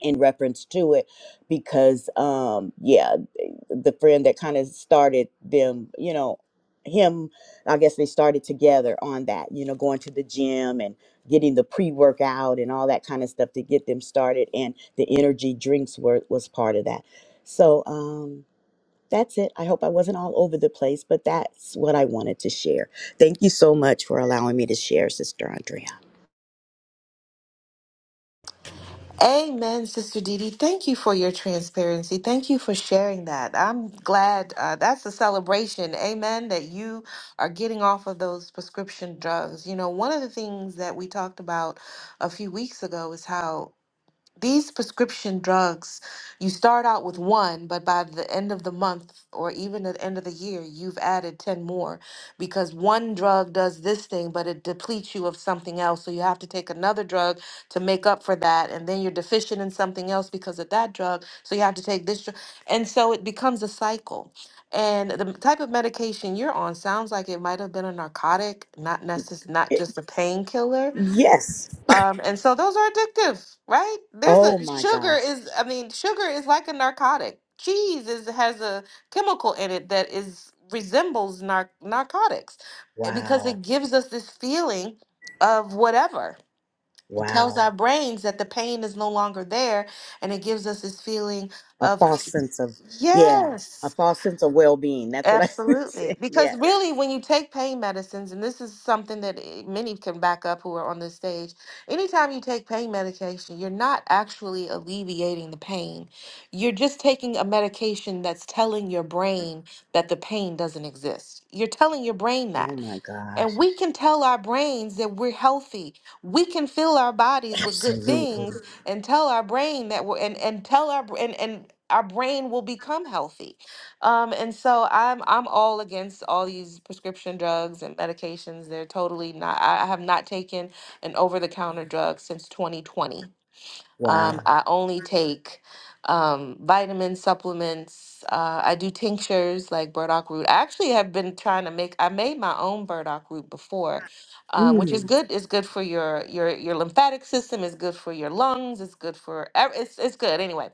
Speaker 9: in reference to it because um yeah the friend that kind of started them you know him i guess they started together on that you know going to the gym and getting the pre-workout and all that kind of stuff to get them started and the energy drinks were was part of that so um that's it. I hope I wasn't all over the place, but that's what I wanted to share. Thank you so much for allowing me to share, Sister Andrea.
Speaker 1: Amen, Sister Dee Dee. Thank you for your transparency. Thank you for sharing that. I'm glad uh, that's a celebration. Amen. That you are getting off of those prescription drugs. You know, one of the things that we talked about a few weeks ago is how these prescription drugs, you start out with one, but by the end of the month or even at the end of the year, you've added 10 more because one drug does this thing, but it depletes you of something else. So you have to take another drug to make up for that. And then you're deficient in something else because of that drug. So you have to take this drug. And so it becomes a cycle. And the type of medication you're on sounds like it might have been a narcotic, not necess- not
Speaker 9: It-
Speaker 1: just a painkiller
Speaker 9: yes.
Speaker 1: um, and so those are addictive, right? There's a
Speaker 9: Oh my
Speaker 1: sugar
Speaker 9: gosh.
Speaker 1: is, I mean, sugar is like a narcotic. Cheese is has a chemical in it that is resembles nar narcotics eh, because
Speaker 9: Wow.
Speaker 1: it gives us this feeling of whatever. It tells
Speaker 9: Wow.
Speaker 1: our brains that the pain is no longer there, and it gives us this feeling
Speaker 9: A
Speaker 1: of
Speaker 9: false sense of, yeah,
Speaker 1: yes.
Speaker 9: a false sense of well being. That's what I
Speaker 1: Absolutely.
Speaker 9: said.
Speaker 1: Because
Speaker 9: Yes.
Speaker 1: really, when you take pain medicines, and this is something that eh, many can back up who are on this stage, anytime you take pain medication, you're not actually alleviating the pain. You're just taking a medication that's telling your brain that the pain doesn't exist. You're telling your brain that.
Speaker 9: Oh my
Speaker 1: And
Speaker 9: gosh.
Speaker 1: we can tell our brains that we're healthy. We can fill our bodies with good
Speaker 9: Absolutely.
Speaker 1: things and tell our brain that we're and, and tell our br- and, and our brain will become healthy. Um, and so I'm I'm all against all these prescription drugs and medications. They're totally not I I have not taken an over-the-counter drug since 2020. Um,
Speaker 9: Wow.
Speaker 1: I only take um, vitamin supplements. Uh, I do tinctures like burdock root. I actually have been trying to make. I made my own burdock root before, um, which is
Speaker 9: Mm.
Speaker 1: good. It's good for your your your lymphatic system. It's good for your lungs. It's good for. ev- It's it's good anyway.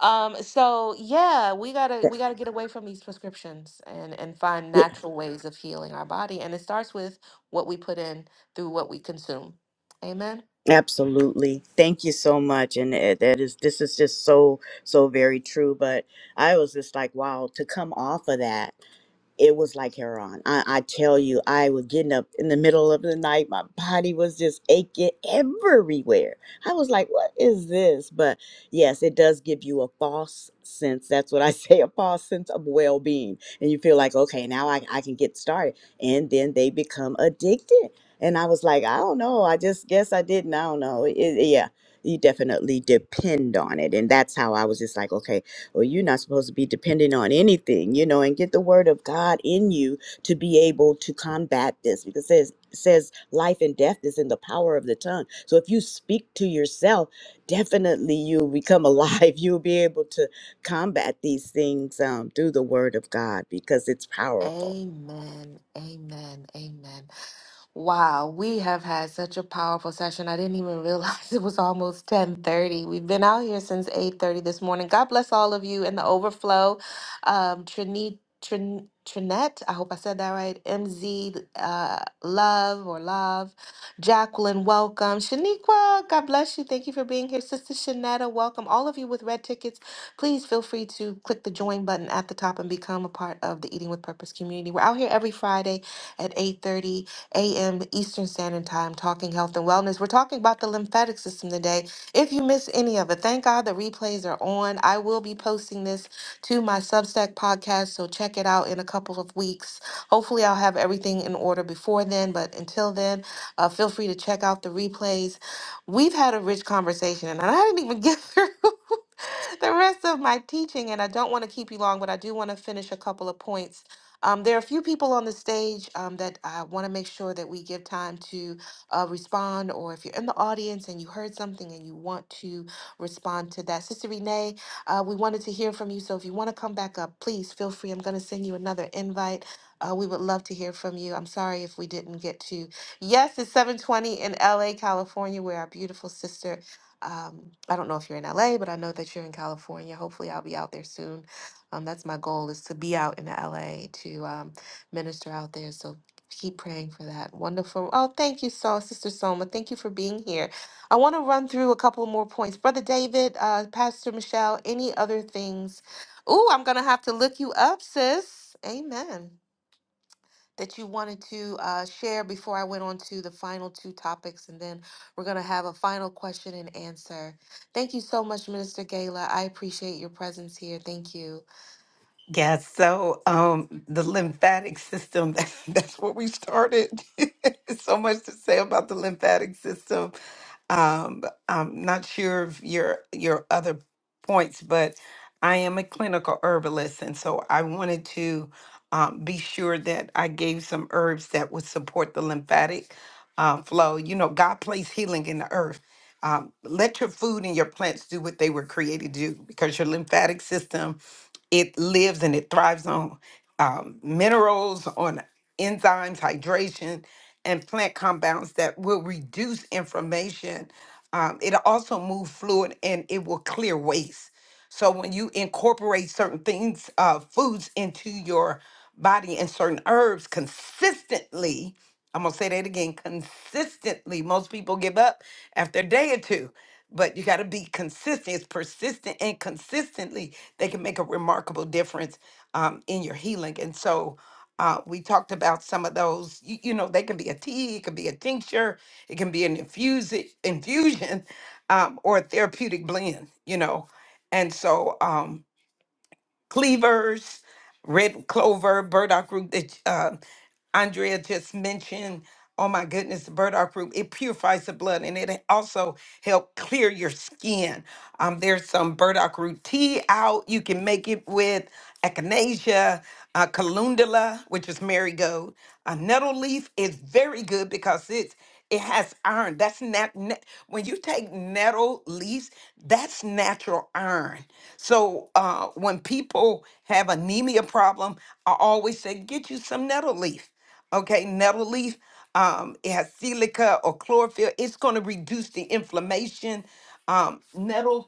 Speaker 1: Um, so yeah, we gotta we gotta get away from these prescriptions and and find natural ways of healing our body. And it starts with what we put in through what we consume. Amen.
Speaker 9: Absolutely. Thank you so much. And it, that is, this is just so, so very true. But I was just like, wow, to come off of that it was like heroin. I, I tell you, I was getting up in the middle of the night. My body was just aching everywhere. I was like, what is this? But yes, it does give you a false sense. That's what I say a false sense of well being. And you feel like, okay, now I, I can get started. And then they become addicted. And I was like, I don't know. I just guess I didn't. I don't know. It, yeah. You definitely depend on it. And that's how I was just like, okay, or you're not supposed to be dependent on anything, you know, and get the word of God in you to be able to combat this because it says says life and death is in the power of the tongue. So if you speak to yourself, definitely you'll become alive. You'll be able to combat these things um, through the word of God because it's powerful.
Speaker 1: Amen. Amen. Amen. Wow, we have had such a powerful session. I didn't even realize it was almost 10:30. We've been out here since 8:30 this morning. God bless all of you in the overflow. Um Trini Trin, Trinette, I hope I said that right. MZ uh, Love or Love. Jacqueline, welcome. Shaniqua, God bless you. Thank you for being here. Sister Shanetta, welcome. All of you with red tickets please feel free to click the join button at the top and become a part of the Eating with Purpose community. We're out here every Friday at 8:30 a.m. Eastern Standard Time talking health and wellness. We're talking about the lymphatic system today. If you miss any of it, thank God the replays are on. I will be posting this to my Substack podcast, so check it out in a couple of weeks. Hopefully, I'll have everything in order before then, but until then, uh, feel free to check out the replays. We've had a rich conversation, and I didn't even get through the rest of my teaching, and I don't want to keep you long, but I do want to finish a couple of points. Um, there are a few people on the stage um, that I want to make sure that we give time to uh, respond, or if you're in the audience and you heard something and you want to respond to that. Sister Renee, uh, we wanted to hear from you, so if you want to come back up, please feel free. I'm going to send you another invite. Uh, we would love to hear from you. I'm sorry if we didn't get to. Yes, it's 7:20 in LA, California, where our beautiful sister um, I don't know if you're in LA, but I know that you're in California. Hopefully, I'll be out there soon. Um, that's my goal is to be out in LA to um, minister out there. So keep praying for that. Wonderful. Oh, thank you, so Sister Soma. Thank you for being here. I want to run through a couple more points, Brother David, uh, Pastor Michelle. Any other things? Ooh, I'm gonna have to look you up, sis. Amen that you wanted to uh, share before I went on to the final two topics, and then we're going to have a final question and answer. Thank you so much, Minister Gala. I appreciate your presence here. Thank you.
Speaker 4: Yeah, so um, the lymphatic system, that's where we started. So much to say about the lymphatic system. Um, I'm not sure of your your other points, but I am a clinical herbalist, and so I wanted to um, be sure that I gave some herbs that would support the lymphatic uh, flow. You know, God placed healing in the earth. Um, let your food and your plants do what they were created to do, because your lymphatic system it lives and it thrives on um, minerals, on enzymes, hydration, and plant compounds that will reduce inflammation. Um, it also move fluid and it will clear waste. So when you incorporate certain things, uh, foods into your body and certain herbs consistently, I'm gonna say that again, consistently. Most people give up after a day or two but you got to be consistent. It's persistent and consistently they can make a remarkable difference um, in your healing. And so uh, we talked about some of those. You, you know, they can be a tea, it can be a tincture, it can be an infuse infusion, um, or a therapeutic blend. You know, and so. um cleavers, red clover, burdock root that uh, Andrea just mentioned. Oh my goodness, the burdock root, it purifies the blood and it also help clear your skin. Um, there's some burdock root tea out. You can make it with echinacea, uh, calendula, which is marigold. A nettle leaf is very good because it's it has iron. That's nat- na- when you take nettle leaves, that's natural iron. So uh, when people have anemia problem, I always say get you some nettle leaf. Okay, nettle leaf. Um, it has silica or chlorophyll. It's going to reduce the inflammation. Um, nettle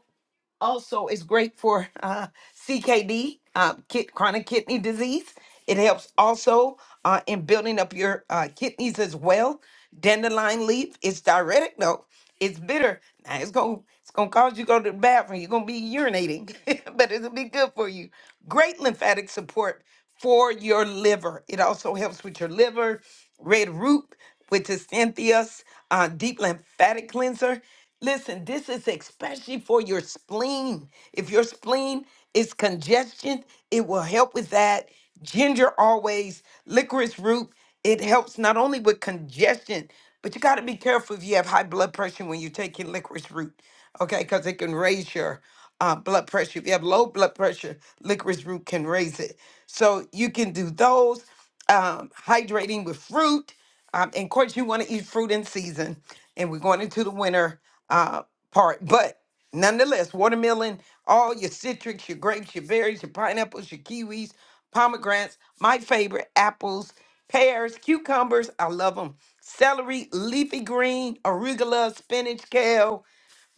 Speaker 4: also it's great for uh, CKD, uh, kid, chronic kidney disease. It helps also uh, in building up your uh, kidneys as well. Dandelion leaf is diuretic. though. it's bitter. Now it's gonna it's gonna cause you to go to the bathroom. You're gonna be urinating, but it'll be good for you. Great lymphatic support for your liver. It also helps with your liver. Red root, which is Cynthia's uh, deep lymphatic cleanser. Listen, this is especially for your spleen. If your spleen is congestion, it will help with that. Ginger always, licorice root, it helps not only with congestion, but you got to be careful if you have high blood pressure when you're taking licorice root, okay? Because it can raise your uh, blood pressure. If you have low blood pressure, licorice root can raise it. So you can do those. Um, hydrating with fruit. Um, and of course, you want to eat fruit in season. And we're going into the winter uh, part. But nonetheless, watermelon, all your citrus, your grapes, your berries, your pineapples, your kiwis, pomegranates, my favorite, apples, pears, cucumbers. I love them. Celery, leafy green, arugula, spinach, kale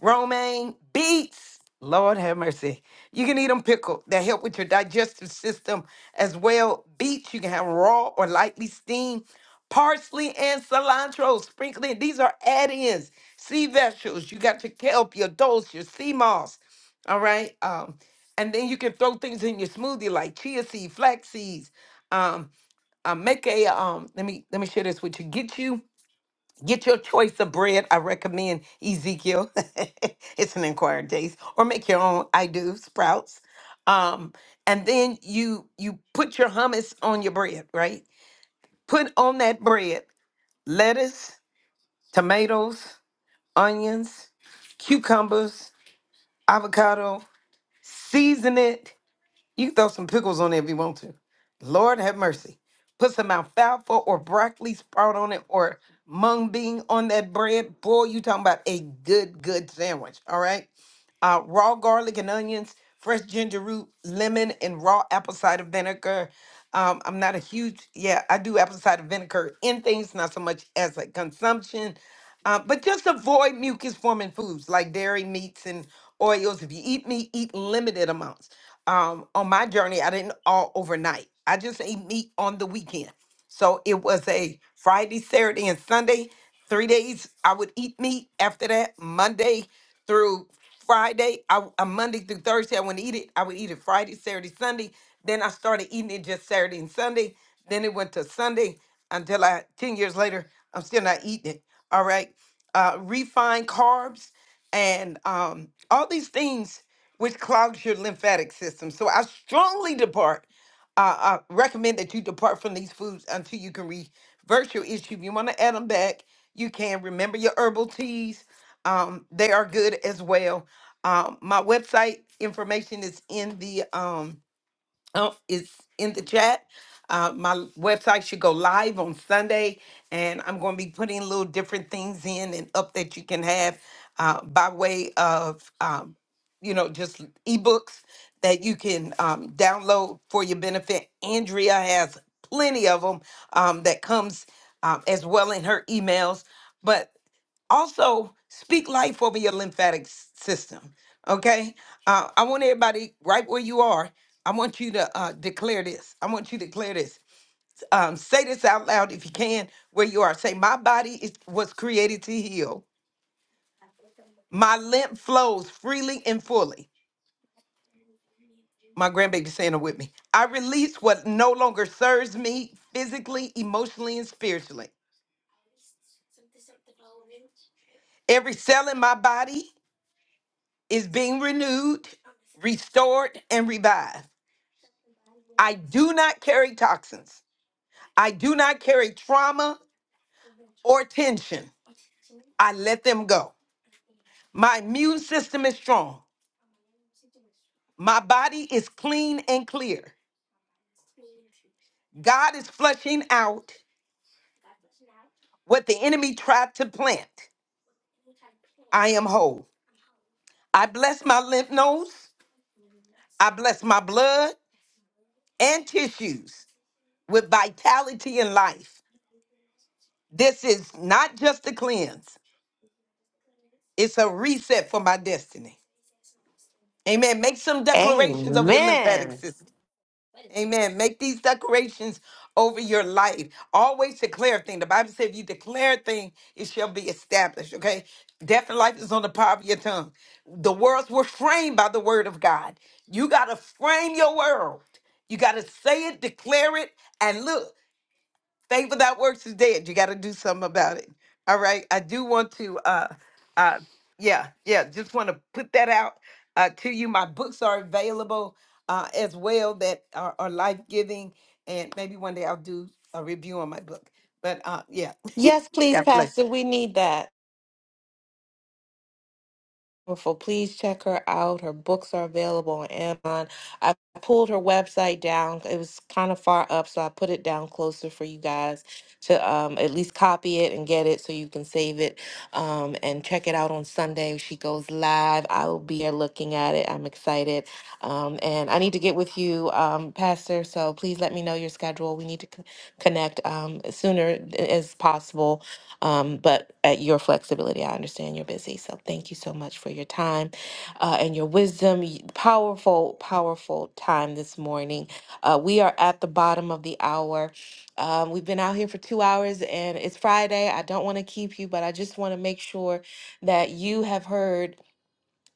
Speaker 4: romaine, beets. Lord have mercy. You can eat them pickled. They help with your digestive system as well. Beets you can have raw or lightly steamed. Parsley and cilantro sprinkling. These are add-ins. Sea vegetables. You got your kelp, your dulse, your sea moss. All right. Um, and then you can throw things in your smoothie like chia seed, flax seeds. Um, uh, make a um. Let me let me share this with you. Get you. Get your choice of bread. I recommend Ezekiel. it's an inquired taste. Or make your own. I do sprouts. Um, and then you you put your hummus on your bread, right? Put on that bread lettuce, tomatoes, onions, cucumbers, avocado. Season it you can throw some pickles on it if you want to. Lord have mercy. Put some alfalfa or broccoli sprout on it or mung bean on that bread. Boy, you talking about a good, good sandwich. All right. Uh, raw garlic and onions, fresh ginger root, lemon, and raw apple cider vinegar. Um, I'm not a huge, yeah, I do apple cider vinegar in things, not so much as a consumption. Uh, but just avoid mucus forming foods like dairy, meats, and oils. If you eat meat, eat limited amounts. Um, on my journey, I didn't all overnight. I just ate meat on the weekend. So it was a Friday, Saturday, and Sunday. Three days I would eat meat. After that, Monday through Friday, I, w- uh, Monday through Thursday, I wouldn't eat it. I would eat it Friday, Saturday, Sunday. Then I started eating it just Saturday and Sunday. Then it went to Sunday until I, 10 years later, I'm still not eating it. All right. Uh, refined carbs and um, all these things which clogs your lymphatic system. So I strongly depart uh, uh, recommend that you depart from these foods until you can reverse your issue. If you want to add them back, you can. Remember your herbal teas; um, they are good as well. Um, my website information is in the um, um, is in the chat. Uh, my website should go live on Sunday, and I'm going to be putting little different things in and up that you can have uh, by way of, um, you know, just ebooks that you can um, download for your benefit. Andrea has plenty of them um, that comes um, as well in her emails. But also speak life over your lymphatic s- system okay uh, i want everybody right where you are i want you to uh, declare this i want you to declare this um, say this out loud if you can where you are say my body is, was created to heal my lymph flows freely and fully my grandbaby saying it with me i release what no longer serves me physically emotionally and spiritually every cell in my body is being renewed restored and revived I do not carry toxins. I do not carry trauma or tension. I let them go. My immune system is strong. My body is clean and clear. God is flushing out what the enemy tried to plant. I am whole. I bless my lymph nodes. I bless my blood and tissues with vitality and life. This is not just a cleanse, it's a reset for my destiny. Amen. Make some declarations of your lymphatic
Speaker 1: Amen.
Speaker 4: system. Amen. Make these declarations over your life. Always declare a thing. The Bible says if you declare a thing, it shall be established. Okay? Death and life is on the power of your tongue. The worlds were framed by the word of God. You got to frame your world. You got to say it, declare it, and look faith without works is dead. You got to do something about it. All right. I do want to, uh, uh, yeah, yeah. Just want to put that out uh, to you. My books are available uh, as well that are, are life giving, and maybe one day I'll do a review on my book. But uh, yeah,
Speaker 1: Yes, please,
Speaker 4: God bless.
Speaker 1: Pastor. We need that. wonderful. Please check her out. Her books are available on Amazon. I pulled her website down. It was kind of far up, so I put it down closer for you guys to um, at least copy it and get it so you can save it um, and check it out on Sunday. She goes live. I will be there looking at it. I'm excited. Um, and I need to get with you, um, Pastor, so please let me know your schedule. We need to c- connect um, sooner uh, as possible um, but at your flexibility, I understand you're busy. So thank you so much for your time uh, and your wisdom. Y- Powerful, powerful time this morning. Uh, we are at the bottom of the hour. Um, we've been out here for two hours and it's Friday. I don't want to keep you, but I just want to make sure that you have heard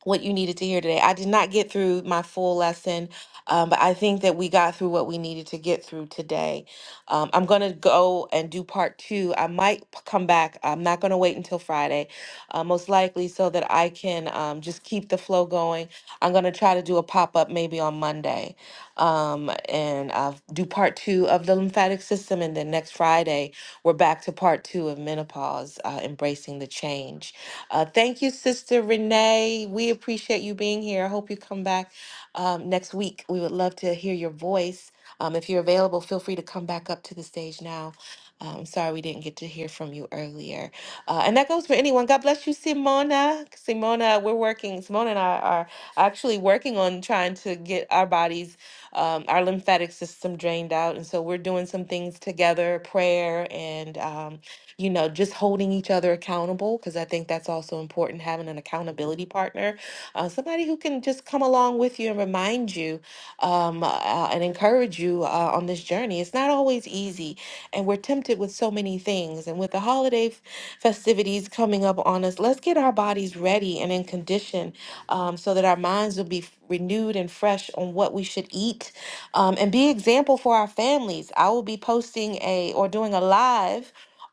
Speaker 1: what you needed to hear today. I did not get through my full lesson, um, but I think that we got through what we needed to get through today. Um, I'm going to go and do part two. I might p- come back. I'm not going to wait until Friday, uh, most likely, so that I can um, just keep the flow going. I'm going to try to do a pop up maybe on Monday um, and uh, do part two of the lymphatic system. And then next Friday, we're back to part two of menopause, uh, embracing the change. Uh, thank you, Sister Renee. We appreciate you being here. I hope you come back um, next week. We would love to hear your voice. Um, if you're available, feel free to come back up to the stage now. Uh, I'm sorry we didn't get to hear from you earlier. Uh, and that goes for anyone. God bless you, Simona. Simona, we're working. Simona and I are actually working on trying to get our bodies, um, our lymphatic system drained out. And so we're doing some things together prayer and um, you know, just holding each other accountable, because I think that's also important, having an accountability partner, uh, somebody who can just come along with you and remind you um, uh, and encourage you uh, on this journey. It's not always easy, and we're tempted with so many things. And with the holiday f- festivities coming up on us, let's get our bodies ready and in condition um, so that our minds will be f- renewed and fresh on what we should eat um, and be example for our families. I will be posting a or doing a live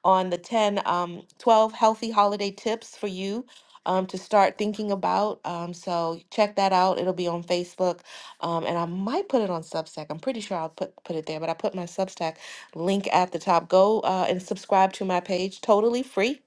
Speaker 1: on the 10, um, 12 healthy holiday tips for you um, to start thinking about. Um, so check that out. It'll be on Facebook. Um, and I might put it on Substack. I'm pretty sure I'll put, put it there, but I put my Substack link at the top. Go uh, and subscribe to my page totally free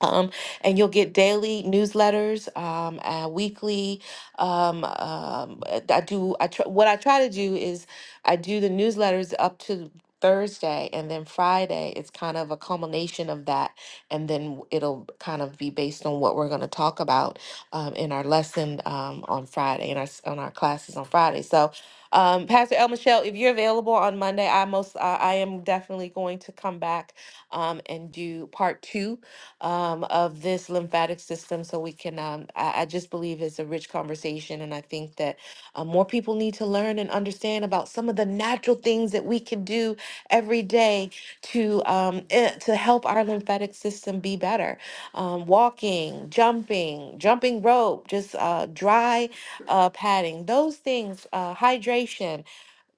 Speaker 1: um, and you'll get daily newsletters, um, and weekly. Um, um, uh, I do. I tr- what I try to do is I do the newsletters up to Thursday, and then Friday it's kind of a culmination of that, and then w- it'll kind of be based on what we're going to talk about um, in our lesson um, on Friday, in our s- on our classes on Friday. So. Um, Pastor El Michelle, if you're available on Monday, I most I I am definitely going to come back um, and do part two um, of this lymphatic system so we can um, I, I just believe it's a rich conversation and i think that uh, more people need to learn and understand about some of the natural things that we can do every day to um, eh, to help our lymphatic system be better um, walking jumping jumping rope just uh, dry uh, padding those things uh, hydration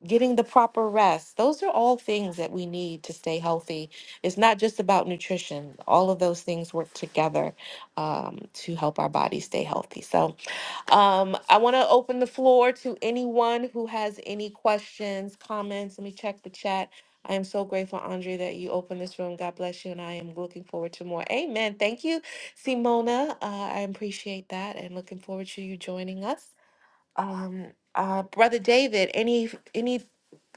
Speaker 1: getting the proper rest. Those are all things that we need to stay healthy. It's not just about nutrition. All of those things work together um, to help our body stay healthy. So um, I want to open the floor to anyone who has any questions, comments. Let me check the chat. I am so grateful, Andre, that you opened this room. God bless you, and I am looking forward to more. Amen. Thank you, Simona. Uh, I appreciate that, and looking forward to you joining us. Um, uh, Brother David, any any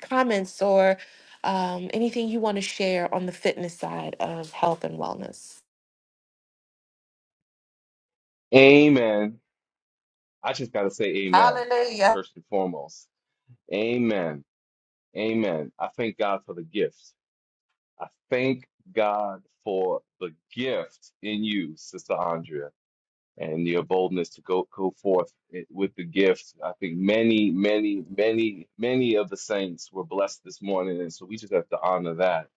Speaker 1: comments or um, anything you want to share on the fitness side of health and wellness.
Speaker 2: Amen. I just got to say amen
Speaker 1: Hallelujah.
Speaker 2: first and foremost. Amen. Amen. I thank God for the gift. I thank God for the gift in you, Sister Andrea, and your boldness to go, go forth i- with the gift. I think many, many, many, many of the saints were blessed this morning. And so we just have to honor that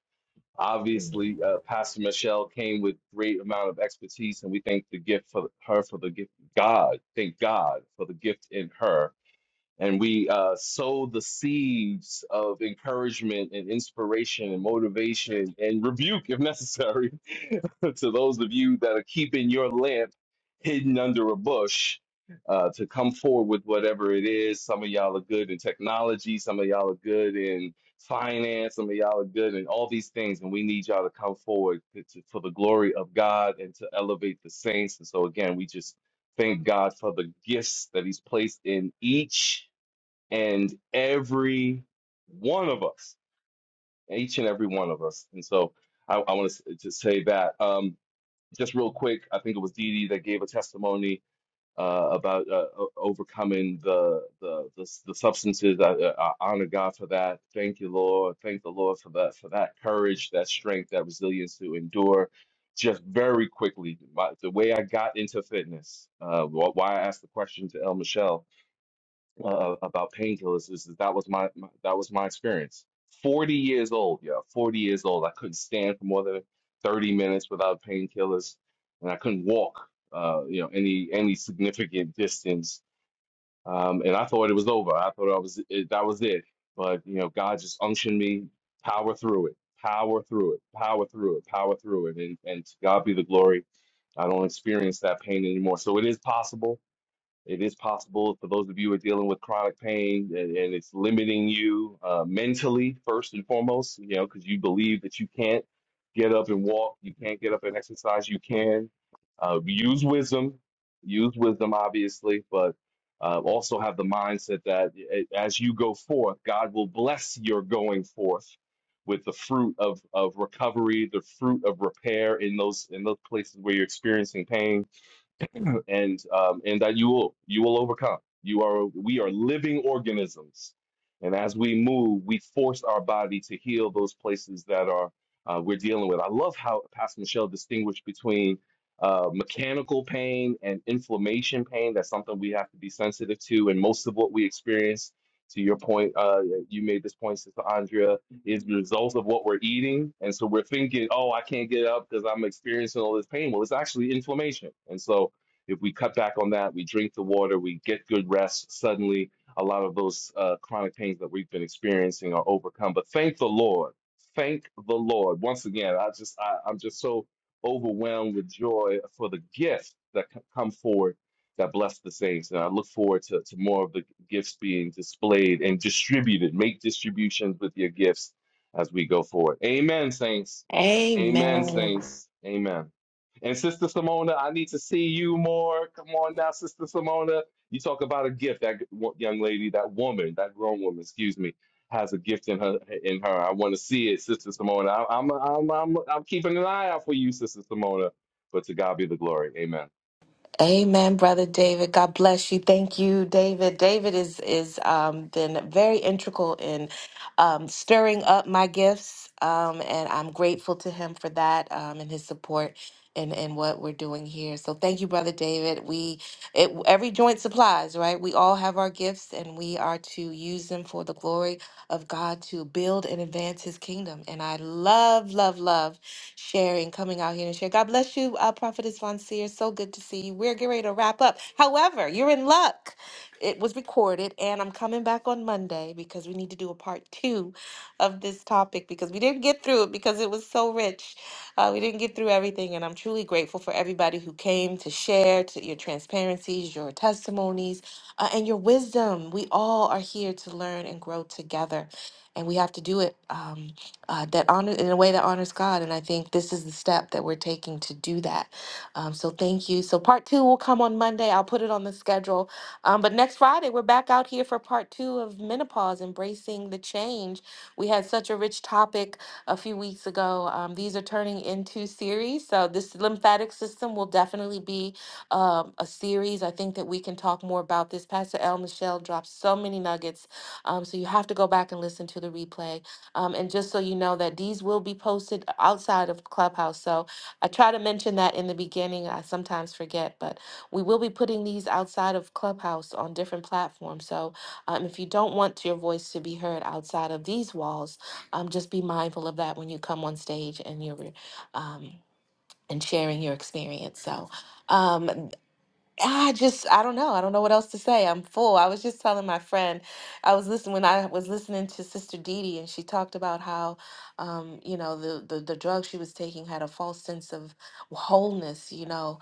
Speaker 2: Obviously, uh, Pastor Michelle came with great amount of expertise, and we thank the gift for her for the gift. God, thank God for the gift in her and we uh, sow the seeds of encouragement and inspiration and motivation and rebuke if necessary to those of you that are keeping your lamp hidden under a bush uh, to come forward with whatever it is. Some of y'all are good in technology, some of y'all are good in finance, some of y'all are good in all these things, and we need y'all to come forward to, to, for the glory of God and to elevate the saints. And so, again, we just thank God for the gifts that He's placed in each and every one of us, each and every one of us. And so I, I want to, s- to say that um, just real quick. I think it was Dee Dee that gave a testimony uh, about uh, o- overcoming the the the, s- the substances. I, I honor God for that. Thank you, Lord. Thank the Lord for that for that courage, that strength, that resilience to endure. Just very quickly, my, the way I got into fitness, uh, wh- why I asked the question to El Michelle uh, about painkillers is that was my, my that was my experience. Forty years old, yeah, forty years old. I couldn't stand for more than thirty minutes without painkillers, and I couldn't walk, uh, you know, any any significant distance. Um, and I thought it was over. I thought I was it, that was it. But you know, God just unctioned me, power through it, power through it, power through it, power through it, and and to God be the glory. I don't experience that pain anymore. So it is possible it is possible for those of you who are dealing with chronic pain and, and it's limiting you uh, mentally, first and foremost, you know, because you believe that you can't get up and walk, you can't get up and exercise, you can. Uh, use wisdom, use wisdom, obviously, but uh, also have the mindset that a- as you go forth, God will bless your going forth with the fruit of, of recovery, the fruit of repair in those in those places where you're experiencing pain and um, and that you will you will overcome. You are we are living organisms, and as we move, we force our body to heal those places that are uh, we're dealing with. I love how Pastor Michelle distinguished between uh, mechanical pain and inflammation pain. That's something we have to be sensitive to, and most of what we experience. To your point, uh, you made this point, Sister Andrea, is the result of what we're eating. And so we're thinking, oh, I can't get up because I'm experiencing all this pain. Well, it's actually inflammation. And so if we cut back on that, we drink the water, we get good rest, suddenly a lot of those uh, chronic pains that we've been experiencing are overcome. But thank the Lord. Thank the Lord. Once again, I just I, I'm just so overwhelmed with joy for the gifts that c- come forward that bless the saints. And I look forward to, to more of the gifts being displayed and distributed. Make distributions with your gifts as we go forward. Amen, saints. Amen,
Speaker 1: Amen.
Speaker 2: saints. Amen. And Sister Simona, I need to see you more. Come on now, Sister Simona. You talk about a gift. That g- wo- young lady, that woman, that grown woman, excuse me, has a gift in her. In her, I want to see it, Sister Simona. I, I'm, I'm, I'm, I'm keeping an eye out for you, Sister Simona. But to God be the glory. Amen.
Speaker 1: Amen, brother David. God bless you. Thank you, David. David is is um, been very integral in um, stirring up my gifts, um, and I'm grateful to him for that um, and his support and and what we're doing here. So thank you, brother David. We it, every joint supplies right. We all have our gifts, and we are to use them for the glory of God to build and advance His kingdom. And I love, love, love sharing, coming out here and share. God bless you, uh, Prophetess Von Seer. So good to see you. We're getting ready to wrap up. However, you're in luck. It was recorded, and I'm coming back on Monday because we need to do a part two of this topic because we didn't get through it because it was so rich. Uh, we didn't get through everything, and I'm truly grateful for everybody who came to share to your transparencies, your testimonies, uh, and your wisdom. We all are here to learn and grow together, and we have to do it. Um, uh, that honor in a way that honors God. And I think this is the step that we're taking to do that. Um, so thank you. So part two will come on Monday. I'll put it on the schedule. Um, but next Friday, we're back out here for part two of menopause, embracing the change. We had such a rich topic a few weeks ago. Um, these are turning into series. So this lymphatic system will definitely be um, a series. I think that we can talk more about this. Pastor L. Michelle dropped so many nuggets. Um, so you have to go back and listen to the replay. Um, and just so you know that these will be posted outside of Clubhouse. So I try to mention that in the beginning. I sometimes forget, but we will be putting these outside of Clubhouse on different platforms. So um, if you don't want your voice to be heard outside of these walls, um, just be mindful of that when you come on stage and you're um, and sharing your experience. So. Um, I just, I don't know. I don't know what else to say. I'm full. I was just telling my friend, I was listening when I was listening to Sister Dee Dee, and she talked about how, um, you know, the, the the drug she was taking had a false sense of wholeness, you know,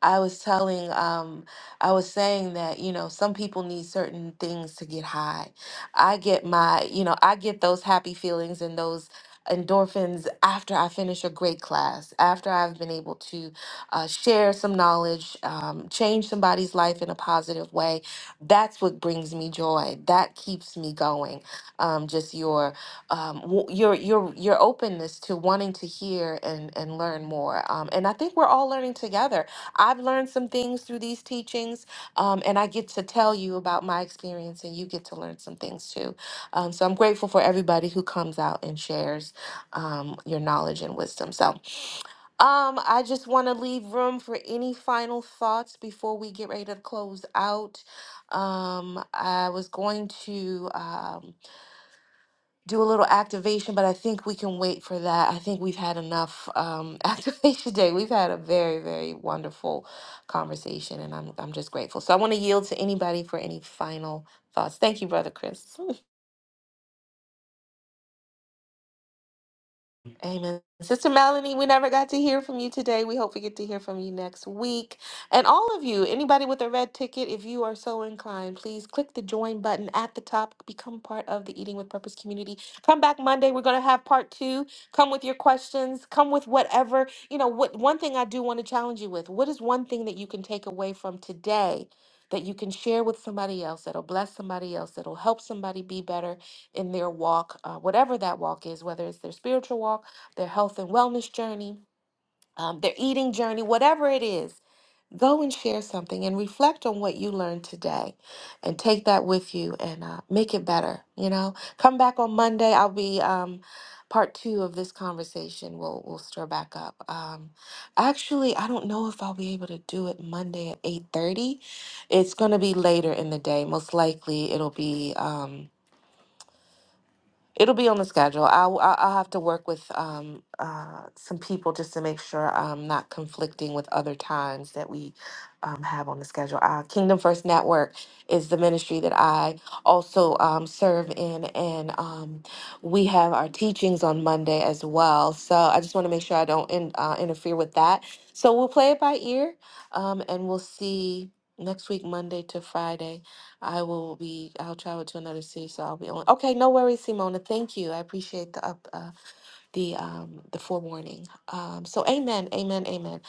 Speaker 1: I was telling, um, I was saying that, you know, some people need certain things to get high. I get my, you know, I get those happy feelings and those endorphins after I finish a great class, after I've been able to uh, share some knowledge, um, change somebody's life in a positive way. That's what brings me joy. That keeps me going. Um, just your, um, w- your, your, your openness to wanting to hear and, and learn more. Um, and I think we're all learning together I've learned some things through these teachings, um, and I get to tell you about my experience, and you get to learn some things too. Um, so I'm grateful for everybody who comes out and shares um, your knowledge and wisdom. So um, I just want to leave room for any final thoughts before we get ready to close out. Um, I was going to. Um, do a little activation, but I think we can wait for that. I think we've had enough um, activation day. We've had a very, very wonderful conversation, and I'm I'm just grateful. So I want to yield to anybody for any final thoughts. Thank you, brother Chris. Amen. Sister Melanie, we never got to hear from you today. We hope we get to hear from you next week. And all of you, anybody with a red ticket, if you are so inclined, please click the join button at the top. Become part of the Eating with Purpose community. Come back Monday. We're going to have part two. Come with your questions. Come with whatever. You know, what one thing I do want to challenge you with what is one thing that you can take away from today that you can share with somebody else, that'll bless somebody else, that'll help somebody be better in their walk, uh, whatever that walk is, whether it's their spiritual walk? their health and wellness journey, um, their eating journey, whatever it is, go and share something and reflect on what you learned today and take that with you and uh, make it better. You know, come back on Monday. I'll be. Um, Part two of this conversation we will we will stir back up. Um, actually, I don't know if I'll be able to do it Monday at eight thirty. It's going to be later in the day. Most likely, it'll be. Um, It'll be on the schedule. I'll I'll I'll have to work with um uh some people just to make sure I'm not conflicting with other times that we um have on the schedule. Uh, Kingdom First Network is the ministry that I also um serve in, and um we have our teachings on Monday as well. So I just want to make sure I don't in, uh, interfere with that. So we'll play it by ear, um, and we'll see next week Monday to Friday I will be, I'll travel to another city, so I'll be on. Okay, no worries, Simona. Thank you. I appreciate the up, uh, the um the forewarning. Um so amen, amen, amen.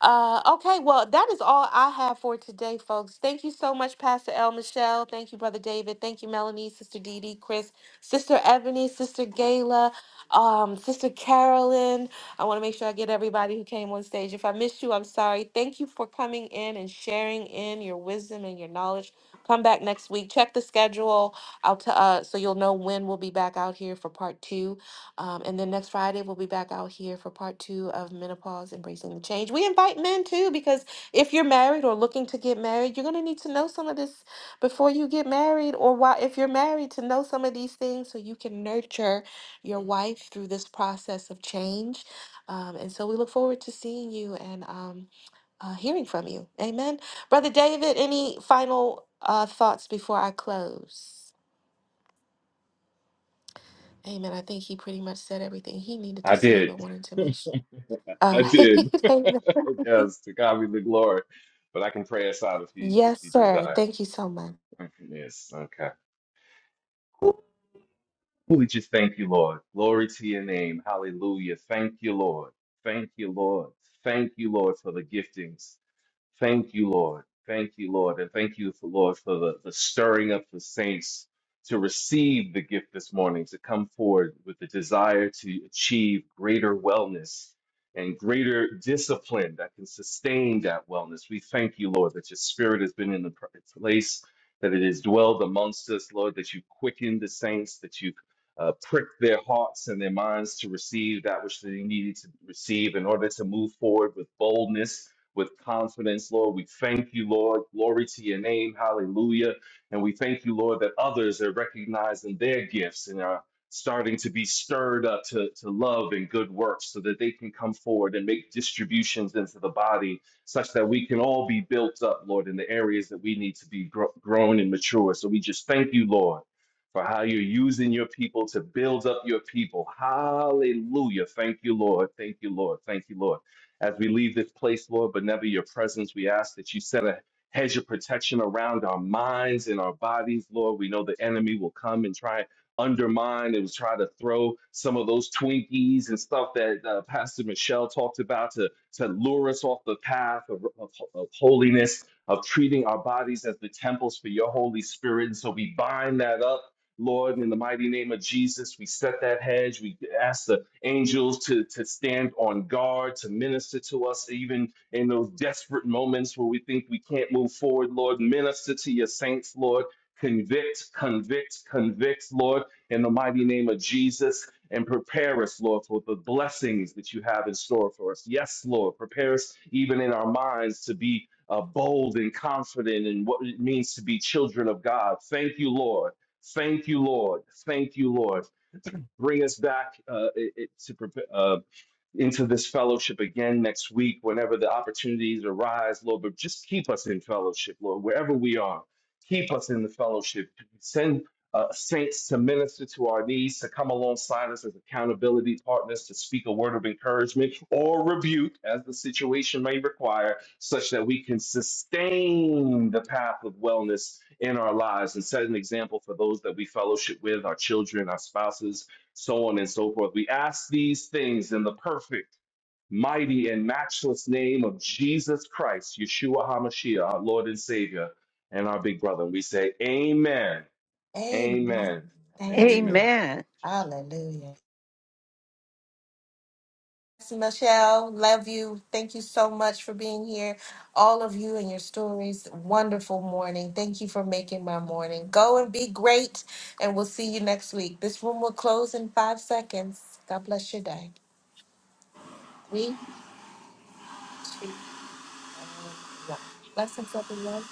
Speaker 1: Uh okay, well that is all I have for today, folks. Thank you so much, Pastor L. Michelle. Thank you, Brother David. Thank you, Melanie, Sister Dee Dee, Chris, Sister Ebony, Sister Gayla, um, Sister Carolyn. I want to make sure I get everybody who came on stage. If I missed you, I'm sorry. Thank you for coming in and sharing in your wisdom and your knowledge. Come back next week. Check the schedule. I'll t- uh, so you'll know when we'll be back out here for part two um, and then next Friday, we'll be back out here for part two of Menopause Embracing the Change. We invite men too, because if you're married or looking to get married, you're going to need to know some of this before you get married, or while, if you're married, to know some of these things so you can nurture your wife through this process of change. Um, and so we look forward to seeing you and um, uh, hearing from you. Amen. Brother David, any final uh, thoughts before I close? Amen. I think he pretty much said everything he needed to
Speaker 2: I
Speaker 1: say, but
Speaker 2: did.
Speaker 1: wanted to make sure. All
Speaker 2: I
Speaker 1: right.
Speaker 2: did.
Speaker 1: Amen.
Speaker 2: yes, to God be the glory. But I can pray us out if you if
Speaker 1: yes,
Speaker 2: you
Speaker 1: sir.
Speaker 2: desire.
Speaker 1: Thank you so much.
Speaker 2: Mm-hmm. Yes. Okay. We just thank you, Lord. Glory to your name. Hallelujah. Thank you, Lord. Thank you, Lord. Thank you, Lord, for the giftings. Thank you, Lord. Thank you, Lord. And thank you, for, Lord, for the, the stirring up the saints to receive the gift this morning, to come forward with the desire to achieve greater wellness and greater discipline that can sustain that wellness. We thank you, Lord, that your spirit has been in the pr- place, that it has dwelled amongst us, Lord, that you quickened the saints, that you uh, pricked their hearts and their minds to receive that which they needed to receive in order to move forward with boldness with confidence, Lord. We thank you, Lord. Glory to your name. Hallelujah. And we thank you, Lord, that others are recognizing their gifts and are starting to be stirred up to, to love and good works so that they can come forward and make distributions into the body such that we can all be built up, Lord, in the areas that we need to be gro- grown and mature. So we just thank you, Lord, for how you're using your people to build up your people. Hallelujah. Thank you, Lord. Thank you, Lord. Thank you, Lord. As we leave this place, Lord, but never your presence, we ask that you set a hedge of protection around our minds and our bodies, Lord. We know the enemy will come and try undermine and try to throw some of those Twinkies and stuff that uh, Pastor Michelle talked about to, to lure us off the path of, of, of holiness, of treating our bodies as the temples for your Holy Spirit. And so we bind that up. Lord, in the mighty name of Jesus, we set that hedge. We ask the angels to, to stand on guard, to minister to us, even in those desperate moments where we think we can't move forward, Lord. Minister to your saints, Lord. Convict, convict, convict, Lord, in the mighty name of Jesus, and prepare us, Lord, for the blessings that you have in store for us. Yes, Lord, prepare us even in our minds to be uh, bold and confident in what it means to be children of God. Thank you, Lord. Thank you, Lord. Thank you, Lord bring us back uh, it, to uh, into this fellowship again next week whenever the opportunities arise, Lord. But just keep us in fellowship, Lord, wherever we are. Keep us in the fellowship. Send uh, saints to minister to our needs, to come alongside us as accountability partners, to speak a word of encouragement or rebuke as the situation may require, such that we can sustain the path of wellness in our lives and set an example for those that we fellowship with, our children, our spouses, so on and so forth. We ask these things in the perfect, mighty, and matchless name of Jesus Christ, Yeshua HaMashiach, our Lord and Savior, and our big brother. And we say, Amen,
Speaker 1: Amen.
Speaker 2: Amen, and
Speaker 1: Thank you.
Speaker 2: Amen.
Speaker 4: Amen.
Speaker 1: Hallelujah. Pastor Michelle, love you. Thank you so much for being here. All of you and your stories. Wonderful morning. Thank you for making my morning. Go and be great, and we'll see you next week. This room will close in five seconds. God bless your day. Three, two, one. Blessings, everyone.